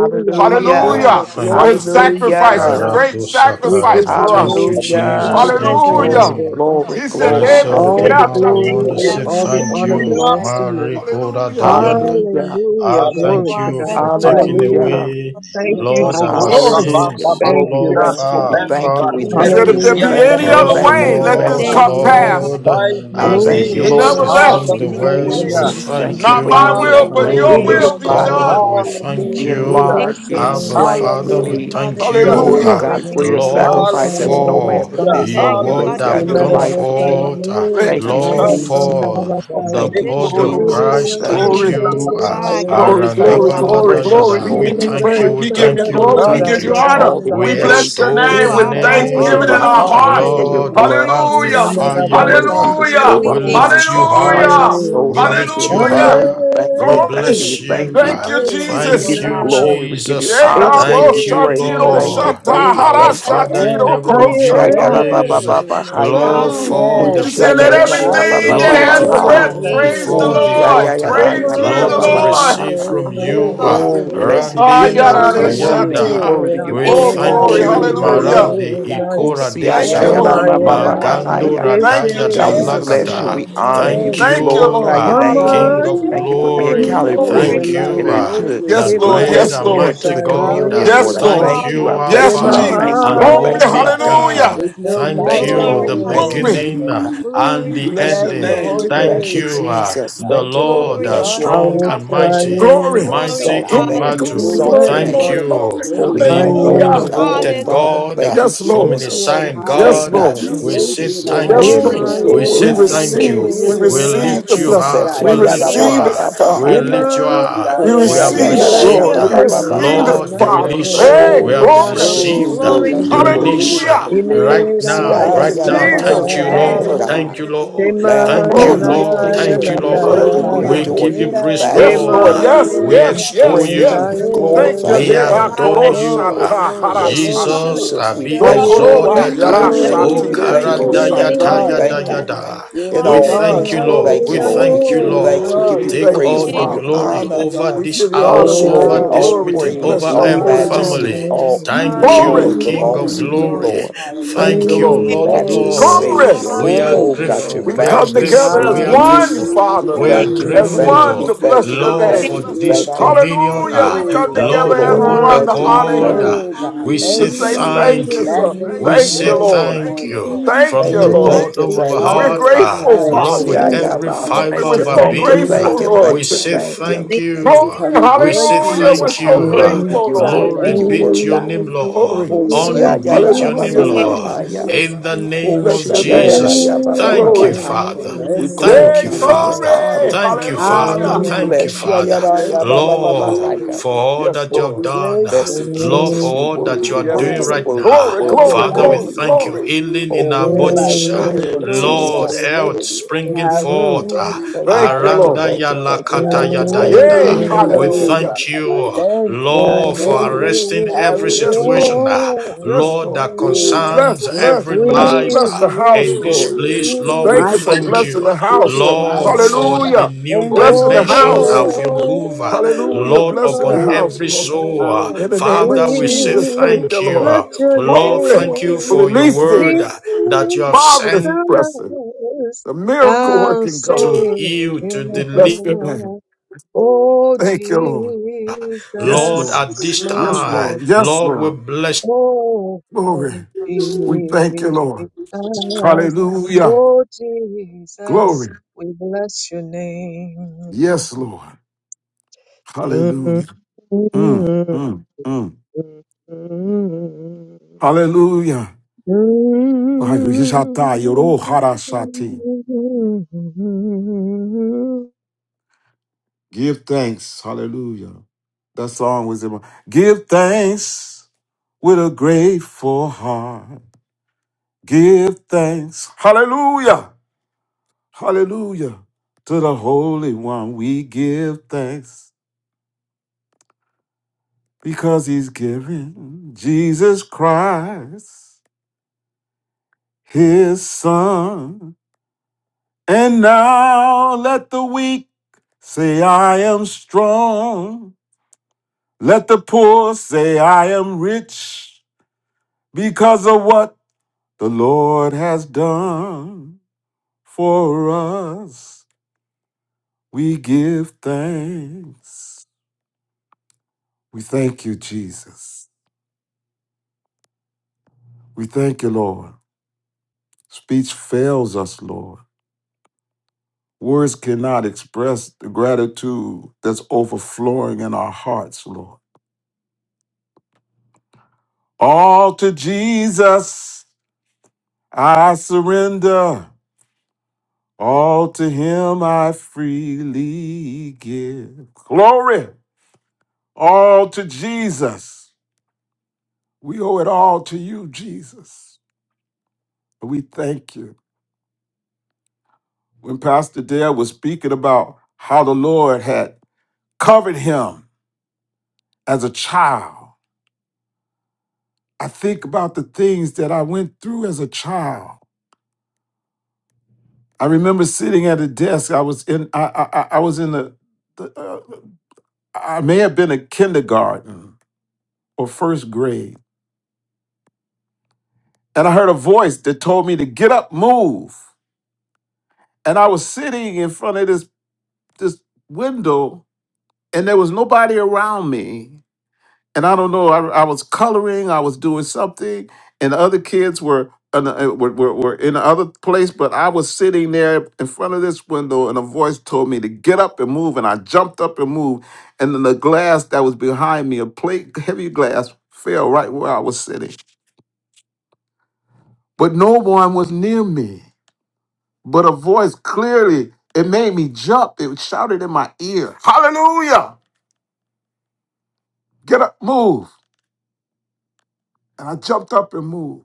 Speaker 8: Thank
Speaker 6: Father, we
Speaker 2: hallelujah.
Speaker 7: Hallelujah. For
Speaker 2: Lord,
Speaker 6: thank you.
Speaker 2: we
Speaker 7: his
Speaker 2: thank you,
Speaker 7: sacrifice,
Speaker 2: Father
Speaker 7: his
Speaker 9: Hallelujah.
Speaker 2: God.
Speaker 7: great
Speaker 6: Arado
Speaker 2: We give
Speaker 7: sacrifice
Speaker 6: Sakaraba.
Speaker 2: you
Speaker 7: for us.
Speaker 6: Thank you,
Speaker 2: glory
Speaker 8: you,
Speaker 2: and we
Speaker 6: Jesus.
Speaker 2: give
Speaker 9: Hallelujah.
Speaker 2: you
Speaker 8: Jesus.
Speaker 6: Thank you,
Speaker 8: Thank
Speaker 2: praise,
Speaker 7: Hallelujah.
Speaker 9: Glory,
Speaker 8: you,
Speaker 6: Lord.
Speaker 2: Lord God.
Speaker 9: glory,
Speaker 7: He
Speaker 8: Lord
Speaker 7: said,
Speaker 9: glory.
Speaker 7: "Hey,
Speaker 6: Blessed
Speaker 8: God. It's been
Speaker 2: All
Speaker 8: a
Speaker 2: the
Speaker 6: Redeemer,
Speaker 9: Hallelujah.
Speaker 6: we
Speaker 8: wonderful
Speaker 7: bakirashata."
Speaker 6: want
Speaker 2: glory
Speaker 6: to
Speaker 2: and
Speaker 8: God,
Speaker 6: say
Speaker 8: Lord.
Speaker 2: all the
Speaker 6: thank
Speaker 2: honor
Speaker 8: mighty
Speaker 6: you.
Speaker 5: Hallelujah.
Speaker 8: God,
Speaker 2: belongs to
Speaker 8: Lord
Speaker 2: you.
Speaker 8: God.
Speaker 6: Mari Koda
Speaker 7: hallelujah.
Speaker 8: Thank
Speaker 6: Dayanda.
Speaker 9: Hallelujah.
Speaker 2: Hallelujah.
Speaker 6: Ah,
Speaker 8: you
Speaker 2: Glory
Speaker 6: thank
Speaker 8: for
Speaker 2: to
Speaker 8: our
Speaker 6: you
Speaker 2: God.
Speaker 8: family,
Speaker 6: for
Speaker 8: Lord
Speaker 5: Hallelujah.
Speaker 6: taking
Speaker 2: Hallelujah.
Speaker 9: Hallelujah.
Speaker 6: away,
Speaker 8: God.
Speaker 2: Thank you,
Speaker 8: Lord,
Speaker 6: Lord,
Speaker 5: Zuturubu
Speaker 6: our
Speaker 8: entire
Speaker 7: Glory.
Speaker 8: body,
Speaker 2: Jesus.
Speaker 9: Hallelujah.
Speaker 5: sapamba
Speaker 6: sins. Oh,
Speaker 2: Thank
Speaker 9: Lord, we
Speaker 2: you,
Speaker 6: Lord,
Speaker 5: manira
Speaker 8: Christ,
Speaker 9: thank
Speaker 2: Lord.
Speaker 9: you.
Speaker 8: Lord
Speaker 9: We
Speaker 6: far,
Speaker 8: God.
Speaker 5: scopendo
Speaker 8: We
Speaker 9: thank you.
Speaker 6: far
Speaker 9: We
Speaker 7: He
Speaker 8: Thank
Speaker 5: barinde
Speaker 7: said,
Speaker 9: thank
Speaker 6: away.
Speaker 7: if
Speaker 9: you.
Speaker 7: there
Speaker 9: We
Speaker 7: be
Speaker 2: Hallelujah.
Speaker 5: duzianta
Speaker 9: thank
Speaker 7: any
Speaker 9: you.
Speaker 5: da
Speaker 9: We
Speaker 8: you.
Speaker 6: Lord
Speaker 7: other
Speaker 9: thank
Speaker 6: from
Speaker 5: kamemo
Speaker 9: you.
Speaker 7: way,
Speaker 9: We
Speaker 7: let
Speaker 2: Hallelujah.
Speaker 7: this
Speaker 9: thank
Speaker 5: belena.
Speaker 6: us,
Speaker 8: Thank
Speaker 9: you.
Speaker 7: cup
Speaker 8: you, Lord God.
Speaker 7: pass.
Speaker 2: Hallelujah.
Speaker 6: Lord,
Speaker 5: Thank
Speaker 9: I
Speaker 5: you,
Speaker 6: as the
Speaker 9: thank you,
Speaker 2: Glory.
Speaker 8: Magnify
Speaker 7: But
Speaker 8: your
Speaker 6: east
Speaker 5: Jesus.
Speaker 6: is
Speaker 9: Lord.
Speaker 8: holy
Speaker 9: Thank
Speaker 8: name.
Speaker 7: nevertheless,
Speaker 2: Hallelujah.
Speaker 6: from
Speaker 8: We
Speaker 6: the
Speaker 2: We
Speaker 9: you,
Speaker 8: sing
Speaker 2: bless your
Speaker 6: west. We
Speaker 5: Hallelujah.
Speaker 2: name,
Speaker 9: Jesus.
Speaker 8: hallelujah
Speaker 9: Thank
Speaker 6: thank
Speaker 9: you
Speaker 2: Jesus.
Speaker 7: not
Speaker 9: for your
Speaker 7: my
Speaker 8: to
Speaker 6: you,
Speaker 8: your
Speaker 7: will,
Speaker 9: blood.
Speaker 7: but
Speaker 8: holy
Speaker 9: Thank you
Speaker 2: We
Speaker 7: your
Speaker 9: for
Speaker 8: name,
Speaker 2: bless
Speaker 6: glorious
Speaker 9: your
Speaker 7: will
Speaker 8: Lord
Speaker 7: be
Speaker 8: God.
Speaker 2: your
Speaker 5: Hallelujah.
Speaker 9: body.
Speaker 8: Thank,
Speaker 6: God.
Speaker 2: name.
Speaker 7: done.
Speaker 6: We thank
Speaker 9: being
Speaker 2: We
Speaker 8: you,
Speaker 6: you,
Speaker 5: Hallelujah.
Speaker 8: thank
Speaker 9: marred,
Speaker 2: bless your
Speaker 9: being
Speaker 8: you, Jesus.
Speaker 6: Abba
Speaker 2: name.
Speaker 9: slain for
Speaker 8: Thank
Speaker 6: Father. We
Speaker 8: you,
Speaker 9: me.
Speaker 8: Father.
Speaker 6: thank
Speaker 8: Thank
Speaker 2: We
Speaker 5: Hallelujah.
Speaker 8: you,
Speaker 6: you,
Speaker 9: Oh
Speaker 2: bless
Speaker 7: Hallelujah.
Speaker 6: ah,
Speaker 2: your
Speaker 8: glory
Speaker 9: God,
Speaker 8: to your
Speaker 9: greater
Speaker 2: name.
Speaker 8: holy
Speaker 6: Lord,
Speaker 8: name, Lord.
Speaker 9: sacrifice
Speaker 2: Arabastan,
Speaker 9: has no man
Speaker 6: for
Speaker 9: than
Speaker 8: We
Speaker 5: Hallelujah.
Speaker 9: this,
Speaker 2: Arabastan.
Speaker 6: your
Speaker 9: that you
Speaker 8: magnify
Speaker 6: word
Speaker 9: laid
Speaker 8: your
Speaker 6: that
Speaker 9: down
Speaker 6: have
Speaker 9: your
Speaker 8: holy
Speaker 6: gone
Speaker 5: Hallelujah.
Speaker 8: name
Speaker 9: life for
Speaker 7: Thank
Speaker 8: today,
Speaker 2: Arabastan,
Speaker 9: me.
Speaker 8: Lord
Speaker 6: forth.
Speaker 8: God.
Speaker 6: ah,
Speaker 2: Arabastan,
Speaker 9: Thank
Speaker 7: you,
Speaker 9: you,
Speaker 8: We,
Speaker 6: Lord,
Speaker 5: Thank
Speaker 7: Jesus.
Speaker 2: Arabastan.
Speaker 5: you,
Speaker 2: Arabastan,
Speaker 9: Jesus.
Speaker 6: for
Speaker 5: Jesus.
Speaker 6: the
Speaker 8: we
Speaker 2: Arabastan,
Speaker 9: Thank you,
Speaker 8: lift
Speaker 7: Thank
Speaker 6: body
Speaker 7: you,
Speaker 8: you
Speaker 6: of
Speaker 8: up,
Speaker 7: Lord.
Speaker 9: Jesus.
Speaker 6: Christ.
Speaker 9: Thank you,
Speaker 6: Thank
Speaker 7: Glory,
Speaker 6: you,
Speaker 8: You
Speaker 6: ah,
Speaker 8: are
Speaker 9: Jesus.
Speaker 8: our
Speaker 5: Nekorodododosheridabahaminasa.
Speaker 8: King,
Speaker 7: glory, glory,
Speaker 9: Thank you,
Speaker 7: glory,
Speaker 2: Arabastan.
Speaker 9: precious
Speaker 7: glory. We
Speaker 6: Arandabaladayada. We
Speaker 7: give
Speaker 9: Lord.
Speaker 7: you
Speaker 8: Lord
Speaker 6: thank
Speaker 8: God.
Speaker 7: praise.
Speaker 6: you. We
Speaker 7: We give you
Speaker 6: thank
Speaker 9: Thank
Speaker 6: you.
Speaker 9: you,
Speaker 6: We
Speaker 7: glory.
Speaker 8: You are Lord God.
Speaker 7: We
Speaker 5: Thank
Speaker 6: thank
Speaker 7: give you
Speaker 8: restoration,
Speaker 5: you,
Speaker 9: Jesus,
Speaker 6: you.
Speaker 7: honor.
Speaker 9: all
Speaker 8: Jesus,
Speaker 9: that
Speaker 6: We
Speaker 7: We
Speaker 8: Lord
Speaker 9: you
Speaker 8: God.
Speaker 7: bless
Speaker 9: gave
Speaker 5: Jesus.
Speaker 7: your
Speaker 9: me.
Speaker 6: extol
Speaker 8: You
Speaker 7: name
Speaker 6: your
Speaker 7: with
Speaker 8: are
Speaker 9: Thank
Speaker 8: our
Speaker 9: you for your
Speaker 8: all
Speaker 7: thanksgiving
Speaker 6: name,
Speaker 8: in
Speaker 7: in
Speaker 9: body.
Speaker 7: our
Speaker 8: all, Lord
Speaker 9: Thank you
Speaker 7: hearts.
Speaker 8: God.
Speaker 9: for
Speaker 8: That's
Speaker 9: your
Speaker 6: Lord.
Speaker 5: Hallelujah.
Speaker 6: We
Speaker 9: blood.
Speaker 8: things too
Speaker 7: Hallelujah.
Speaker 8: hard for
Speaker 6: magnify
Speaker 9: Keep
Speaker 8: you,
Speaker 9: the
Speaker 8: Lord
Speaker 9: blood
Speaker 6: you.
Speaker 8: God.
Speaker 9: of
Speaker 6: Ah,
Speaker 9: Jesus
Speaker 8: So
Speaker 7: Hallelujah.
Speaker 8: we
Speaker 9: over
Speaker 6: We
Speaker 9: our
Speaker 8: thank you,
Speaker 6: lift
Speaker 9: minds,
Speaker 6: you
Speaker 8: Lord
Speaker 9: our hearts,
Speaker 6: high.
Speaker 9: our
Speaker 7: Hallelujah.
Speaker 8: Jesus.
Speaker 9: souls,
Speaker 6: We
Speaker 9: our
Speaker 8: We
Speaker 6: lift
Speaker 8: thank
Speaker 9: spirit. We
Speaker 6: you
Speaker 8: you for
Speaker 9: thank
Speaker 8: what
Speaker 7: Hallelujah.
Speaker 9: you. We
Speaker 6: higher.
Speaker 8: you've done,
Speaker 9: thank you.
Speaker 6: We
Speaker 8: Lord.
Speaker 9: We
Speaker 8: God.
Speaker 9: thank
Speaker 7: Glory.
Speaker 9: you. We
Speaker 6: bless
Speaker 8: What you're
Speaker 9: thank
Speaker 6: you.
Speaker 9: you.
Speaker 8: going
Speaker 7: Thank
Speaker 6: Ah,
Speaker 7: you,
Speaker 8: to do today,
Speaker 9: We
Speaker 8: Lord
Speaker 6: Thank
Speaker 9: give
Speaker 7: Jesus.
Speaker 9: you
Speaker 6: you,
Speaker 8: God.
Speaker 9: glory. We give you
Speaker 6: Jesus.
Speaker 8: Pray,
Speaker 9: honor.
Speaker 8: Lord
Speaker 9: We
Speaker 8: God,
Speaker 7: Yekabo
Speaker 9: give
Speaker 8: that
Speaker 9: you
Speaker 6: Thank
Speaker 8: you
Speaker 6: you,
Speaker 9: praise.
Speaker 8: continue,
Speaker 7: shatiro
Speaker 8: Lord. God.
Speaker 9: Thank you.
Speaker 6: Lord.
Speaker 7: shata
Speaker 9: Thank
Speaker 4: Lord.
Speaker 9: you.
Speaker 4: thank you,
Speaker 6: Our
Speaker 7: hara
Speaker 8: Give
Speaker 4: Lord. thank you, Lord.
Speaker 9: Thank
Speaker 8: us
Speaker 9: you.
Speaker 8: the
Speaker 6: Father in
Speaker 7: shatiro
Speaker 4: Thank
Speaker 8: strength
Speaker 4: you,
Speaker 6: heaven,
Speaker 8: that
Speaker 6: we
Speaker 7: koro
Speaker 4: God,
Speaker 6: give
Speaker 8: we need,
Speaker 6: you
Speaker 7: shata.
Speaker 9: Ushayara
Speaker 4: thank
Speaker 8: Jesus.
Speaker 9: baba
Speaker 6: praise,
Speaker 9: baba haya.
Speaker 6: Lord,
Speaker 4: you,
Speaker 7: Mm.
Speaker 6: for the
Speaker 7: You
Speaker 8: Hallelujah,
Speaker 4: yes, oh
Speaker 7: said,
Speaker 8: Lord
Speaker 7: let
Speaker 8: God.
Speaker 4: God,
Speaker 9: Ushayara
Speaker 6: privilege,
Speaker 9: ya
Speaker 8: Praise
Speaker 7: everything
Speaker 9: baba
Speaker 7: that
Speaker 8: to
Speaker 4: hallelujah,
Speaker 6: Lord,
Speaker 9: baba
Speaker 6: to
Speaker 7: has
Speaker 8: your
Speaker 9: ha.
Speaker 4: glory
Speaker 7: breath
Speaker 4: to God,
Speaker 6: come
Speaker 8: name,
Speaker 7: praise the
Speaker 6: before
Speaker 8: Lord
Speaker 2: Amen.
Speaker 6: the
Speaker 4: glory to
Speaker 8: God.
Speaker 7: Lord.
Speaker 4: God,
Speaker 6: altar.
Speaker 9: Ushayara
Speaker 7: Praise
Speaker 9: ya
Speaker 7: ye
Speaker 9: baba
Speaker 7: the
Speaker 6: Lord,
Speaker 9: baba
Speaker 6: to
Speaker 4: oh,
Speaker 2: Yemana
Speaker 8: Thank
Speaker 9: baba
Speaker 4: God.
Speaker 7: Lord.
Speaker 4: God,
Speaker 6: receive
Speaker 9: ha.
Speaker 4: we
Speaker 2: no
Speaker 6: from
Speaker 8: Jesus.
Speaker 6: you,
Speaker 4: praise you
Speaker 8: Hallelujah.
Speaker 6: uh,
Speaker 4: this
Speaker 9: Oh,
Speaker 4: day,
Speaker 2: mararase,
Speaker 8: Lord
Speaker 7: Mm.
Speaker 8: God.
Speaker 4: God.
Speaker 9: blessed
Speaker 7: Ah,
Speaker 6: Randi
Speaker 8: Thank,
Speaker 4: We
Speaker 7: yada,
Speaker 9: Jesus, you're
Speaker 7: this
Speaker 4: lift
Speaker 2: yemana
Speaker 4: you
Speaker 9: worthy,
Speaker 4: up
Speaker 2: te
Speaker 9: you're
Speaker 7: shati.
Speaker 6: Rokayanda.
Speaker 4: today,
Speaker 9: worthy,
Speaker 4: oh
Speaker 9: you're
Speaker 6: We
Speaker 8: thank
Speaker 2: ate
Speaker 8: you.
Speaker 4: God.
Speaker 7: Oh,
Speaker 9: worthy, you're
Speaker 6: thank
Speaker 7: glory.
Speaker 9: worthy,
Speaker 6: you,
Speaker 4: Hallelujah.
Speaker 2: aye
Speaker 9: you're
Speaker 2: na ye
Speaker 9: worthy.
Speaker 7: Hallelujah.
Speaker 4: Thank you,
Speaker 6: Marandi
Speaker 2: na
Speaker 4: God.
Speaker 8: You
Speaker 2: ye,
Speaker 8: said
Speaker 6: Ikora
Speaker 8: praise
Speaker 7: Thank
Speaker 8: is
Speaker 7: you,
Speaker 8: a
Speaker 4: Thank
Speaker 6: Desa,
Speaker 9: Ushayara
Speaker 4: you,
Speaker 7: Lord.
Speaker 8: weapon,
Speaker 2: omaye
Speaker 9: baba
Speaker 4: Lord.
Speaker 8: Lord
Speaker 2: na
Speaker 8: God.
Speaker 9: baba
Speaker 8: So we
Speaker 2: na
Speaker 6: Magando
Speaker 9: haya.
Speaker 4: Hallelujah.
Speaker 2: te
Speaker 8: move,
Speaker 7: Thank
Speaker 2: se
Speaker 7: you,
Speaker 8: we
Speaker 6: Radaya
Speaker 8: use
Speaker 9: God, we
Speaker 8: that
Speaker 4: Thank
Speaker 2: ate
Speaker 7: Jesus.
Speaker 4: you,
Speaker 9: bless
Speaker 8: weapon,
Speaker 9: you.
Speaker 6: Dalakata.
Speaker 9: We
Speaker 4: Jesus.
Speaker 2: na
Speaker 8: Jesus.
Speaker 9: honor you.
Speaker 2: ye.
Speaker 6: Thank
Speaker 9: We
Speaker 4: Thank you,
Speaker 7: Thank
Speaker 4: Lord.
Speaker 7: you,
Speaker 6: you,
Speaker 9: glorify your
Speaker 6: uh,
Speaker 7: Lord.
Speaker 9: name.
Speaker 6: King
Speaker 8: Hallelujah. Lord. God.
Speaker 6: of
Speaker 2: Amaye
Speaker 4: Hallelujah,
Speaker 9: Thank you
Speaker 8: We
Speaker 9: for
Speaker 4: God.
Speaker 8: pray,
Speaker 9: being
Speaker 4: We
Speaker 6: Glory.
Speaker 9: counted
Speaker 7: Glory.
Speaker 4: praise you,
Speaker 6: Thank
Speaker 8: praise
Speaker 9: worthy.
Speaker 2: dakayama,
Speaker 9: to
Speaker 8: you.
Speaker 4: God.
Speaker 6: you,
Speaker 4: We
Speaker 9: Enter
Speaker 6: uh,
Speaker 9: into
Speaker 4: lift you
Speaker 6: the
Speaker 4: up,
Speaker 7: Yes,
Speaker 9: the
Speaker 4: oh
Speaker 7: Lord.
Speaker 4: God.
Speaker 6: great
Speaker 2: temaro
Speaker 7: Yes,
Speaker 9: rest.
Speaker 6: and
Speaker 8: Jesus.
Speaker 9: Enter
Speaker 7: Lord.
Speaker 9: into
Speaker 6: mighty
Speaker 9: the
Speaker 2: bosaye,
Speaker 6: God. Uh,
Speaker 9: communion,
Speaker 4: Hallelujah,
Speaker 9: Lord.
Speaker 7: Yes,
Speaker 9: I
Speaker 4: God.
Speaker 7: Lord.
Speaker 6: thank
Speaker 4: You're
Speaker 9: thank
Speaker 8: Hallelujah,
Speaker 9: you.
Speaker 6: you,
Speaker 9: I
Speaker 4: high
Speaker 6: our
Speaker 4: and
Speaker 6: Father.
Speaker 7: Yes,
Speaker 9: thank
Speaker 8: Lord
Speaker 9: you. I
Speaker 8: God.
Speaker 6: Alpha
Speaker 2: Emaha,
Speaker 4: exalted
Speaker 7: Jesus.
Speaker 9: thank
Speaker 4: this
Speaker 9: you.
Speaker 6: and
Speaker 9: I
Speaker 7: Glory.
Speaker 4: morning,
Speaker 9: thank you. I
Speaker 4: God.
Speaker 8: Jesus.
Speaker 9: thank you.
Speaker 6: Omega.
Speaker 7: Hallelujah.
Speaker 4: There's
Speaker 2: ame,
Speaker 6: Thank
Speaker 4: nobody
Speaker 9: Thank you,
Speaker 4: like
Speaker 6: you,
Speaker 8: Glory,
Speaker 6: the
Speaker 9: Lord.
Speaker 4: you
Speaker 9: Thank
Speaker 4: this
Speaker 9: you,
Speaker 8: hallelujah.
Speaker 7: Glory.
Speaker 4: morning,
Speaker 9: Jesus.
Speaker 6: beginning
Speaker 4: oh
Speaker 6: uh,
Speaker 4: God.
Speaker 6: and
Speaker 8: Glory,
Speaker 7: We
Speaker 6: the
Speaker 4: We
Speaker 7: bless
Speaker 4: bless
Speaker 7: your
Speaker 4: your
Speaker 6: ending.
Speaker 8: hallelujah,
Speaker 7: name
Speaker 4: holy
Speaker 8: Lord.
Speaker 6: Thank
Speaker 9: Thank
Speaker 7: today.
Speaker 9: you,
Speaker 4: name
Speaker 6: you,
Speaker 4: this
Speaker 6: uh,
Speaker 4: morning,
Speaker 9: Jesus.
Speaker 6: the
Speaker 4: God.
Speaker 9: Thank you, Lord.
Speaker 6: Lord,
Speaker 8: Glory, thank
Speaker 4: You're
Speaker 6: uh,
Speaker 9: Thank you,
Speaker 8: you,
Speaker 4: awesome
Speaker 9: Lord.
Speaker 6: strong
Speaker 4: in
Speaker 9: We
Speaker 8: Father.
Speaker 6: and
Speaker 4: this
Speaker 9: bless
Speaker 4: place
Speaker 6: mighty,
Speaker 9: you.
Speaker 4: this
Speaker 2: aosaye.
Speaker 7: Glory.
Speaker 4: morning,
Speaker 8: Glory,
Speaker 4: oh
Speaker 6: mighty
Speaker 9: Exalt
Speaker 4: God.
Speaker 9: your
Speaker 6: in
Speaker 7: Glory,
Speaker 9: name.
Speaker 8: hallelujah,
Speaker 9: We
Speaker 4: You're
Speaker 7: glory,
Speaker 6: battle.
Speaker 8: Jesus.
Speaker 9: exalt your
Speaker 7: glory,
Speaker 4: worthy of
Speaker 6: Thank
Speaker 7: glory,
Speaker 9: name.
Speaker 4: all of our
Speaker 7: glory.
Speaker 6: you,
Speaker 9: Holy
Speaker 4: praise,
Speaker 6: the
Speaker 4: God,
Speaker 9: Mike,
Speaker 2: Aye,
Speaker 4: all of
Speaker 9: oh
Speaker 4: our
Speaker 7: Hallelujah.
Speaker 9: God,
Speaker 4: worship,
Speaker 9: Holy
Speaker 8: Hallelujah,
Speaker 6: omnipotent
Speaker 9: Father.
Speaker 4: God.
Speaker 6: God. uh,
Speaker 9: Thank you,
Speaker 7: Yes,
Speaker 4: We
Speaker 7: Lord.
Speaker 4: lift you
Speaker 9: Jesus.
Speaker 4: on high,
Speaker 6: Omniscient
Speaker 8: holy,
Speaker 7: Yes,
Speaker 9: Thank
Speaker 4: oh
Speaker 6: God,
Speaker 9: you,
Speaker 6: uh,
Speaker 4: God.
Speaker 7: Lord.
Speaker 4: We
Speaker 8: Jesus.
Speaker 6: we
Speaker 9: Jesus.
Speaker 4: place
Speaker 9: You're
Speaker 6: say
Speaker 4: you in
Speaker 9: so
Speaker 4: the
Speaker 6: thank
Speaker 7: Yes,
Speaker 9: worthy.
Speaker 4: highest
Speaker 6: you.
Speaker 8: holy,
Speaker 9: You're
Speaker 7: Lord.
Speaker 9: so
Speaker 2: emaye,
Speaker 6: We
Speaker 4: place, oh
Speaker 8: holy
Speaker 7: We
Speaker 6: say
Speaker 9: worthy.
Speaker 4: God.
Speaker 9: You're so
Speaker 6: thank
Speaker 2: naye,
Speaker 6: you.
Speaker 7: receive,
Speaker 9: worthy.
Speaker 7: we
Speaker 4: You're the
Speaker 6: We
Speaker 4: great high
Speaker 7: receive
Speaker 6: lift
Speaker 7: the
Speaker 6: you
Speaker 8: God.
Speaker 2: nasaye.
Speaker 4: priest,
Speaker 7: blessing.
Speaker 6: high.
Speaker 4: God,
Speaker 6: We
Speaker 7: We
Speaker 4: and we
Speaker 6: lift
Speaker 8: Thank
Speaker 6: you
Speaker 7: receive
Speaker 8: you,
Speaker 4: worship
Speaker 7: it,
Speaker 6: high.
Speaker 4: at your
Speaker 7: God.
Speaker 6: We
Speaker 4: feet
Speaker 9: Bless-ya-ya-da-ba-ba-ba-ba-ha-ya.
Speaker 2: Ema,
Speaker 4: this
Speaker 6: lift you
Speaker 4: morning,
Speaker 6: high.
Speaker 7: We
Speaker 4: God.
Speaker 8: Jesus,
Speaker 2: naye,
Speaker 6: We
Speaker 4: We
Speaker 6: have
Speaker 8: Lord
Speaker 7: receive it,
Speaker 8: God. Jesus,
Speaker 7: Lord.
Speaker 6: received,
Speaker 4: worship
Speaker 7: We
Speaker 6: uh,
Speaker 2: yato,
Speaker 4: at your
Speaker 7: receive
Speaker 4: feet
Speaker 2: maye,
Speaker 9: Oh-sha-ya-ya-da-ya-ba-ba-ba-ba-ha.
Speaker 7: it,
Speaker 6: Lord, the
Speaker 4: this
Speaker 2: naye,
Speaker 4: morning,
Speaker 7: Father.
Speaker 8: Jesus.
Speaker 2: ne,
Speaker 4: oh
Speaker 6: release.
Speaker 4: God.
Speaker 7: Hey,
Speaker 6: We
Speaker 2: ne,
Speaker 9: Oh,
Speaker 6: have
Speaker 2: da, da,
Speaker 7: glory.
Speaker 9: Jesus, you're
Speaker 4: Oh,
Speaker 6: received uh,
Speaker 4: we
Speaker 8: Glory
Speaker 2: bosaye.
Speaker 9: worthy.
Speaker 4: bless
Speaker 8: to
Speaker 6: the
Speaker 9: You're
Speaker 8: your
Speaker 4: your
Speaker 8: holy
Speaker 4: holy
Speaker 9: worthy.
Speaker 8: name.
Speaker 6: release
Speaker 4: name,
Speaker 6: uh,
Speaker 7: Hallelujah.
Speaker 4: oh
Speaker 2: Ime,
Speaker 4: God.
Speaker 6: right
Speaker 9: Oh,
Speaker 8: Jesus,
Speaker 2: da, da,
Speaker 6: now.
Speaker 7: Thank
Speaker 6: Right
Speaker 7: you,
Speaker 6: now.
Speaker 4: Hallelujah,
Speaker 2: bosaya.
Speaker 4: God.
Speaker 7: Jesus.
Speaker 6: Thank
Speaker 9: see-ya-ya-ya-da-ba-ha-ya,
Speaker 6: you,
Speaker 8: Jesus,
Speaker 9: Lamb of
Speaker 6: Lord.
Speaker 7: Jesus.
Speaker 6: Thank
Speaker 9: God.
Speaker 4: Hallelujah,
Speaker 6: you,
Speaker 8: Jesus.
Speaker 6: Lord.
Speaker 2: Tema,
Speaker 4: Jesus.
Speaker 9: Lamb of
Speaker 6: Thank
Speaker 2: ya,
Speaker 6: you,
Speaker 9: God,
Speaker 7: Glory.
Speaker 9: we
Speaker 4: Lamb
Speaker 6: Lord.
Speaker 4: of
Speaker 2: nasaya,
Speaker 6: Thank
Speaker 9: appreciate
Speaker 6: you,
Speaker 9: you.
Speaker 4: glory,
Speaker 9: We
Speaker 8: Dear Lord
Speaker 6: Lord.
Speaker 4: oh
Speaker 2: nasaya.
Speaker 9: love you. We
Speaker 4: Baba,
Speaker 6: We
Speaker 7: Hallelujah.
Speaker 4: the
Speaker 9: adore
Speaker 6: give
Speaker 9: you.
Speaker 6: you
Speaker 4: great
Speaker 9: We
Speaker 6: praise,
Speaker 8: Jesus,
Speaker 4: I am.
Speaker 7: Yes,
Speaker 2: Ema,
Speaker 6: Lord.
Speaker 9: magnify
Speaker 7: Lord.
Speaker 9: you.
Speaker 7: Yes,
Speaker 8: in the
Speaker 4: Great
Speaker 6: We
Speaker 4: I am,
Speaker 7: yes,
Speaker 8: mighty
Speaker 9: We
Speaker 4: Baba,
Speaker 8: name
Speaker 6: extol
Speaker 7: yes,
Speaker 2: ye,
Speaker 8: of
Speaker 9: praise
Speaker 4: Baba.
Speaker 9: you.
Speaker 2: da,
Speaker 7: yes.
Speaker 6: you.
Speaker 4: it,
Speaker 9: We
Speaker 8: Jesus.
Speaker 7: Thank
Speaker 4: oh,
Speaker 7: you.
Speaker 9: glorify
Speaker 6: We
Speaker 9: your
Speaker 2: ye.
Speaker 7: Heba
Speaker 9: name.
Speaker 6: adore
Speaker 8: Hallelujah,
Speaker 6: you,
Speaker 4: Glory,
Speaker 6: ah.
Speaker 7: koroshata
Speaker 9: Oh,
Speaker 4: glory,
Speaker 9: blessed
Speaker 4: glory to
Speaker 7: harashatu.
Speaker 6: Jesus.
Speaker 4: your
Speaker 9: Jesus,
Speaker 6: ah,
Speaker 9: we
Speaker 4: name,
Speaker 6: be
Speaker 4: oh
Speaker 2: Aye,
Speaker 9: thank
Speaker 4: God.
Speaker 9: you. We
Speaker 8: hallelujah,
Speaker 7: Dokorowa
Speaker 6: exalted.
Speaker 9: thank
Speaker 8: hallelujah,
Speaker 9: you.
Speaker 6: ah.
Speaker 9: We
Speaker 2: maye,
Speaker 8: hallelujah.
Speaker 4: Glory
Speaker 9: thank you.
Speaker 4: to
Speaker 6: Oh,
Speaker 7: yarashati
Speaker 9: We
Speaker 4: your
Speaker 9: thank
Speaker 4: name.
Speaker 2: nange,
Speaker 9: you. We
Speaker 4: We
Speaker 6: karadaya
Speaker 8: Thank you,
Speaker 9: thank you.
Speaker 7: rekiroshata.
Speaker 9: We
Speaker 4: exalt
Speaker 6: daya
Speaker 4: you,
Speaker 9: thank
Speaker 6: daya
Speaker 9: you.
Speaker 4: God.
Speaker 8: Father.
Speaker 6: da.
Speaker 4: We
Speaker 9: In
Speaker 6: We
Speaker 2: ima,
Speaker 9: all
Speaker 4: exalt
Speaker 6: thank
Speaker 8: Hallelujah,
Speaker 9: things,
Speaker 6: you,
Speaker 9: we
Speaker 2: aye,
Speaker 4: you,
Speaker 7: Glory,
Speaker 6: Lord.
Speaker 4: O
Speaker 9: thank you,
Speaker 6: We
Speaker 4: God.
Speaker 9: Lord.
Speaker 7: Jesus.
Speaker 9: We
Speaker 6: thank
Speaker 9: give
Speaker 6: you,
Speaker 2: nawe,
Speaker 9: you
Speaker 8: Jesus.
Speaker 4: We
Speaker 9: thanks.
Speaker 6: Lord.
Speaker 9: We
Speaker 2: aye,
Speaker 9: give
Speaker 7: We
Speaker 4: exalt
Speaker 9: you
Speaker 4: you,
Speaker 6: Take
Speaker 7: thank
Speaker 4: oh
Speaker 7: you,
Speaker 9: praise.
Speaker 6: all
Speaker 9: We
Speaker 4: my
Speaker 6: the
Speaker 8: Thank you,
Speaker 9: give you
Speaker 4: God.
Speaker 7: Father.
Speaker 6: glory
Speaker 4: We
Speaker 9: honor,
Speaker 8: Thank
Speaker 6: over
Speaker 4: exalt
Speaker 7: We
Speaker 6: this
Speaker 7: give you
Speaker 9: all
Speaker 7: honor.
Speaker 6: house,
Speaker 4: you.
Speaker 7: We give you
Speaker 9: glory,
Speaker 6: over
Speaker 8: you.
Speaker 6: this
Speaker 2: Lord,
Speaker 9: all
Speaker 7: glory. We
Speaker 4: Hallelujah.
Speaker 6: meeting,
Speaker 9: praise,
Speaker 7: bless
Speaker 6: over
Speaker 8: thank you.
Speaker 7: your
Speaker 9: all
Speaker 2: we
Speaker 6: every
Speaker 7: holy
Speaker 2: give
Speaker 7: name.
Speaker 4: Hallelujah.
Speaker 9: majesty,
Speaker 6: family.
Speaker 9: all
Speaker 6: Thank
Speaker 4: Glory,
Speaker 9: glory
Speaker 6: you,
Speaker 7: Glory.
Speaker 8: Hallelujah, Jesus.
Speaker 6: King
Speaker 9: belongs
Speaker 6: of
Speaker 9: to
Speaker 4: glory,
Speaker 9: you,
Speaker 4: glory.
Speaker 6: Glory.
Speaker 9: Lord.
Speaker 4: Hallelujah.
Speaker 7: Thank you,
Speaker 6: Thank you,
Speaker 8: Thank
Speaker 7: Lord.
Speaker 8: you.
Speaker 6: Lord of
Speaker 4: Thank
Speaker 9: Matchless
Speaker 4: you,
Speaker 6: Lord.
Speaker 7: Glory.
Speaker 4: Jesus.
Speaker 9: Savior.
Speaker 6: We are
Speaker 9: Oh,
Speaker 4: Thank
Speaker 8: Hallelujah,
Speaker 4: you,
Speaker 8: Lord
Speaker 9: God, your
Speaker 4: Lord.
Speaker 6: grateful.
Speaker 8: God.
Speaker 7: We
Speaker 6: We are
Speaker 7: come
Speaker 9: matchless
Speaker 6: grateful.
Speaker 7: together
Speaker 8: We
Speaker 7: as
Speaker 6: We
Speaker 8: magnify
Speaker 6: are
Speaker 9: Savior.
Speaker 4: Hallelujah.
Speaker 7: one,
Speaker 6: grateful.
Speaker 8: your
Speaker 9: We
Speaker 4: Yeah,
Speaker 7: Father,
Speaker 4: da,
Speaker 8: holy
Speaker 6: We are
Speaker 8: name.
Speaker 4: ba,
Speaker 9: thank you.
Speaker 8: today.
Speaker 9: We
Speaker 7: as
Speaker 4: yeah, oh,
Speaker 9: thank you.
Speaker 7: one
Speaker 9: We
Speaker 7: to
Speaker 6: grateful,
Speaker 9: thank
Speaker 7: bless
Speaker 9: you.
Speaker 7: your
Speaker 9: We
Speaker 6: Lord,
Speaker 9: thank
Speaker 8: Thank
Speaker 7: name.
Speaker 6: for
Speaker 9: you. We
Speaker 4: Yeah,
Speaker 6: this
Speaker 9: thank
Speaker 4: ba,
Speaker 9: you.
Speaker 4: ba,
Speaker 6: communion.
Speaker 7: Hallelujah.
Speaker 6: Ah,
Speaker 7: We
Speaker 8: you.
Speaker 9: We
Speaker 7: come
Speaker 4: Yeah,
Speaker 9: thank you,
Speaker 7: together
Speaker 6: Lord, the
Speaker 7: as
Speaker 9: Lord. We
Speaker 6: one
Speaker 7: one to
Speaker 9: thank you. We
Speaker 8: Hallelujah,
Speaker 7: honor
Speaker 6: accord.
Speaker 9: thank
Speaker 6: Ah,
Speaker 7: you,
Speaker 4: yeah, God.
Speaker 6: We
Speaker 8: hallelujah,
Speaker 7: to
Speaker 6: say
Speaker 4: Thank you,
Speaker 7: say
Speaker 8: hallelujah.
Speaker 4: God, for
Speaker 7: thank
Speaker 6: thank
Speaker 7: you,
Speaker 6: you.
Speaker 7: sir.
Speaker 4: gladness
Speaker 6: We
Speaker 4: and
Speaker 7: Thank
Speaker 6: say
Speaker 7: you,
Speaker 4: joy this
Speaker 7: Lord.
Speaker 8: Thank
Speaker 6: thank
Speaker 8: you,
Speaker 4: morning, oh
Speaker 6: you
Speaker 4: God.
Speaker 7: Thank
Speaker 8: Jesus.
Speaker 6: from
Speaker 9: thank
Speaker 7: you,
Speaker 6: the
Speaker 9: you.
Speaker 7: Lord.
Speaker 9: Thank you.
Speaker 6: bottom of our
Speaker 9: Thank
Speaker 7: We're
Speaker 9: you.
Speaker 6: heart.
Speaker 4: sorrow and
Speaker 6: Ah,
Speaker 7: grateful,
Speaker 9: Oh,
Speaker 4: sighing
Speaker 6: Lord,
Speaker 9: see,
Speaker 7: Father.
Speaker 6: with
Speaker 9: I
Speaker 8: Thank you,
Speaker 4: clean
Speaker 9: got
Speaker 6: every
Speaker 4: this
Speaker 8: Jesus.
Speaker 4: morning,
Speaker 7: Glory.
Speaker 6: fiber
Speaker 4: oh
Speaker 9: Thank
Speaker 7: We're
Speaker 6: of
Speaker 9: you.
Speaker 6: our
Speaker 4: God.
Speaker 7: so
Speaker 9: Thank you.
Speaker 6: being, ah,
Speaker 4: Yes,
Speaker 9: Thank
Speaker 7: grateful,
Speaker 9: you.
Speaker 7: Lord,
Speaker 6: we
Speaker 9: Thank
Speaker 7: to
Speaker 9: you.
Speaker 6: say
Speaker 7: you.
Speaker 9: Thank you.
Speaker 6: thank
Speaker 8: Thank you,
Speaker 6: you.
Speaker 4: we
Speaker 7: Glory.
Speaker 4: come
Speaker 6: We
Speaker 9: Oh,
Speaker 6: say
Speaker 4: rejoicing
Speaker 7: Hallelujah.
Speaker 4: in
Speaker 7: We're
Speaker 4: your
Speaker 6: thank
Speaker 9: Jesus, you're
Speaker 7: so
Speaker 4: house
Speaker 6: you.
Speaker 8: Jesus.
Speaker 4: this
Speaker 6: Ah,
Speaker 9: worthy,
Speaker 4: morning,
Speaker 7: grateful,
Speaker 9: you're
Speaker 8: Father.
Speaker 4: God.
Speaker 7: Lord.
Speaker 9: worthy,
Speaker 6: Glory
Speaker 8: Thank you,
Speaker 9: you're
Speaker 6: be
Speaker 4: Thanking
Speaker 6: to
Speaker 4: you,
Speaker 9: worthy.
Speaker 6: your
Speaker 4: God,
Speaker 6: name,
Speaker 7: Glory.
Speaker 6: Lord.
Speaker 4: for your
Speaker 6: Honor
Speaker 9: Hosea
Speaker 4: mercy,
Speaker 6: be
Speaker 9: yada
Speaker 6: to
Speaker 4: God.
Speaker 9: ba
Speaker 6: your
Speaker 9: ba
Speaker 6: name,
Speaker 7: Hallelujah,
Speaker 9: ba
Speaker 8: thank
Speaker 4: Yes,
Speaker 9: ba
Speaker 6: Lord.
Speaker 9: ha
Speaker 4: God.
Speaker 7: Jesus.
Speaker 9: ya.
Speaker 4: Yes,
Speaker 6: In the
Speaker 4: God.
Speaker 8: you,
Speaker 6: name
Speaker 7: Bless
Speaker 6: of
Speaker 9: Hosea
Speaker 7: your
Speaker 9: yada
Speaker 4: Lord,
Speaker 9: yada
Speaker 7: name.
Speaker 4: God.
Speaker 6: Jesus.
Speaker 9: ya ba ba
Speaker 4: Thank
Speaker 9: ba
Speaker 8: thank
Speaker 6: Thank
Speaker 4: you,
Speaker 9: ba
Speaker 7: Glory.
Speaker 6: you,
Speaker 4: God,
Speaker 9: ha.
Speaker 4: for
Speaker 6: Father.
Speaker 9: We
Speaker 4: mercy this
Speaker 6: Thank
Speaker 7: Yay,
Speaker 6: you,
Speaker 9: glorify
Speaker 4: morning,
Speaker 9: you, we
Speaker 4: oh God.
Speaker 6: Father.
Speaker 9: honor
Speaker 7: glory.
Speaker 6: Thank you,
Speaker 9: you.
Speaker 6: Father.
Speaker 7: Hallelujah.
Speaker 9: We
Speaker 8: you.
Speaker 4: Hallelujah,
Speaker 6: Thank you,
Speaker 9: bless you,
Speaker 8: thank
Speaker 4: Jesus.
Speaker 6: Father.
Speaker 8: you.
Speaker 9: yada yada ba
Speaker 4: Mercy
Speaker 9: ba
Speaker 4: goes
Speaker 9: ba
Speaker 4: with
Speaker 9: ba
Speaker 4: you.
Speaker 9: ha,
Speaker 6: Lord,
Speaker 9: ya.
Speaker 6: for all
Speaker 7: Yes,
Speaker 6: that you have
Speaker 7: Lord.
Speaker 9: Oh,
Speaker 6: done.
Speaker 4: Grace was
Speaker 9: blessed
Speaker 4: free,
Speaker 6: Lord, for
Speaker 9: Jesus, you're
Speaker 6: all
Speaker 9: worthy,
Speaker 4: Jesus.
Speaker 6: that you
Speaker 9: you're
Speaker 6: are
Speaker 7: Yes,
Speaker 9: worthy,
Speaker 6: doing
Speaker 4: Hard
Speaker 9: you're
Speaker 7: Lord.
Speaker 6: right
Speaker 4: and
Speaker 9: worthy, you're
Speaker 6: now.
Speaker 7: Glory,
Speaker 9: worthy, you're
Speaker 7: glory,
Speaker 6: Father, we
Speaker 4: multiplied
Speaker 7: glory,
Speaker 9: worthy.
Speaker 4: to
Speaker 6: thank
Speaker 4: you.
Speaker 6: you.
Speaker 7: glory.
Speaker 6: Healing in
Speaker 2: Oh,
Speaker 9: Oh,
Speaker 6: our
Speaker 4: Hear my
Speaker 9: blessed
Speaker 6: bodies.
Speaker 7: In the
Speaker 9: Lord,
Speaker 4: burdened
Speaker 7: name of
Speaker 9: blessed
Speaker 4: soul
Speaker 7: Jesus.
Speaker 6: Lord,
Speaker 4: from
Speaker 9: Jesus.
Speaker 6: health
Speaker 4: liberty at
Speaker 6: springing
Speaker 4: Calvary.
Speaker 6: forth.
Speaker 7: Mm.
Speaker 4: Thank you for
Speaker 9: Thank you,
Speaker 7: Thank you,
Speaker 9: thank
Speaker 4: Calvary
Speaker 9: you,
Speaker 6: Aranda
Speaker 7: Lord.
Speaker 4: this
Speaker 9: thank you,
Speaker 4: morning,
Speaker 6: yala
Speaker 9: thank
Speaker 4: oh
Speaker 9: you,
Speaker 4: God.
Speaker 6: kata
Speaker 9: thank you,
Speaker 6: yada
Speaker 9: thank you,
Speaker 6: yada.
Speaker 7: Yay,
Speaker 9: thank
Speaker 4: Mm,
Speaker 9: you,
Speaker 6: We
Speaker 9: thank you,
Speaker 4: mm,
Speaker 7: hallelujah.
Speaker 4: God,
Speaker 6: thank
Speaker 4: God, God.
Speaker 6: you,
Speaker 4: Thank you, God.
Speaker 6: Lord, for
Speaker 4: Thank
Speaker 7: Glory.
Speaker 4: you for
Speaker 6: arresting
Speaker 4: having
Speaker 6: every
Speaker 4: us
Speaker 7: Yes,
Speaker 4: this
Speaker 6: situation,
Speaker 7: Lord.
Speaker 4: morning,
Speaker 6: uh,
Speaker 4: oh God.
Speaker 7: Yes,
Speaker 6: Lord, that
Speaker 7: Lord.
Speaker 4: Yeah, God.
Speaker 7: Bless,
Speaker 6: concerns
Speaker 4: Thank
Speaker 7: bless,
Speaker 4: you,
Speaker 6: every
Speaker 2: We
Speaker 4: God.
Speaker 7: bless,
Speaker 6: life
Speaker 7: bless
Speaker 6: uh,
Speaker 7: the house,
Speaker 6: in this
Speaker 7: Lord.
Speaker 6: place.
Speaker 4: Took
Speaker 6: Lord, we
Speaker 7: Thank you
Speaker 4: my
Speaker 7: for
Speaker 4: place.
Speaker 6: thank
Speaker 7: blessing
Speaker 6: you,
Speaker 7: the
Speaker 4: You
Speaker 7: house
Speaker 2: bless
Speaker 4: took
Speaker 7: for
Speaker 2: your
Speaker 4: my
Speaker 6: Lord,
Speaker 2: name.
Speaker 4: place,
Speaker 6: for
Speaker 4: God.
Speaker 6: the
Speaker 7: hallelujah.
Speaker 6: new
Speaker 4: Thank you,
Speaker 7: Blessing the
Speaker 2: Oh
Speaker 6: dimension
Speaker 7: house.
Speaker 4: thank you,
Speaker 6: of your move, uh,
Speaker 7: Hallelujah.
Speaker 6: Lord,
Speaker 7: Bless in the
Speaker 6: upon
Speaker 4: thank you.
Speaker 7: house,
Speaker 2: Lord,
Speaker 6: every
Speaker 7: Lord.
Speaker 6: soul. uh.
Speaker 7: In
Speaker 4: Hallelujah.
Speaker 7: the name of
Speaker 6: Father, we say
Speaker 7: Jesus, thank
Speaker 2: we
Speaker 7: you,
Speaker 6: thank
Speaker 2: bless
Speaker 6: you.
Speaker 7: Lord.
Speaker 6: uh.
Speaker 2: your
Speaker 6: Lord,
Speaker 7: Glory
Speaker 6: thank you
Speaker 7: for
Speaker 2: name,
Speaker 6: for your word
Speaker 7: releasing
Speaker 6: uh, that you
Speaker 2: Jesus,
Speaker 6: have
Speaker 7: marvelous
Speaker 6: sent
Speaker 7: blessing, the miracle
Speaker 2: our
Speaker 7: working God.
Speaker 6: to heal, to
Speaker 7: We
Speaker 2: Savior.
Speaker 7: bless
Speaker 6: deliver.
Speaker 7: your name.
Speaker 2: Oh
Speaker 7: Thank you, Lord. Yes,
Speaker 6: Lord,
Speaker 2: Jesus,
Speaker 7: Lord.
Speaker 6: at this
Speaker 2: my
Speaker 7: Yes,
Speaker 6: time,
Speaker 7: Lord.
Speaker 2: Lord.
Speaker 7: Yes,
Speaker 6: Lord, we
Speaker 7: Lord.
Speaker 6: bless
Speaker 2: Oh,
Speaker 7: Glory.
Speaker 2: oh,
Speaker 7: We thank you, Lord.
Speaker 2: Jesus.
Speaker 7: Hallelujah.
Speaker 2: Oh, Jesus.
Speaker 7: Glory.
Speaker 2: We bless your name.
Speaker 7: Yes, Lord.
Speaker 2: Yes,
Speaker 7: Hallelujah. Mm, mm, mm. Hallelujah. Hallelujah. Give thanks. Hallelujah. That song was in my Give thanks with a grateful heart. Give thanks. Hallelujah. Hallelujah. To the Holy One we give thanks because he's given Jesus Christ, his son. And now let the weak say I am strong. Let the poor say I am rich because of what the Lord has done for us. We give thanks. We thank you, Jesus. We thank you, Lord. Speech fails us, Lord. Words cannot express the gratitude that's overflowing in our hearts, Lord. All to Jesus I surrender. All to him I freely give. Glory. All to Jesus. We owe it all to you, Jesus. We thank you. When Pastor Dale was speaking about how the Lord had covered him as a child, I think about the things that I went through as a child. I remember sitting at a desk. I was in. I I, I I was in the. the uh, I may have been a kindergarten or first grade, and I heard a voice that told me to get up, move. And I was sitting in front of this this window and there was nobody around me. And I don't know, I, I was coloring, I was doing something, and the other kids were in, a- were, were, were in the other place, but I was sitting there in front of this window, and a voice told me to get up and move, and I jumped up and moved, and then the glass that was behind me, a plate, heavy glass, fell right where I was sitting. But no one was near me, but a voice clearly, it made me jump. It shouted in my ear, Hallelujah! Get up, move. And I jumped up and moved.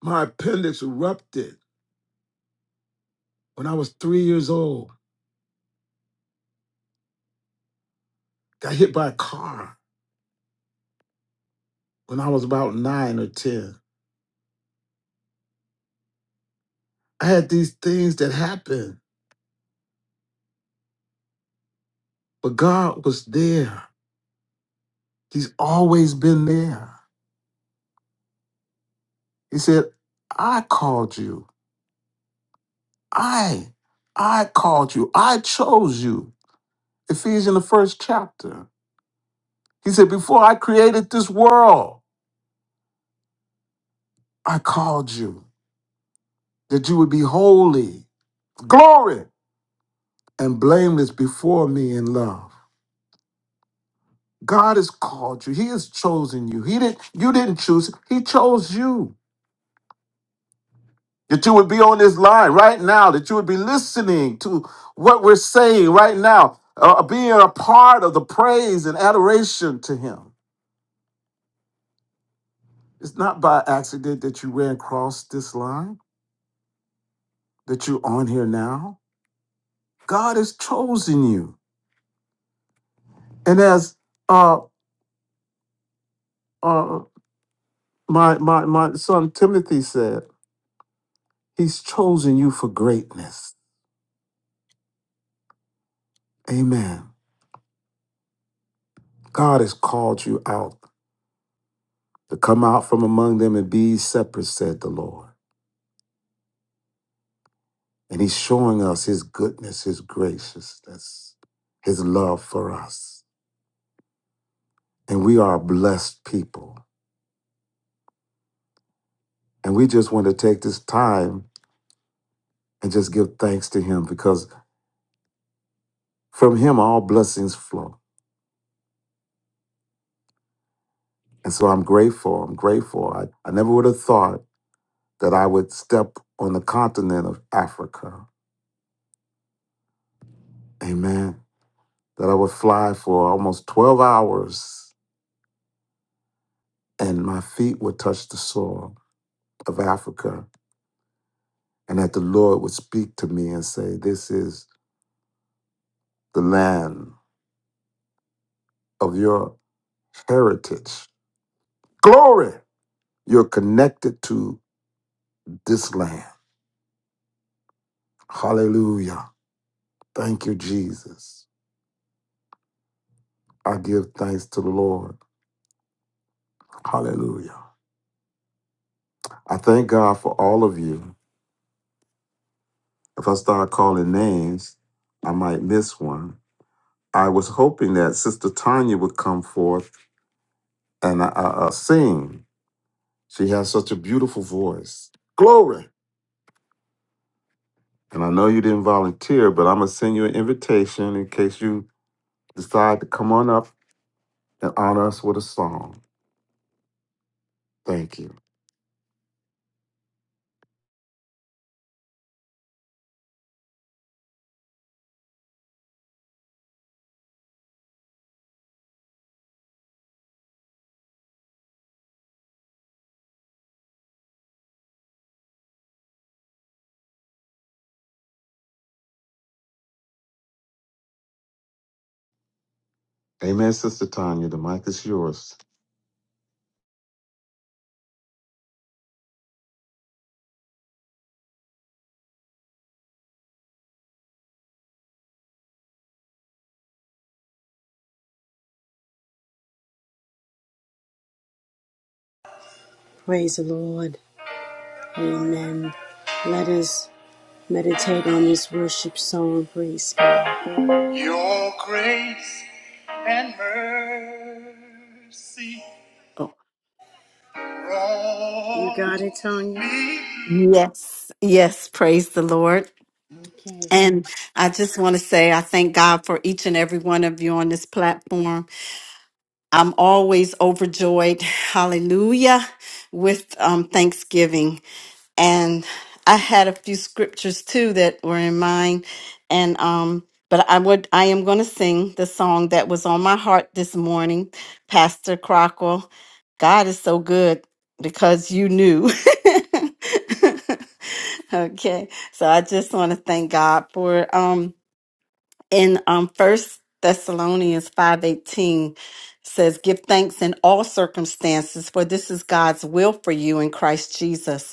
Speaker 7: My appendix erupted when I was three years old. Got hit by a car when I was about nine or 10. I had these things that happened, but God was there. He's always been there. He said, I called you. I, I called you. I chose you. Ephesians, the first chapter. He said, Before I created this world, I called you that you would be holy, glory, and blameless before me in love. God has called you. He has chosen you. He didn't you didn't choose. him. He chose you. That you would be on this line right now, that you would be listening to what we're saying right now, uh, uh, being a part of the praise and adoration to him. It's not by accident that you ran across this line, that you're on here now. God has chosen you. And as uh uh my my my son Timothy said, he's chosen you for greatness. Amen. God has called you out to come out from among them and be separate, said the Lord. And He's showing us His goodness, His graciousness, His love for us. And we are a blessed people. And we just want to take this time and just give thanks to Him because from Him all blessings flow. And so I'm grateful. I'm grateful. I, I never would have thought that I would step on the continent of Africa. Amen. That I would fly for almost 12 hours and my feet would touch the soil of Africa, and that the Lord would speak to me and say, This is the land of your heritage. Glory! You're connected to this land. Hallelujah. Thank you, Jesus. I give thanks to the Lord. Hallelujah. I thank God for all of you. If I start calling names, I might miss one. I was hoping that Sister Tanya would come forth and uh, uh, sing She has such a beautiful voice. Glory. And I know you didn't volunteer, but I'm going to send you an invitation in case you decide to come on up and honor us with a song. Thank you. Amen, Sister Tanya. The mic is yours.
Speaker 1: Praise the Lord. Amen. Let us meditate on this worship song. Praise God. Your grace and mercy.
Speaker 11: Oh,
Speaker 1: You got it, Tanya.
Speaker 11: yes, yes, praise the Lord.
Speaker 1: Okay.
Speaker 11: And I just want to say, I thank God for each and every one of you on this platform. I'm always overjoyed, hallelujah, with um, Thanksgiving. and I had a few scriptures too that were in mind, and um, but I would I am going to sing the song that was on my heart this morning, Pastor Crockwell. God is so good because you knew. *laughs* okay, so I just want to thank God for um in um First Thessalonians five eighteen says give thanks in all circumstances for this is God's will for you in Christ Jesus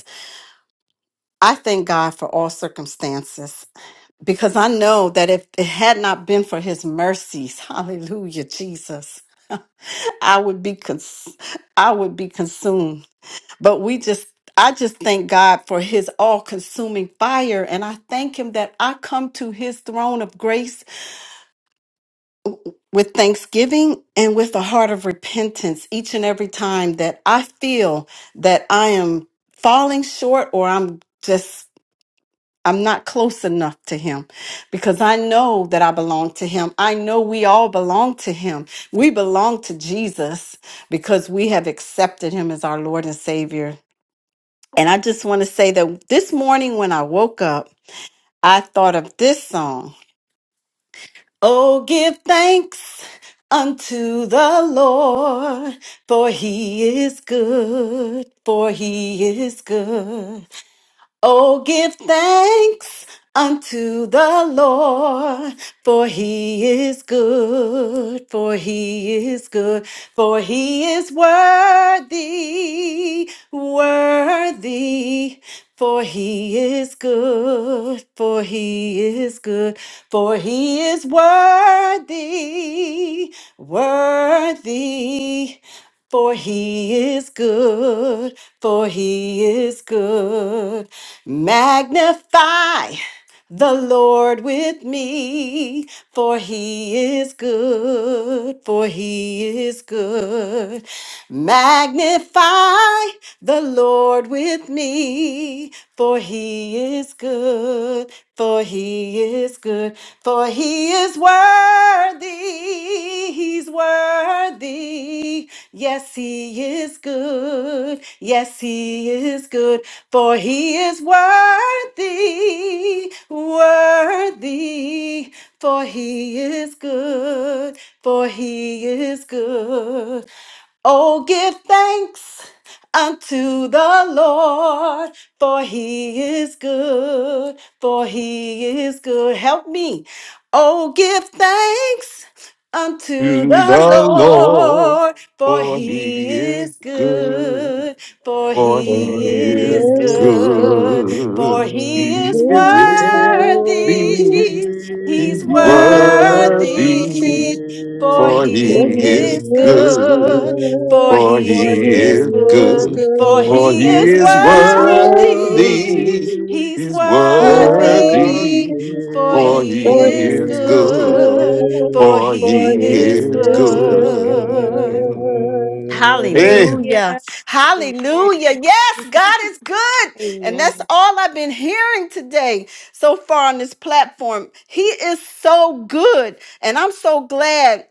Speaker 11: I thank God for all circumstances because I know that if it had not been for his mercies, *laughs* hallelujah, Jesus, I would be cons- I would be consumed. But we just I just thank God for his all-consuming fire and I thank him that I come to his throne of grace with thanksgiving and with a heart of repentance each and every time that I feel that I am falling short or I'm just I'm not close enough to him because I know that I belong to him. I know we all belong to him. We belong to Jesus because we have accepted him as our Lord and Savior. And I just want to say that this morning when I woke up, I thought of this song Oh, give thanks unto the Lord, for he is good, for he is good. Oh, give thanks unto the Lord. For he is good, for he is good, for he is worthy, worthy. For he is good, for he is good, for he is worthy, worthy. For he is good, for he is good. Magnify. The Lord with me, for he is good, for he is good. Magnify the Lord with me, for he is good, for he is good, for he is worthy. He's worthy. Yes, He is good. Yes, He is good. For He is worthy, worthy. For He is good. For He is good. Oh, give thanks unto the Lord, for he is good, for he is good. Help me. Oh, give thanks unto
Speaker 7: To
Speaker 11: the
Speaker 7: the Lord
Speaker 11: Lord, for
Speaker 7: for me
Speaker 11: he
Speaker 7: is
Speaker 11: is
Speaker 7: good.
Speaker 11: good, for
Speaker 7: For
Speaker 6: For
Speaker 7: he
Speaker 11: he
Speaker 7: is
Speaker 11: is
Speaker 6: his
Speaker 11: good, for
Speaker 7: good.
Speaker 2: Lord.
Speaker 11: he
Speaker 7: He
Speaker 6: good,
Speaker 11: is
Speaker 7: is
Speaker 6: his good
Speaker 7: worthy.
Speaker 11: worthy,
Speaker 7: He's
Speaker 11: he's
Speaker 6: deed,
Speaker 8: Worthy,
Speaker 2: Yes,
Speaker 7: worthy.
Speaker 11: worthy,
Speaker 2: Lord.
Speaker 11: for
Speaker 6: worthy,
Speaker 7: For
Speaker 11: he
Speaker 2: For he
Speaker 6: for
Speaker 7: he is
Speaker 11: is
Speaker 6: he
Speaker 2: is
Speaker 6: is
Speaker 7: good.
Speaker 11: good,
Speaker 6: good,
Speaker 11: for
Speaker 2: good,
Speaker 7: For
Speaker 2: for
Speaker 6: for
Speaker 11: he
Speaker 2: he
Speaker 7: he
Speaker 11: is
Speaker 7: is
Speaker 6: he
Speaker 2: is
Speaker 11: good,
Speaker 7: good.
Speaker 6: is
Speaker 11: for
Speaker 2: good,
Speaker 7: For
Speaker 11: he
Speaker 2: for
Speaker 7: he
Speaker 6: good,
Speaker 11: is
Speaker 2: he
Speaker 7: is
Speaker 2: is
Speaker 6: is
Speaker 2: worthy,
Speaker 11: worthy,
Speaker 7: worthy.
Speaker 6: worthy,
Speaker 11: he's
Speaker 7: He's worthy.
Speaker 2: worthy.
Speaker 11: worthy. For
Speaker 6: worthy,
Speaker 8: worthy.
Speaker 7: For
Speaker 11: he
Speaker 2: For
Speaker 7: he
Speaker 6: for
Speaker 11: is
Speaker 2: he
Speaker 7: is
Speaker 2: is
Speaker 6: he is
Speaker 7: good.
Speaker 11: good,
Speaker 2: good,
Speaker 6: good,
Speaker 11: for
Speaker 7: For he
Speaker 2: for
Speaker 11: he
Speaker 2: he
Speaker 6: for
Speaker 11: is
Speaker 7: is
Speaker 2: is
Speaker 6: he is
Speaker 11: good.
Speaker 7: good.
Speaker 2: good.
Speaker 7: Hey,
Speaker 6: good.
Speaker 11: Hallelujah.
Speaker 8: Hallelujah. Amen.
Speaker 11: Hallelujah. Yes, God is good. And that's
Speaker 8: Amen.
Speaker 11: all I've been hearing today so far on this platform. He is so good. And I'm so glad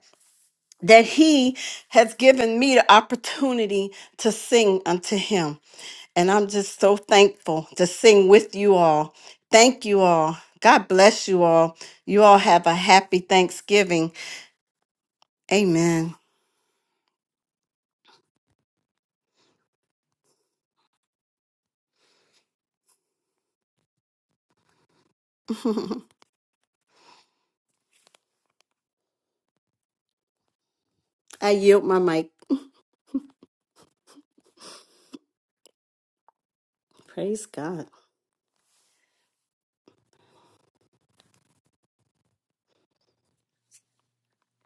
Speaker 11: that he has given me the opportunity to sing unto him. And I'm just so thankful to sing with you all. Thank you all. God bless you all. You all have a happy Thanksgiving. Amen. *laughs* I yield my mic. Praise God.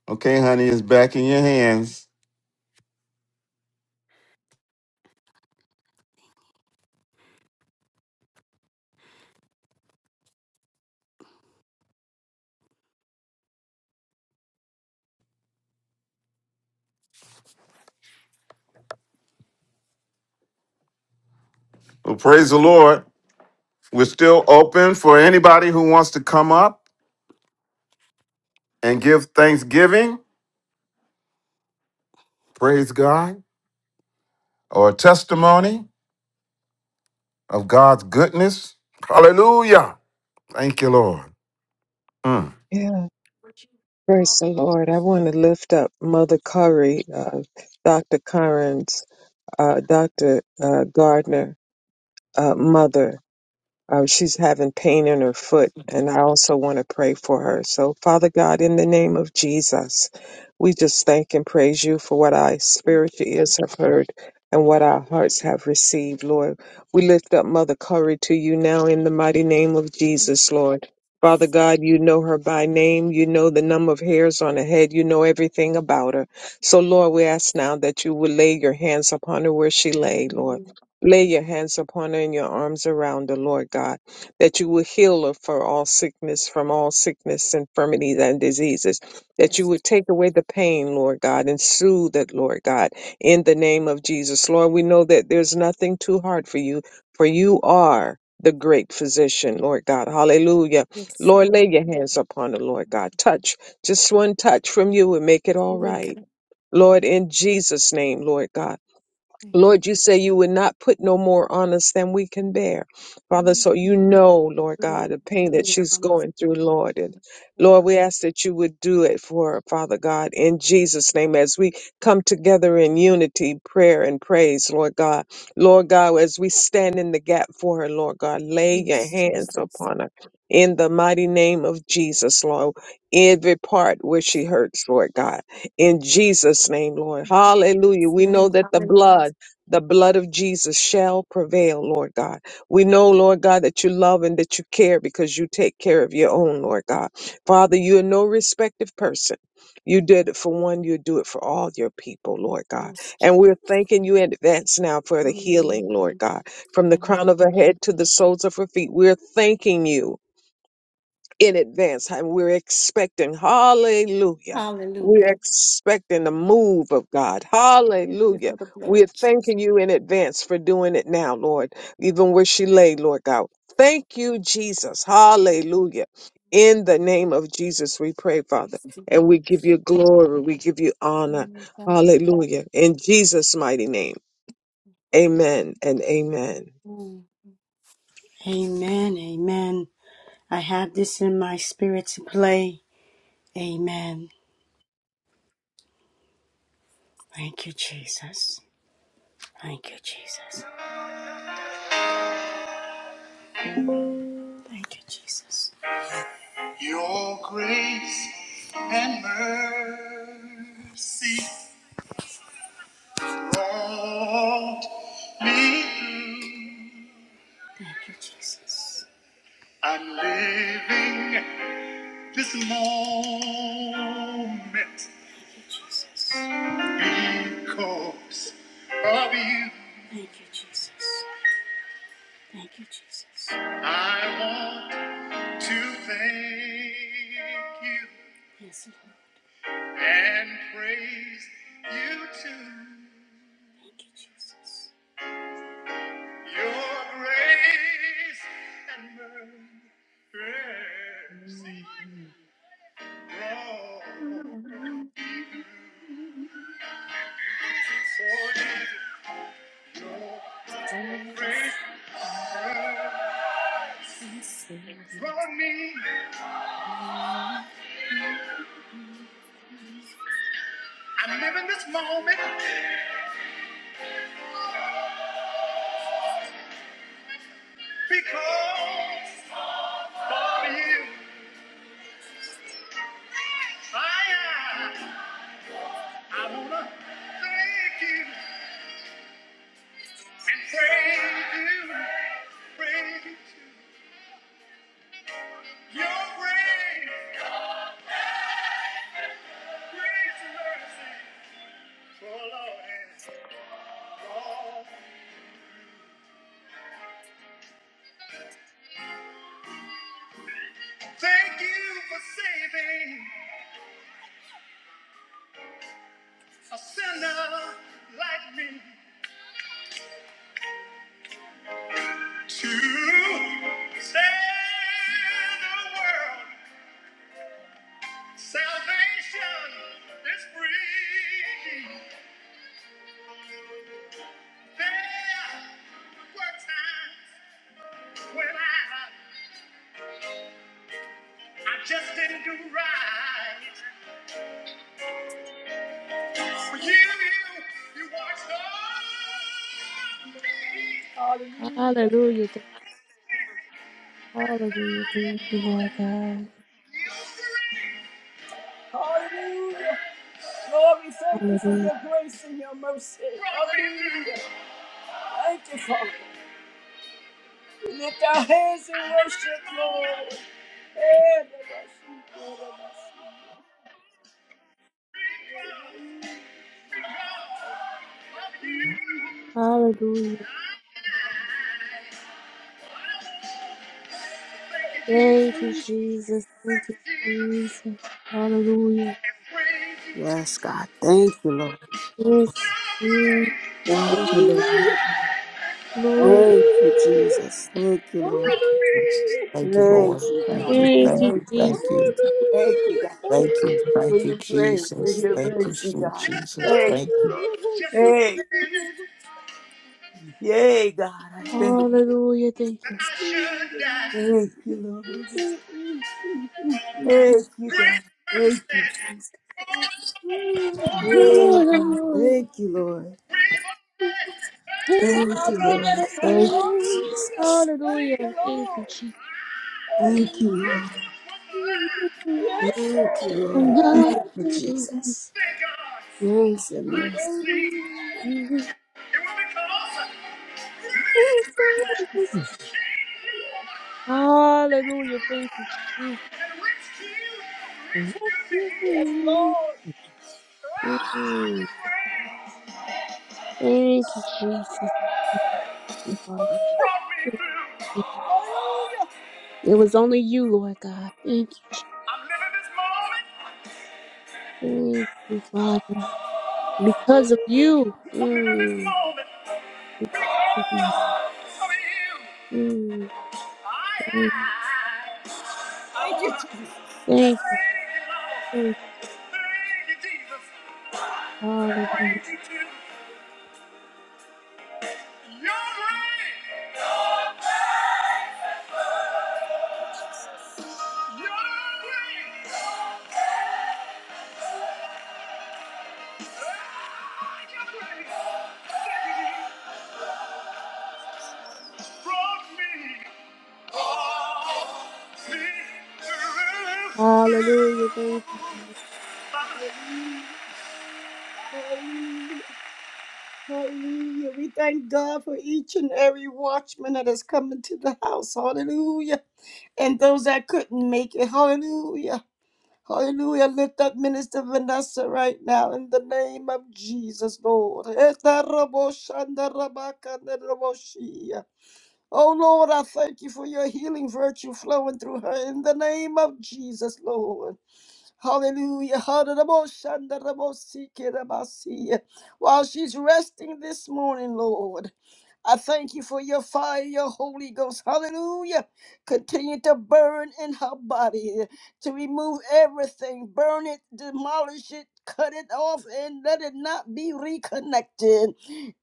Speaker 7: okay, honey, it's back in your hands. Well, praise the Lord. We're still open for anybody who wants to come up and give thanksgiving, praise God, or a testimony of God's goodness. Hallelujah. Thank you, Lord. Mm.
Speaker 2: Yeah, praise the Lord. I want to lift up Mother Curry, uh, Dr. Curran's, uh, Dr. Uh, Gardner, uh, mother. Uh, she's having pain in her foot, and I also want to pray for her. So, Father God, in the name of Jesus, we just thank and praise you for what our spiritual ears have heard and what our hearts have received, Lord. We lift up Mother Curry to you now in the mighty name of Jesus, Lord. Father God, you know her by name. You know the number of hairs on her head. You know everything about her. So, Lord, we ask now that you would lay your hands upon her where she lay, Lord.
Speaker 11: Mm,
Speaker 2: Lay your hands upon her and your arms around her, Lord God, that you will heal her for all sickness, from all sickness, infirmities, and diseases, that you
Speaker 11: Yes,
Speaker 2: would take away the pain, Lord God, and soothe it, Lord God, in the name of Jesus. Lord, we know that there's nothing too hard for you, for you are the great physician, Lord God. Hallelujah.
Speaker 11: yes,
Speaker 2: Lord,
Speaker 11: Lord.
Speaker 2: lay your hands upon her, Lord God. Touch, just one touch from you and make it all
Speaker 11: We
Speaker 2: right.
Speaker 11: can.
Speaker 2: Lord, in Jesus' name, Lord God. Lord, you say you would not put no more on us than we can bear. Father,
Speaker 11: Mm,
Speaker 2: so you know, Lord God, the pain that she's
Speaker 11: never must
Speaker 2: going through,
Speaker 11: put
Speaker 2: Lord. And
Speaker 11: you
Speaker 2: Lord,
Speaker 11: over.
Speaker 2: we ask that you would do it for her, Father God, in Jesus' name, as we come together in unity, prayer, and praise, Lord God. Lord God, as we stand in the gap for her, Lord God, lay your
Speaker 11: Yes,
Speaker 2: hands
Speaker 11: Jesus.
Speaker 2: upon her. In the mighty name of Jesus, Lord, every part where she hurts, Lord God, in Jesus' name, Lord. Hallelujah. We know
Speaker 11: Name,
Speaker 2: that the
Speaker 11: hallelujah.
Speaker 2: blood the blood of Jesus shall prevail, Lord God. We know, Lord God, that you love and that you care because you take care of your own, Lord God. Father, you are no respective person. You did it for one, you do it for all your people, Lord God.
Speaker 11: Yes,
Speaker 2: And we're
Speaker 11: Jesus.
Speaker 2: thanking you in advance now for the
Speaker 11: Mm,
Speaker 2: healing, Lord God, from the
Speaker 11: Thank
Speaker 2: crown
Speaker 11: you.
Speaker 2: of her
Speaker 11: Lord.
Speaker 2: head to the soles of her feet. We're thanking you in advance. And we're expecting, hallelujah.
Speaker 11: Hallelujah.
Speaker 2: We're expecting the move of God.
Speaker 11: Thank you
Speaker 2: Hallelujah.
Speaker 11: for the
Speaker 2: We're
Speaker 11: blood.
Speaker 2: thanking you in advance for doing it now, Lord, even where she lay, Lord God. Thank you, Jesus. Hallelujah. In the name of Jesus, we pray, Father, and we give you glory. We give you honor. Hallelujah. In Jesus' mighty name. Amen and amen.
Speaker 1: Amen. Amen. I have this in my spirit to play. Amen. Thank you, Jesus. Thank you, Jesus. Thank you, Jesus. Your grace and mercy brought me through. Thank you, Jesus. I'm living this moment. Thank you, Jesus. Because of you. Thank you, Jesus. Thank you, Jesus. I want to thank you. Yes, Lord. and praise you too. Thank you, Jesus. Your grace and mercy draw for me. Grace draw me. I'm living this moment because of you. I, I wanna thank you and praise you, praise you. Your grace, grace and mercy, full is long. Thank you for saving a sinner like me. To save the world, salvation is free. There were times when I, I just didn't do right. For you, you watched over me. Hallelujah.
Speaker 8: Hallelujah. Thank- Hallelujah. Thank you, Lord God.
Speaker 1: you great. Hallelujah. Lord, we thank you for
Speaker 8: Hallelujah.
Speaker 1: your grace and your mercy. Hallelujah. Thank you, Father. We lift our hands and worship, Lord. Hey,
Speaker 8: Hallelujah. Thank you, Jesus. Thank you, Jesus. Hallelujah.
Speaker 4: Yes, God. Thank you, Lord.
Speaker 8: Thank you,
Speaker 4: Thank
Speaker 8: Jesus.
Speaker 4: you, Lord.
Speaker 8: Glory
Speaker 4: Thank you, Jesus. Thank you, Lord.
Speaker 9: Jesus. Thank you, Lord.
Speaker 4: Thank you,
Speaker 9: Thank
Speaker 4: God.
Speaker 9: you.
Speaker 8: Thank
Speaker 9: Thank
Speaker 8: you,
Speaker 4: Thank
Speaker 9: you.
Speaker 4: you,
Speaker 8: Jesus.
Speaker 9: Thank you.
Speaker 4: Thank you, God,
Speaker 9: Thank you.
Speaker 4: for
Speaker 9: Thank you,
Speaker 4: your grace and
Speaker 9: Jesus.
Speaker 4: your
Speaker 9: Thank you,
Speaker 4: mercy,
Speaker 9: sweet
Speaker 4: God.
Speaker 9: Jesus.
Speaker 4: Thank
Speaker 9: Thank you.
Speaker 1: Just a
Speaker 4: you.
Speaker 1: little
Speaker 4: Yay, God. I thank you.
Speaker 8: Hallelujah. Thank
Speaker 1: that
Speaker 8: you.
Speaker 1: I should die.
Speaker 4: Thank you, Lord. Thank you, God.
Speaker 1: Great mercy.
Speaker 4: Thank you.
Speaker 1: Oh no, oh no,
Speaker 4: Oh, God.
Speaker 8: Lord.
Speaker 4: Thank you, Lord.
Speaker 1: we must
Speaker 4: Thank
Speaker 1: Oh
Speaker 4: you,
Speaker 1: no,
Speaker 4: Lord.
Speaker 1: that's right.
Speaker 4: Thank,
Speaker 1: Oh no,
Speaker 8: Lord. Hallelujah.
Speaker 1: thank you, Lord.
Speaker 8: Thank you, Jesus.
Speaker 4: thank you,
Speaker 1: Hallelujah.
Speaker 4: Lord.
Speaker 1: Yes.
Speaker 4: Thank you,
Speaker 8: And
Speaker 4: Lord.
Speaker 8: now I sing.
Speaker 4: Jesus.
Speaker 1: Thank God.
Speaker 4: Grace and mercy.
Speaker 1: I can see. It will become awesome.
Speaker 8: Hallelujah. Thank you, Jesus. Mm.
Speaker 1: Yes, Lord. Ah,
Speaker 8: Thank you, Jesus. Father. Thank you. It was only you, Lord God. Thank you, Jesus.
Speaker 1: I'm living this moment.
Speaker 8: Thank you, Father. Because of you.
Speaker 1: I'm living this
Speaker 8: Mm,
Speaker 1: moment
Speaker 8: because of you.
Speaker 1: because of you.
Speaker 8: Mm,
Speaker 1: I
Speaker 8: thank
Speaker 1: am. Thank you, Jesus.
Speaker 8: thank you. Thank you. Hallelujah.
Speaker 1: Praise you, too. Your grace. Hallelujah,
Speaker 8: Hallelujah. Thank you.
Speaker 1: hallelujah. We thank God for each and every watchman that has come into the house. Hallelujah. And those that couldn't make it. Hallelujah. Hallelujah. Lift up Minister Vanessa right now in the name of Jesus, Lord. *laughs* Etaraboshandarabakandaraboshia. Oh, Lord, I thank you for your healing virtue flowing through her in the name of Jesus, Lord. Hallelujah. Hallelujah! da da si si While she's resting this morning, Lord. I thank you for your fire, your Holy Ghost. Hallelujah. Continue to burn in her body to remove everything. Burn it, demolish it, cut it off, and let it not be reconnected.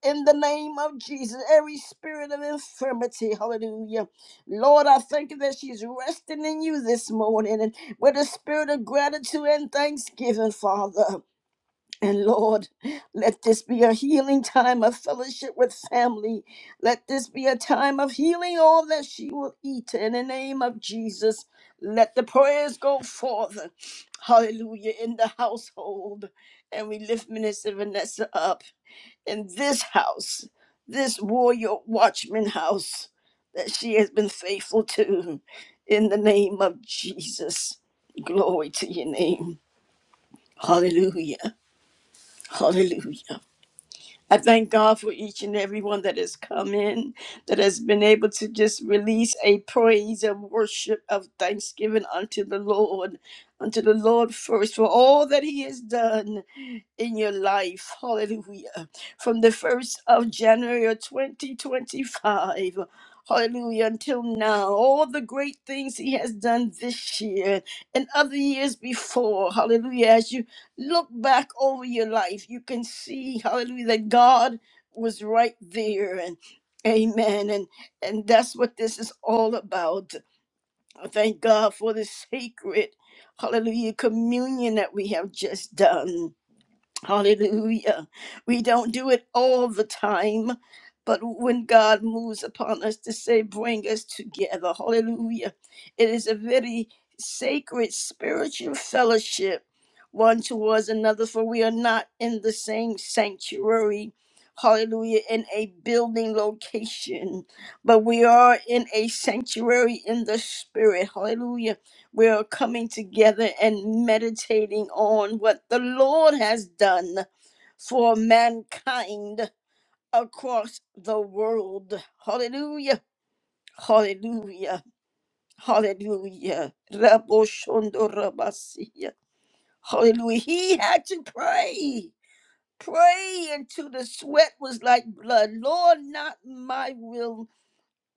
Speaker 1: In the name of Jesus, every spirit of infirmity, hallelujah. Lord, I thank you that she's resting in you this morning and with a spirit of gratitude and thanksgiving, Father. And Lord, let this be a healing time of fellowship with family. Let this be a time of healing all that she will eat in the name of Jesus. Let the prayers go forth. Hallelujah in the household. And we lift Minister Vanessa up in this house, this warrior watchman house that she has been faithful to. In the name of Jesus. Glory to your name. Hallelujah. Hallelujah. I thank God for each and every one that has come in, that has been able to just release a praise and worship of thanksgiving unto the Lord, unto the Lord first for all that He has done in your life. Hallelujah. From the 1st of January of 2025. Hallelujah. Until now, all the great things he has done this year and other years before. Hallelujah. As you look back over your life, you can see, hallelujah, that God was right there and amen. And and that's what this is all about. I Thank God for the sacred, hallelujah, communion that we have just done. Hallelujah. We don't do it all the time, but when God moves upon us to say, bring us together, hallelujah. It is a very sacred spiritual fellowship, one towards another, for we are not in the same sanctuary, hallelujah, in a building location, but we are in a sanctuary in the spirit, hallelujah we're coming together and meditating on what the Lord has done for mankind across the world. Hallelujah. Hallelujah. Hallelujah. Raboshando rabasiya. Hallelujah. He had to pray. Pray until the sweat was like blood. Lord, not my will,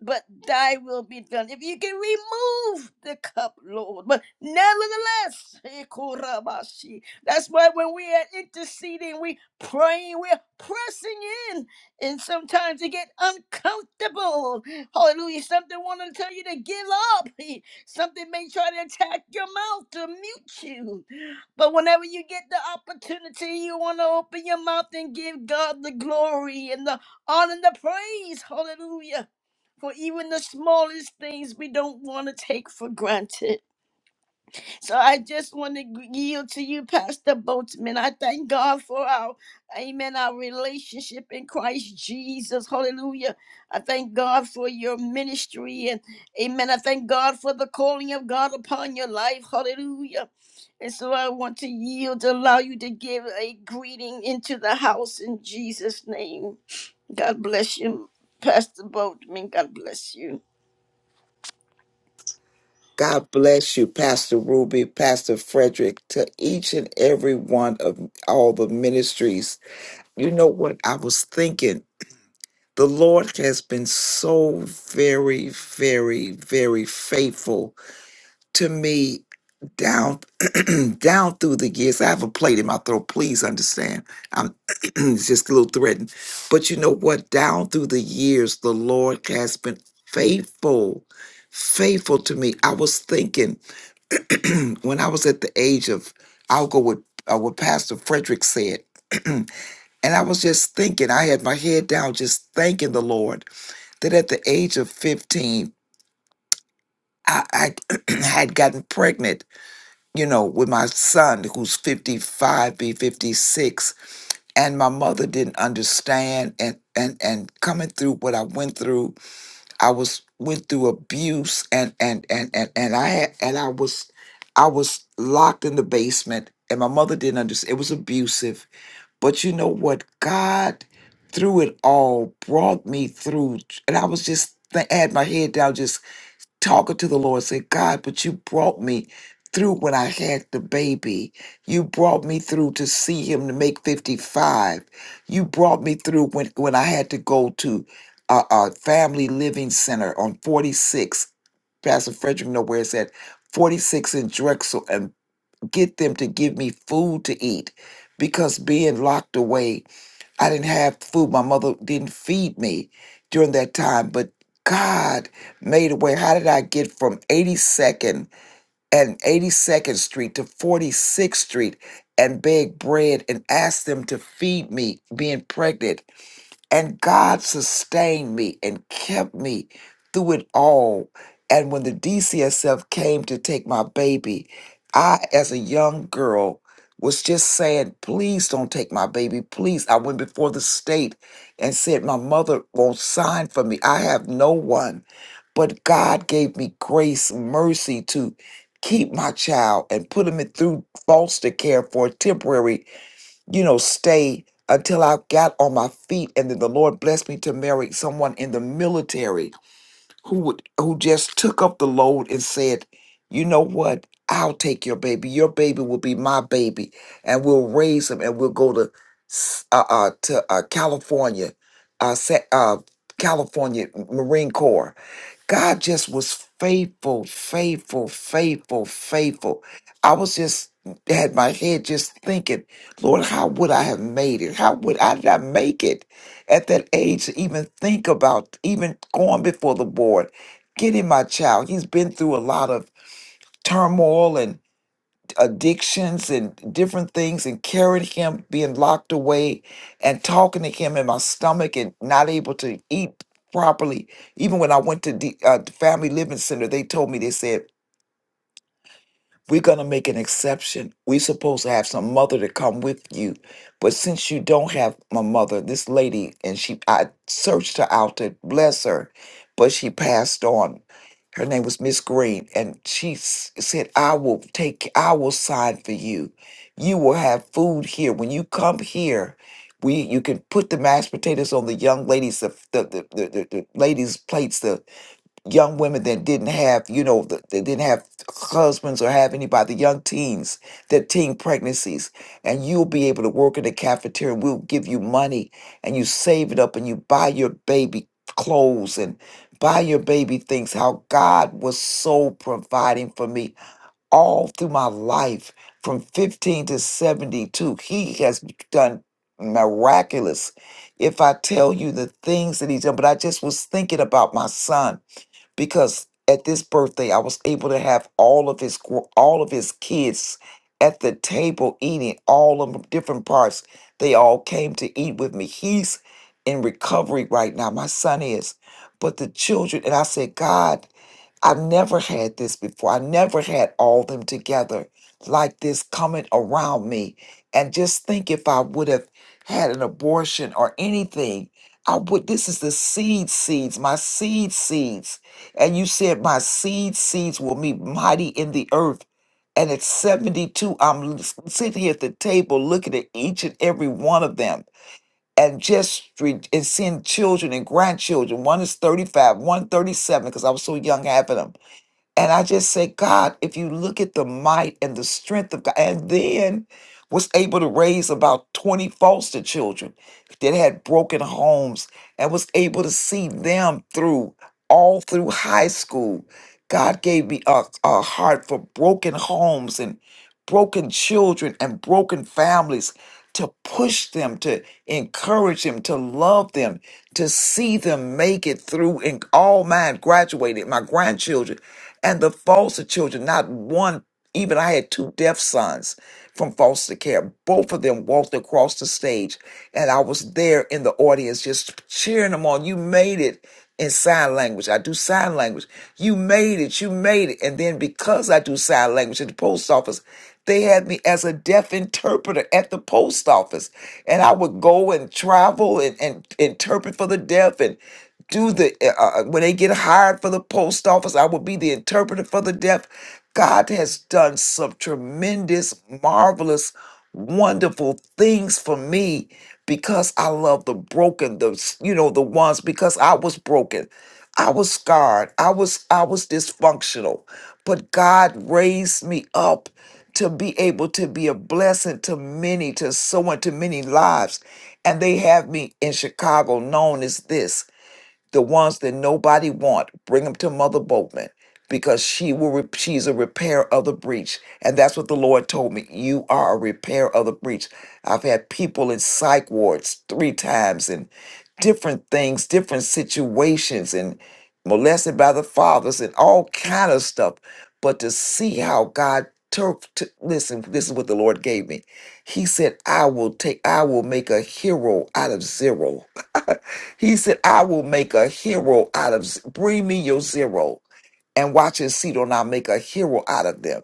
Speaker 1: but thy will be done. If you can remove the cup, Lord. But nevertheless, Ekorabashi. that's why when we are interceding, we praying, we're pressing in. And sometimes it get uncomfortable. Hallelujah. Something want to tell you to give up. Something may try to attack your mouth to mute you. But whenever you get the opportunity, you want to open your mouth and give God the glory and the honor and the praise. Hallelujah for even the smallest things we don't want to take for granted. So I just want to yield to you, Pastor Boatman. I thank God for our, amen, our relationship in Christ Jesus. Hallelujah. I thank God for your ministry and, amen, I thank God for the calling of God upon your life. Hallelujah. And so I want to yield, allow you to give a greeting into the house in Jesus' name. God bless you, Pastor Boatman. God bless you.
Speaker 9: God bless you, Pastor Ruby, Pastor Frederick, to each and every one of all the ministries. You know what I was thinking? The Lord has been so very, very, very faithful to me down *clears throat* down through the years. I have a plate in my throat. Please understand. I'm *clears throat* it's just a little threatened. But you know what? Down through the years, the Lord has been faithful, faithful to me. I was thinking *clears throat* when I was at the age of, I'll go with uh, what Pastor Frederick said. *clears throat* and I was just thinking, I had my head down, just thanking the Lord that at the age of 15, I, I *clears throat* had gotten pregnant you know, with my son who's 55, be 56, and my mother didn't understand and and and coming through what I went through, I was went through abuse and and and and, and I had and I was I was locked in the basement and my mother didn't understand it was abusive. But you know what? God through it all brought me through and I was just I had my head down just talking to the Lord, say, God, but you brought me through when I had the baby. You brought me through to see him to make 55. You brought me through when, when I had to go to a, a family living center on 46. Pastor Frederick know where it's at, 46 in Drexel, and get them to give me food to eat because being locked away I didn't have food. My mother didn't feed me during that time, but God made a way. How did I get from 82nd and 82nd Street to 46th Street and beg bread and ask them to feed me being pregnant? And God sustained me and kept me through it all. And when the DCSF came to take my baby, I, as a young girl, was just saying, please don't take my baby. Please. I went before the state and said, my mother won't sign for me. I have no one. But God gave me grace, mercy to keep my child and put him in- through foster care for a temporary you know, stay until I got on my feet. And then the Lord blessed me to marry someone in the military who would who just took up the load and said, you know what? I'll take your baby. Your baby will be my baby, and we'll raise him, and we'll go to s- uh, uh to uh, California, uh, Sa- uh California Marine Corps God just was faithful, faithful, faithful, faithful. I was just had my head just thinking, Lord, how would I have made it? How would I did I make it at that age to even think about even going before the board, getting my child? He's been through a lot of turmoil addictions and different things and carried him being locked away and talking to him in my stomach and not able to eat properly even when i went to the uh, the family living center they told me they said we're going to make an exception. We're supposed to have some mother to come with you. But since you don't have my mother, this lady, and she, I searched her out to bless her, but she passed on. Her name was Miss Green, and she s- said, I will take, I will sign for you. You will have food here. When you come here, we you can put the mashed potatoes on the young ladies, the, the, the, the, the the ladies' plates, young women that didn't have, you know, th- they didn't have husbands or have anybody, young teens, their teen pregnancies. And you'll be able to work in the cafeteria we'll give you money and you save it up and you buy your baby clothes and buy your baby things. How God was so providing for me all through my life from 15 to 72. He has done miraculous. If I tell you the things that he's done, but I just was thinking about my son because at this birthday I was able to have all of his gr- all of his kids at the table eating all of 'em different parts. They all came to eat with me. He's in recovery right now. My son is, but the children and I said, God. I've never had this before. I never had all them together like this coming around me. And just think if I would have had an abortion or anything, I would this is the seed seeds, my seed seeds. And you said my seed seeds will be mighty in the earth. And at 72, I'm l- sitting at the table looking at each and every one of them and just re- and seeing children and grandchildren. One is 35, one thirty-seven, because I was so young having them and I just say, God, if you look at the might and the strength of God, and then was able to raise about 20 foster children that had broken homes and was able to see them through all through high school. God gave me a, a heart for broken homes and broken children and broken families to push them, to encourage them, to love them, to see them make it through. And all mine graduated, my grandchildren and the foster children, not one, even I had two deaf sons from foster care. Both of them walked across the stage, and I was there in the audience just cheering them on. You made it in sign language. I do sign language. You made it. You made it. And then because I do sign language at the post office, they had me as a deaf interpreter at the post office. And I would go and travel and, and interpret for the deaf and do the, uh, uh, uh, when they get hired for the post office, I would be the interpreter for the deaf. God has done some tremendous, marvelous, wonderful things for me because I love the broken, the, s- you know, the ones because I was broken. I was scarred. I was I was dysfunctional, but God raised me up to be able to be a blessing to many, to someone, to many lives. And they have me in Chicago known as this the ones that nobody want bring them to mother boatman because she will re- she's a repair of the breach and that's what the lord told me you are a repair of the breach i've had people in psych wards three times and different things different situations and molested by the fathers and all kind of stuff but to see how god took to, listen this is what the lord gave me he said i will take i will make a hero out of zero." *laughs* He said, I will make a hero out of, z- bring me your zero and watch and see, don't I make a hero out of them?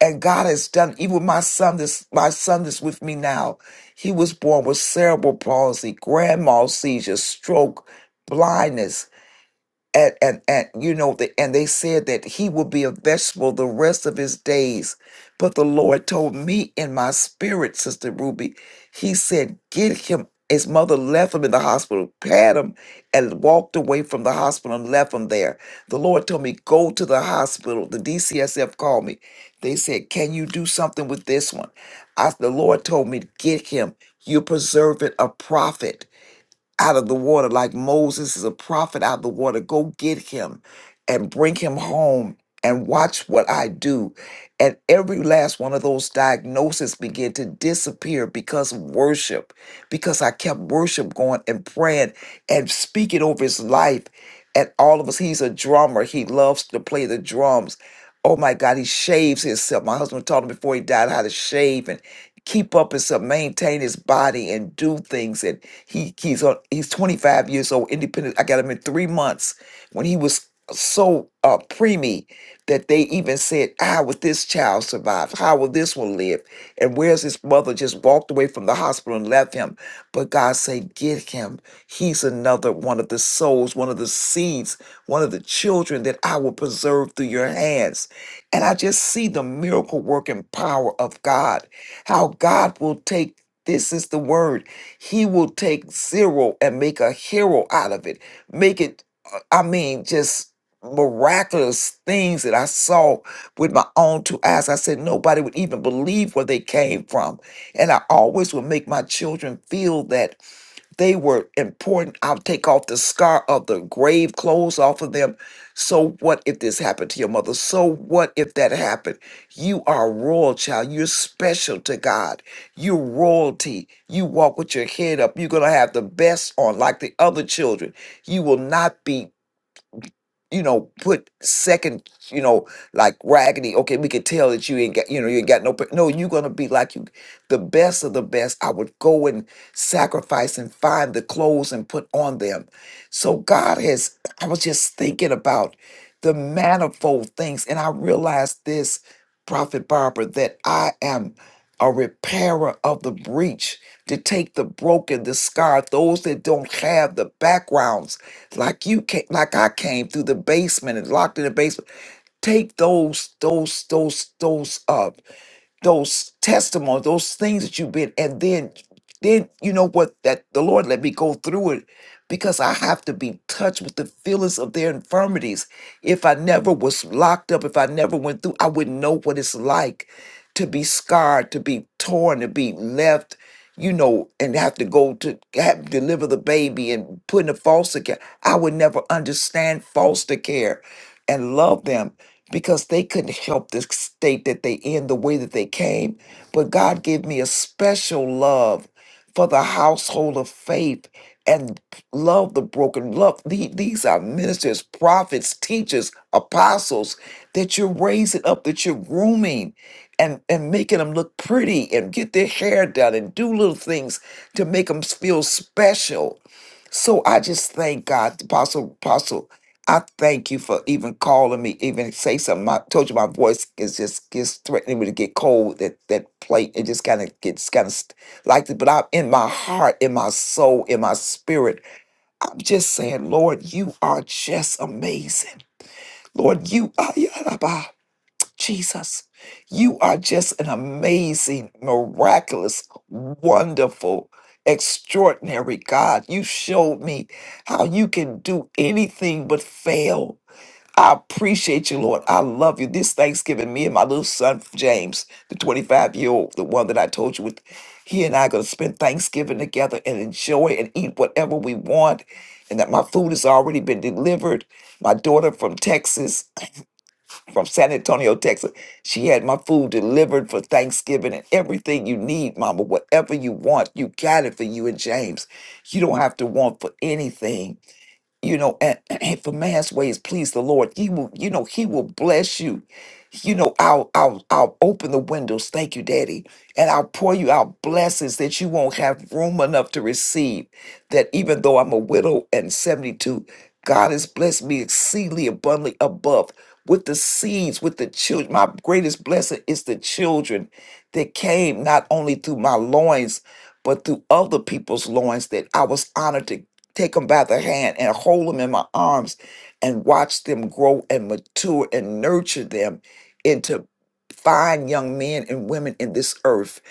Speaker 9: And God has done, even my son, this, my son that's with me now, he was born with cerebral palsy, grand mal seizure, stroke, blindness and and and you know the, and they said that he would be a vegetable the rest of his days but the lord told me in my spirit sister ruby he said get him his mother left him in the hospital pat him and walked away from the hospital and left him there the lord told me go to the hospital the dcsf called me they said can you do something with this one I, the lord told me get him you're preserving a prophet out of the water, like Moses is a prophet out of the water. Go get him and bring him home and watch what I do. And every last one of those diagnoses began to disappear because of worship, because I kept worship going and praying and speaking over his life. And all of us, he's a drummer, he loves to play the drums. Oh my God, he shaves himself. My husband taught him before he died how to shave. and keep up himself, maintain his body, and do things. And he he's on he's 25 years old, independent. I got him in three months when he was so uh preemie that they even said, How will this child survive? How will this one live? And where's his mother? Just walked away from the hospital and left him. But God said, Get him. He's another one of the souls, one of the seeds, one of the children that I will preserve through your hands. And I just see the miracle working power of God how God will take this is the word. He will take zero and make a hero out of it. Make it, uh, I mean, just miraculous things that I saw with my own two eyes. I said nobody would even believe where they came from. And I always would make my children feel that they were important. I'll take off the scar of the grave clothes off of them. So what if this happened to your mother? So what if that happened? You are a royal child. You're special to God. You're royalty. You walk with your head up. You're going to have the best on like the other children. You will not be you know, put second, you know, like raggedy. Okay, we could tell that you ain't got, you know, you ain't got no. pa- No, you're gonna be like you, the best of the best. I would go and sacrifice and find the clothes and put on them. So God has. I was just thinking about the manifold things, and I realized this, Prophet Barbara, that I am a repairer of the breach, to take the broken, the scarred, those that don't have the backgrounds, like you came, like I came through the basement and locked in the basement. Take those, those, those, those up, those testimonies, those things that you've been, and then then you know what that the lord let me go through it because i have to be touched with the feelings of their infirmities if i never was locked up if i never went through i wouldn't know what it's like to be scarred to be torn to be left you know and have to go to have deliver the baby and put in a foster care i would never understand foster care and love them because they couldn't help the state that they in the way that they came but god gave me a special love for the household of faith and love the broken love the- these are ministers prophets teachers apostles that you're raising up that you're grooming and and making them look pretty and get their hair done and do little things to make them feel special so I just thank God, Apostle, Apostle, I thank you for even calling me, even say something. I told you my voice is just gets threatening me to get cold. That that plate, it just kind of gets kind of like that. But I'm in my heart, in my soul, in my spirit. I'm just saying, Lord, you are just amazing. Lord, you are. Jesus, you are just an amazing, miraculous, wonderful, extraordinary God. You showed me how you can do anything but fail. I appreciate you, Lord. I love you. This Thanksgiving, me and my little son, James, the 25 year old, the one that I told you with, he and I are going to spend Thanksgiving together and enjoy and eat whatever we want. And that my food has already been delivered. My daughter from Texas from San Antonio, Texas. She had my food delivered for Thanksgiving and everything you need, Mama. Whatever you want, you got it for you and James. You don't have to want for anything you know and, *clears throat* and for man's ways please the lord he will you know he will bless you you know i'll i'll i'll open the windows thank you daddy and i'll pour you out blessings that you won't have room enough to receive that even though i'm a widow and 72 god has blessed me exceedingly abundantly above with the seeds with the children my greatest blessing is the children that came not only through my loins but through other people's loins that i was honored to take them by the hand and hold them in my arms and watch them grow and mature and nurture them into fine young men and women in this earth.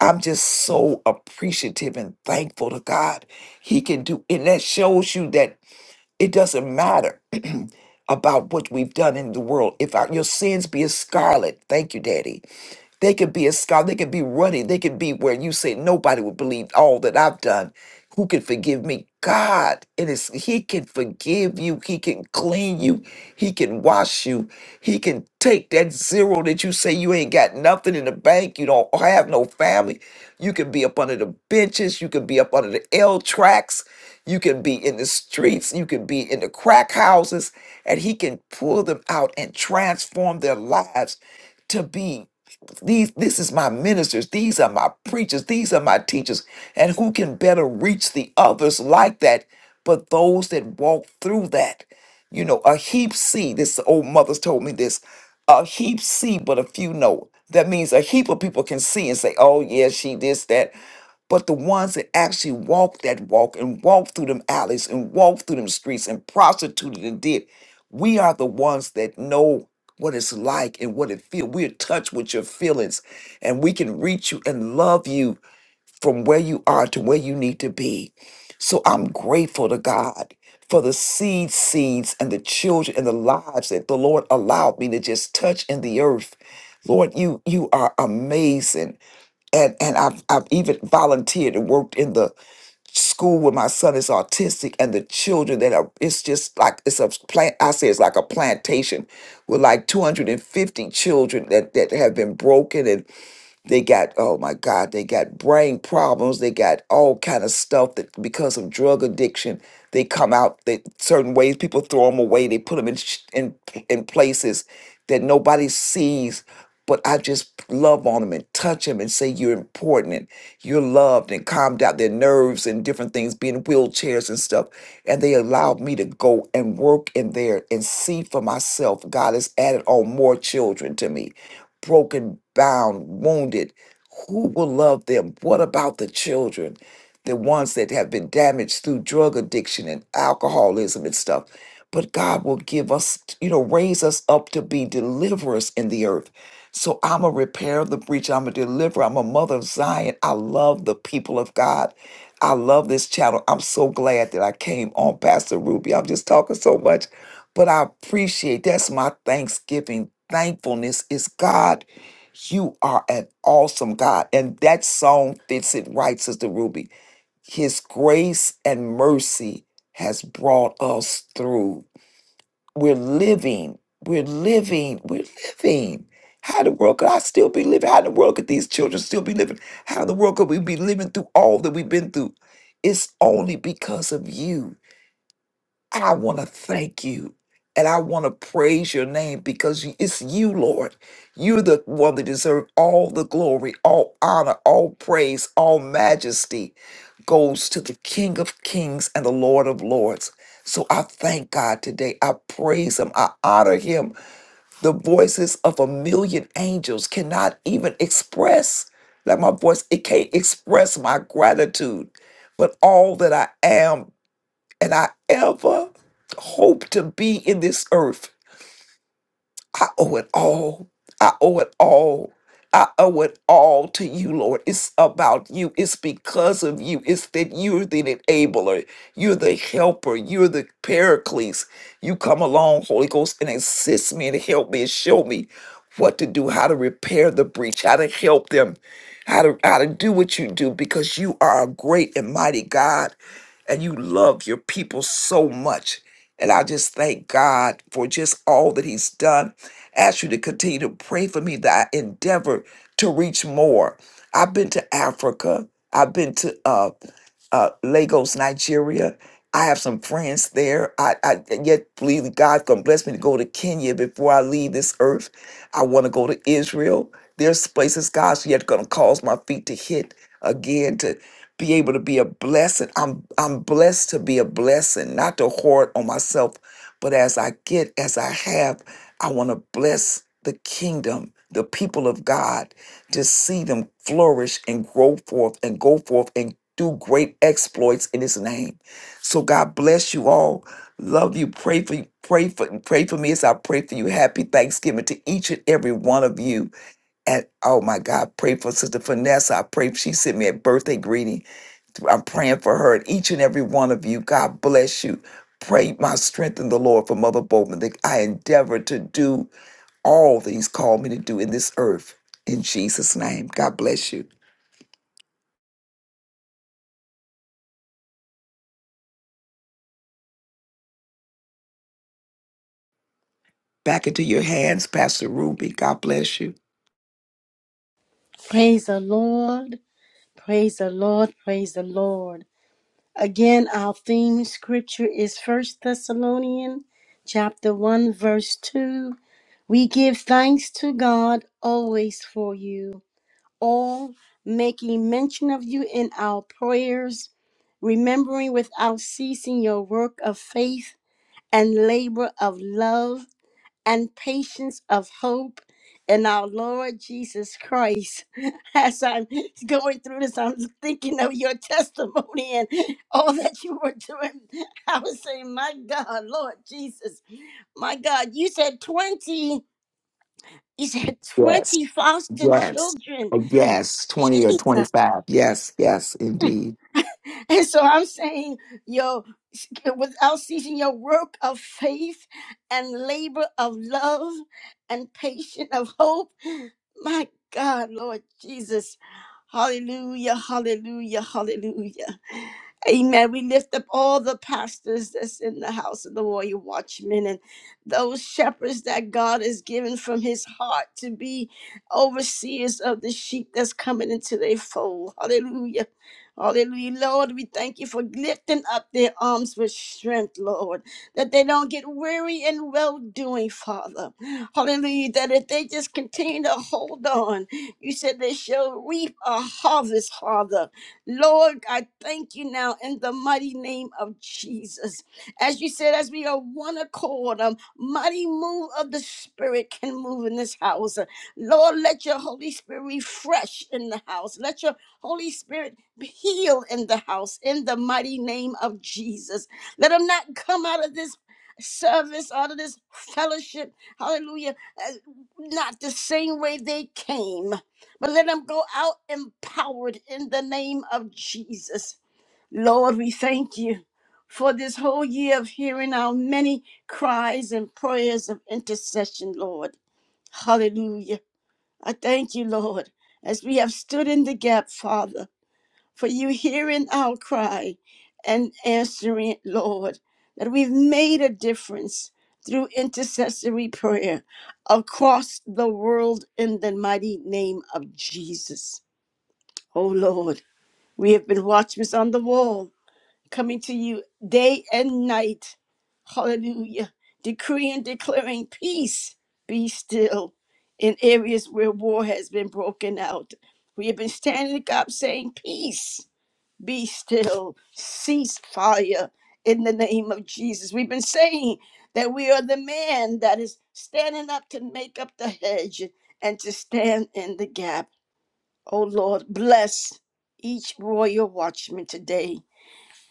Speaker 9: I'm just so appreciative and thankful to God. He can do, and that shows you that it doesn't matter. *clears throat* about what we've done in the world. If our, your sins be as scarlet, thank you, Daddy they could be a scholar. They could be running. They could be where you say nobody would believe all that I've done. Who can forgive me? God. It is He can forgive you. He can clean you. He can wash you. He can take that zero that you say you ain't got nothing in the bank. You don't have no family. You can be up under the benches. You can be up under the L tracks. You can be in the streets. You can be in the crack houses. And he can pull them out and transform their lives to be. These, this is my ministers. These are my preachers. These are my teachers. And who can better reach the others like that but those that walk through that? You know, a heap see, this old mother's told me this, a heap see, but a few know. That means a heap of people can see and say, oh, yeah, she this, that but the ones that actually walked that walk and walked through them alleys and walked through them streets and prostituted and did, we are the ones that know what it's like and what it feels. We're touched with your feelings and we can reach you and love you from where you are to where you need to be. So I'm grateful to God for the seed seeds and the children and the lives that the Lord allowed me to just touch in the earth. Lord, you you are amazing and and I've I've even volunteered and worked in the school where my son is autistic and the children that are it's just like it's a plant I say it's like a plantation with like 250 children that that have been broken and they got oh my god they got brain problems they got all kind of stuff that because of drug addiction they come out that certain ways people throw them away they put them in sh- in, in places that nobody sees but i just love on them and touch them and say you're important and you're loved and calm down their nerves and different things being in wheelchairs and stuff and they allowed me to go and work in there and see for myself god has added on more children to me broken, bound, wounded. Who will love them? What about the children? The ones that have been damaged through drug addiction and alcoholism and stuff. But God will give us, you know, raise us up to be deliverers in the earth. So I'm a repairer of the breach. I'm a deliverer. I'm a mother of Zion. I love the people of God. I love this channel. I'm so glad that I came on, Pastor Ruby. I'm just talking so much. But I appreciate that's my thanksgiving. Thankfulness is God, you are an awesome God. And that song fits it right, Sister Ruby. His grace and mercy has brought us through. We're living, we're living, we're living. How in the world could I still be living? How in the world could these children still be living? How in the world could we be living through all that we've been through? It's only because of you I want to thank you and I want to praise your name because you- it's you, Lord. You're the one that deserves all the glory, all honor, all praise, all majesty goes to the King of Kings and the Lord of Lords. So I thank God today. I praise him. I honor him. The voices of a million angels cannot even express, like my voice, it can't express my gratitude. But all that I am and I ever hope to be in this earth. I owe it all. I owe it all. I owe it all to you, Lord. It's about you. It's because of you. It's that you're the enabler. You're the helper. You're the paraclete. You come along, Holy Ghost, and assist me and help me and show me what to do, how to repair the breach, how to help them, how to how to do what you do, because you are a great and mighty God, and you love your people so much. And I just thank God for just all that He's done Ask you to continue to pray for me that I endeavor to reach more. I've been to Africa. I've been to uh, uh, Lagos, Nigeria. I have some friends there. I, I yet believe that God's gonna bless me to go to Kenya before I leave this earth. I want to go to Israel. There's places God's yet gonna cause my feet to hit again to be able to be a blessing. I'm I'm blessed to be a blessing, not to hoard on myself, but as I get, as I have. I want to bless the kingdom, the people of God, to see them flourish and grow forth and go forth and do great exploits in his name. So God bless you all. Love you. Pray for you. Pray for pray for me as I pray for you. Happy Thanksgiving to each and every one of you. And oh my God, pray for Sister Vanessa. I pray she sent me a birthday greeting. I'm praying for her and each and every one of you. God bless you. Pray my strength in the Lord for Mother Bowman that I endeavor to do all that He's called me to do in this earth. In Jesus' name, God bless you. Back into your hands, Pastor Ruby. God bless you.
Speaker 1: Praise the Lord. Praise the Lord. Praise the Lord. Again, our theme scripture is First Thessalonians chapter 1 verse 2. We give thanks to God always for you, all making mention of you in our prayers, remembering without ceasing your work of faith and labor of love and patience of hope in our Lord Jesus Christ. *laughs* As I'm going through this, I'm thinking of your testimony and all that you were doing. I was saying, My God, Lord Jesus, my God, you said 20, you said
Speaker 9: Yes,
Speaker 1: 20 foster
Speaker 9: yes,
Speaker 1: children.
Speaker 9: yes. 20 or
Speaker 1: Jesus.
Speaker 9: 25. Yes, yes, indeed.
Speaker 1: *laughs* And so I'm saying, yo, without ceasing your work of faith and labor of love and patience of hope. My God, Lord Jesus. Hallelujah, hallelujah, hallelujah. Amen. We lift up all the pastors that's in the house of the warrior watchmen and those shepherds that God has given from his heart to be overseers of the sheep that's coming into their fold. Hallelujah. Hallelujah. Lord, we thank you for lifting up their arms with strength, Lord, that they don't get weary in well doing, Father. Hallelujah. That if they just continue to hold on, you said they shall reap a harvest, Father. Lord, I thank you now in the mighty name name of Jesus. As you said, as we are one accord, a mighty move of the Spirit can move in this house. Lord, let your Holy Spirit refresh in the house. Let your Holy Spirit heal in the house in the mighty name of Jesus. Let them not come out of this service, out of this fellowship, hallelujah, uh, not the same way they came, but let them go out empowered in the name of Jesus. Lord, we thank you for this whole year of hearing our many cries and prayers of intercession, Lord. Hallelujah. I thank you, Lord, as we have stood in the gap, Father, for you hearing our cry and answering it, Lord, that we've made a difference through intercessory prayer across the world in the mighty name of Jesus. Oh, Lord, we have been watchmen on the wall coming to you day and night. Hallelujah. Decreeing, declaring peace, be still in areas where war has been broken out. We have been standing up saying, Peace, be still, cease fire in the name of Jesus. We've been saying that we are the man that is standing up to make up the hedge and to stand in the gap. Oh Lord, bless each royal watchman today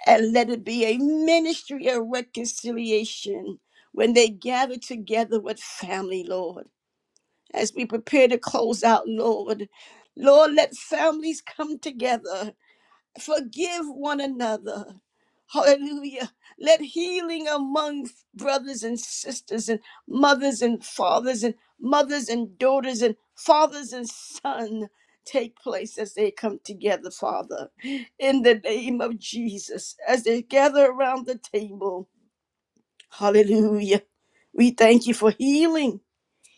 Speaker 1: and let it be a ministry of reconciliation when they gather together with family, Lord. As we prepare to close out, Lord, Lord, let families come together Forgive one another. Hallelujah. Let healing among brothers and sisters and mothers and fathers and mothers and daughters and fathers and sons take place as they come together, Father, in the name of Jesus, as they gather around the table. Hallelujah. We thank you for healing,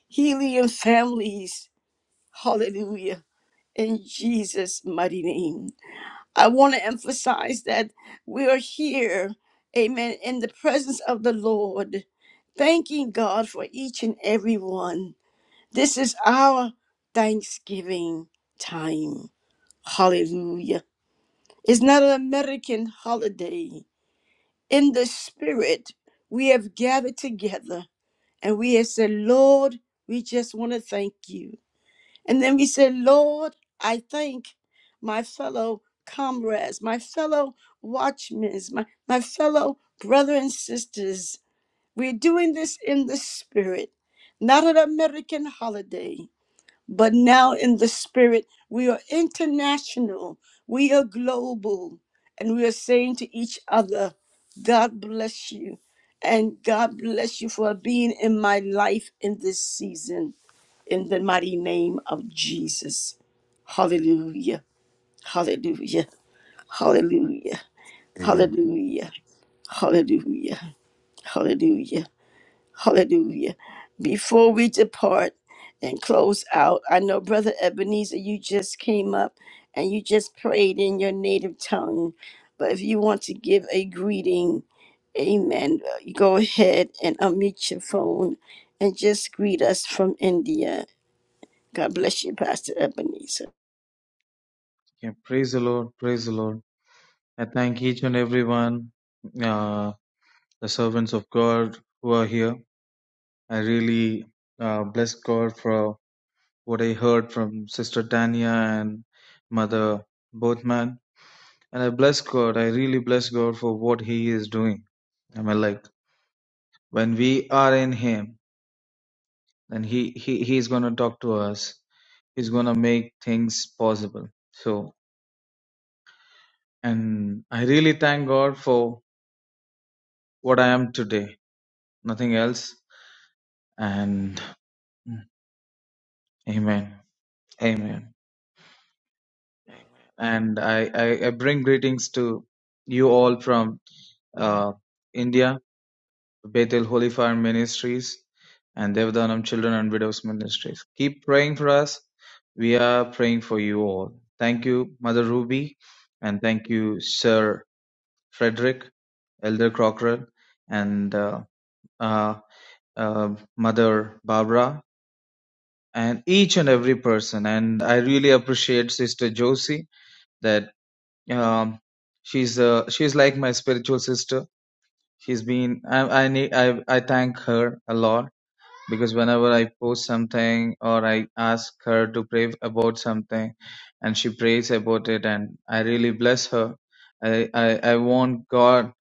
Speaker 1: healing in families. Hallelujah. In Jesus' mighty name. I want to emphasize that we are here, amen, in the presence of the Lord, thanking God for each and every one. This is our Thanksgiving time. Hallelujah. It's not an American holiday. In the spirit, we have gathered together and we have said, Lord, we just want to thank you. And then we said, Lord, I thank my fellow comrades, my fellow watchmen, my, my fellow brothers and sisters. We're doing this in the spirit, not an American holiday, but now in the spirit. We are international, we are global, and we are saying to each other, God bless you. And God bless you for being in my life in this season in the mighty name of Jesus. Hallelujah. Hallelujah. Hallelujah.
Speaker 7: Amen.
Speaker 1: Hallelujah. Hallelujah. Hallelujah. Hallelujah. Before we depart and close out, I know Brother Ebenezer, you just came up and you just prayed in your native tongue. But if you want to give a greeting, amen, uh, you go ahead and unmute your phone and just greet us from India. God bless you, Pastor Ebenezer.
Speaker 10: Praise the Lord. Praise the Lord. I thank each and everyone, uh, the servants of God who are here. I really uh, bless God for what I heard from Sister Tanya and Mother Bothman. And I bless God, I really bless God for what He is doing. I mean, like, when we are in Him, then He, he He's going to talk to us, He's going to make things possible. So, and I really thank God for what I am today, nothing else. And Amen. Amen. And I, I, I bring greetings to you all from uh, India, Bethel Holy Fire Ministries, and Devadanam Children and Widows Ministries. Keep praying for us. We are praying for you all. Thank you, Mother Ruby, and thank you, Sir Frederick, Elder Crocker, and uh, uh, uh, Mother Barbara, and each and every person. And I really appreciate Sister Josie. that. um she's uh she's like my spiritual sister she's been i i need i i thank her a lot because whenever i post something or i ask her to pray about something and she prays about it and i really bless her i i, I want god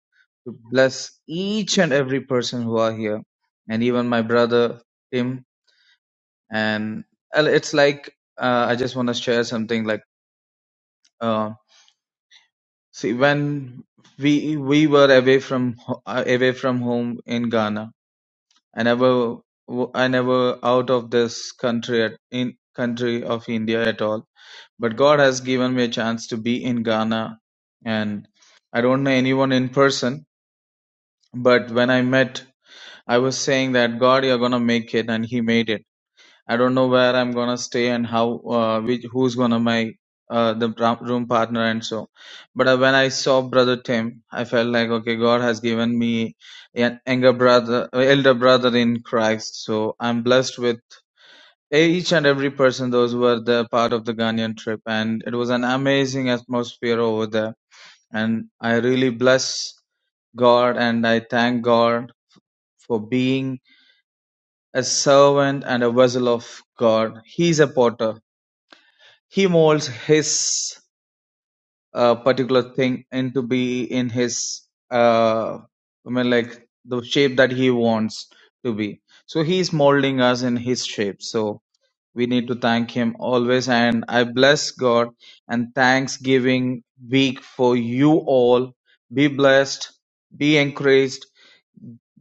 Speaker 10: to bless each and every person who are here and even my brother tim and uh, it's like uh, i just want to share something like Um, See, when we we were away from ho- uh, away from home in Ghana, I never w- I never out of this country at, in country of India at all. But God has given me a chance to be in Ghana, and I don't know anyone in person. But when I met, I was saying that God, you're gonna make it, and He made it I don't know where I'm gonna stay and how uh, which who's gonna my uh, the ra- room partner and so. But uh, when I saw brother Tim, I felt like okay, God has given me an younger brother, uh, elder brother in Christ. So I'm blessed with each and every person those who were the part of the Ghanaian trip, and it was an amazing atmosphere over there. And I really bless God and I thank God for being a servant and a vessel of God. He's a potter He molds his uh, particular thing into be in his uh, I mean like the shape that he wants to be. So he's molding us in his shape. So we need to thank him always and I bless God and Thanksgiving week for you all. Be blessed, be encouraged,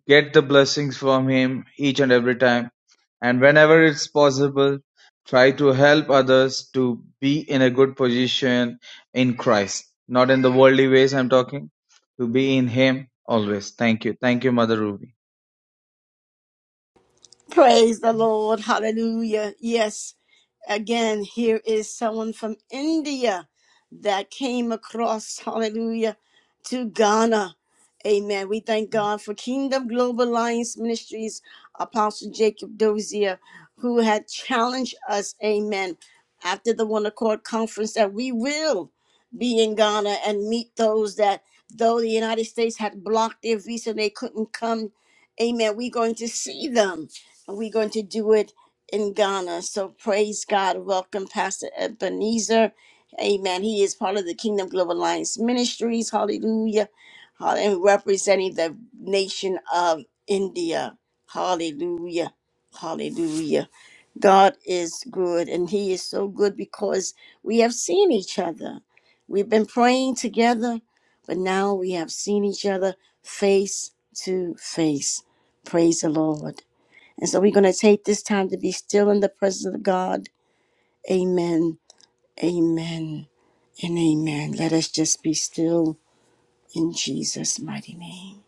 Speaker 10: Get the blessings from Him each and every time, and whenever it's possible, try to help others to be in a good position in Christ, not in the worldly ways I'm talking, to be in Him always. Thank you. Thank you, Mother Ruby.
Speaker 1: Praise the Lord. Hallelujah. Yes. Again, here is someone from India that came across, hallelujah, to Ghana. Amen. We thank God for Kingdom Global Alliance Ministries, Apostle Jacob Dozier, who had challenged us, amen, after the One Accord Conference that we will be in Ghana and meet those that, though the United States had blocked their visa, they couldn't come. Amen. We're going to see them. We're going to do it in Ghana. So praise God. Welcome, Pastor Ebenezer. Amen. He is part of the Kingdom Global Alliance Ministries. Hallelujah. Hall- And representing the nation of India. Hallelujah. Hallelujah. God is good, and He is so good because we have seen each other. We've been praying together, but now we have seen each other face to face. Praise the Lord. And so we're going to take this time to be still in the presence of God. Amen. Amen. And amen. Let us just be still in Jesus' mighty name.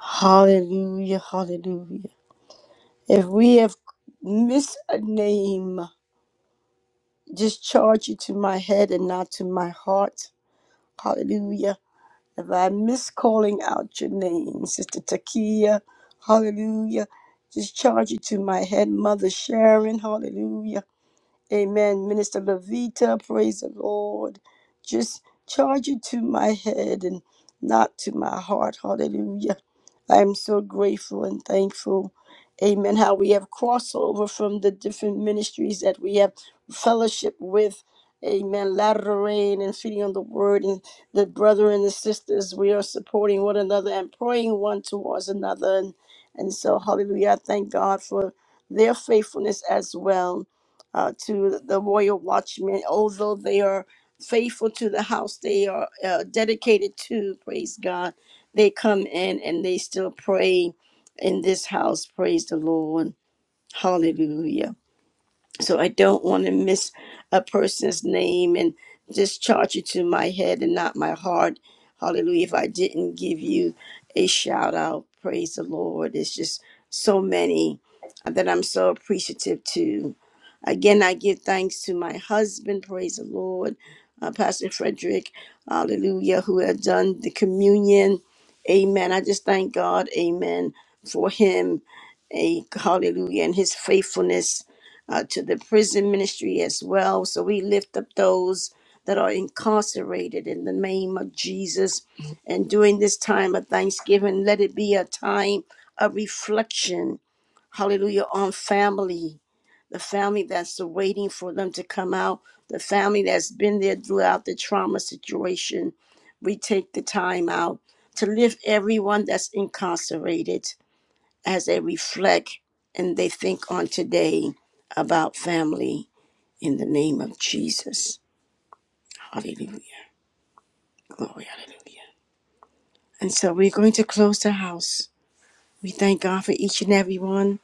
Speaker 1: Hallelujah. Hallelujah. If we have missed a name, just charge it to my head and not to my heart. Hallelujah. If I miss calling out your name, Sister Takia, hallelujah. Just charge it to my head, Mother Sharon, hallelujah. Amen. Minister Levita, praise the Lord. Just charge it to my head and not to my heart. Hallelujah. I am so grateful and thankful. Amen. How we have crossover from the different ministries that we have fellowship with. Amen. Lateral rain and feeding on the word and the brother and the sisters. We are supporting one another and praying one towards another. And, and so, hallelujah. I thank God for their faithfulness as well uh, to the royal watchmen. Although they are faithful to the house, they are uh, dedicated to praise God. They come in and they still pray in this house. Praise the Lord. Hallelujah so I don't want to miss a person's name and just charge it to my head and not my heart. Hallelujah. If I didn't give you a shout out, praise the Lord. It's just so many that I'm so appreciative to. Again, I give thanks to my husband, praise the Lord, uh, Pastor Frederick, hallelujah, who had done the communion. Amen. I just thank God, amen, for him. A hallelujah and his faithfulness uh, to the prison ministry as well. So we lift up those that are incarcerated in the name of Jesus. And during this time of Thanksgiving, let it be a time of reflection, hallelujah, on family, the family that's waiting for them to come out, the family that's been there throughout the trauma situation. We take the time out to lift everyone that's incarcerated as they reflect and they think on today about family in the name of Jesus. Hallelujah. Glory, hallelujah. And so we're going to close the house. We thank God for each and every one.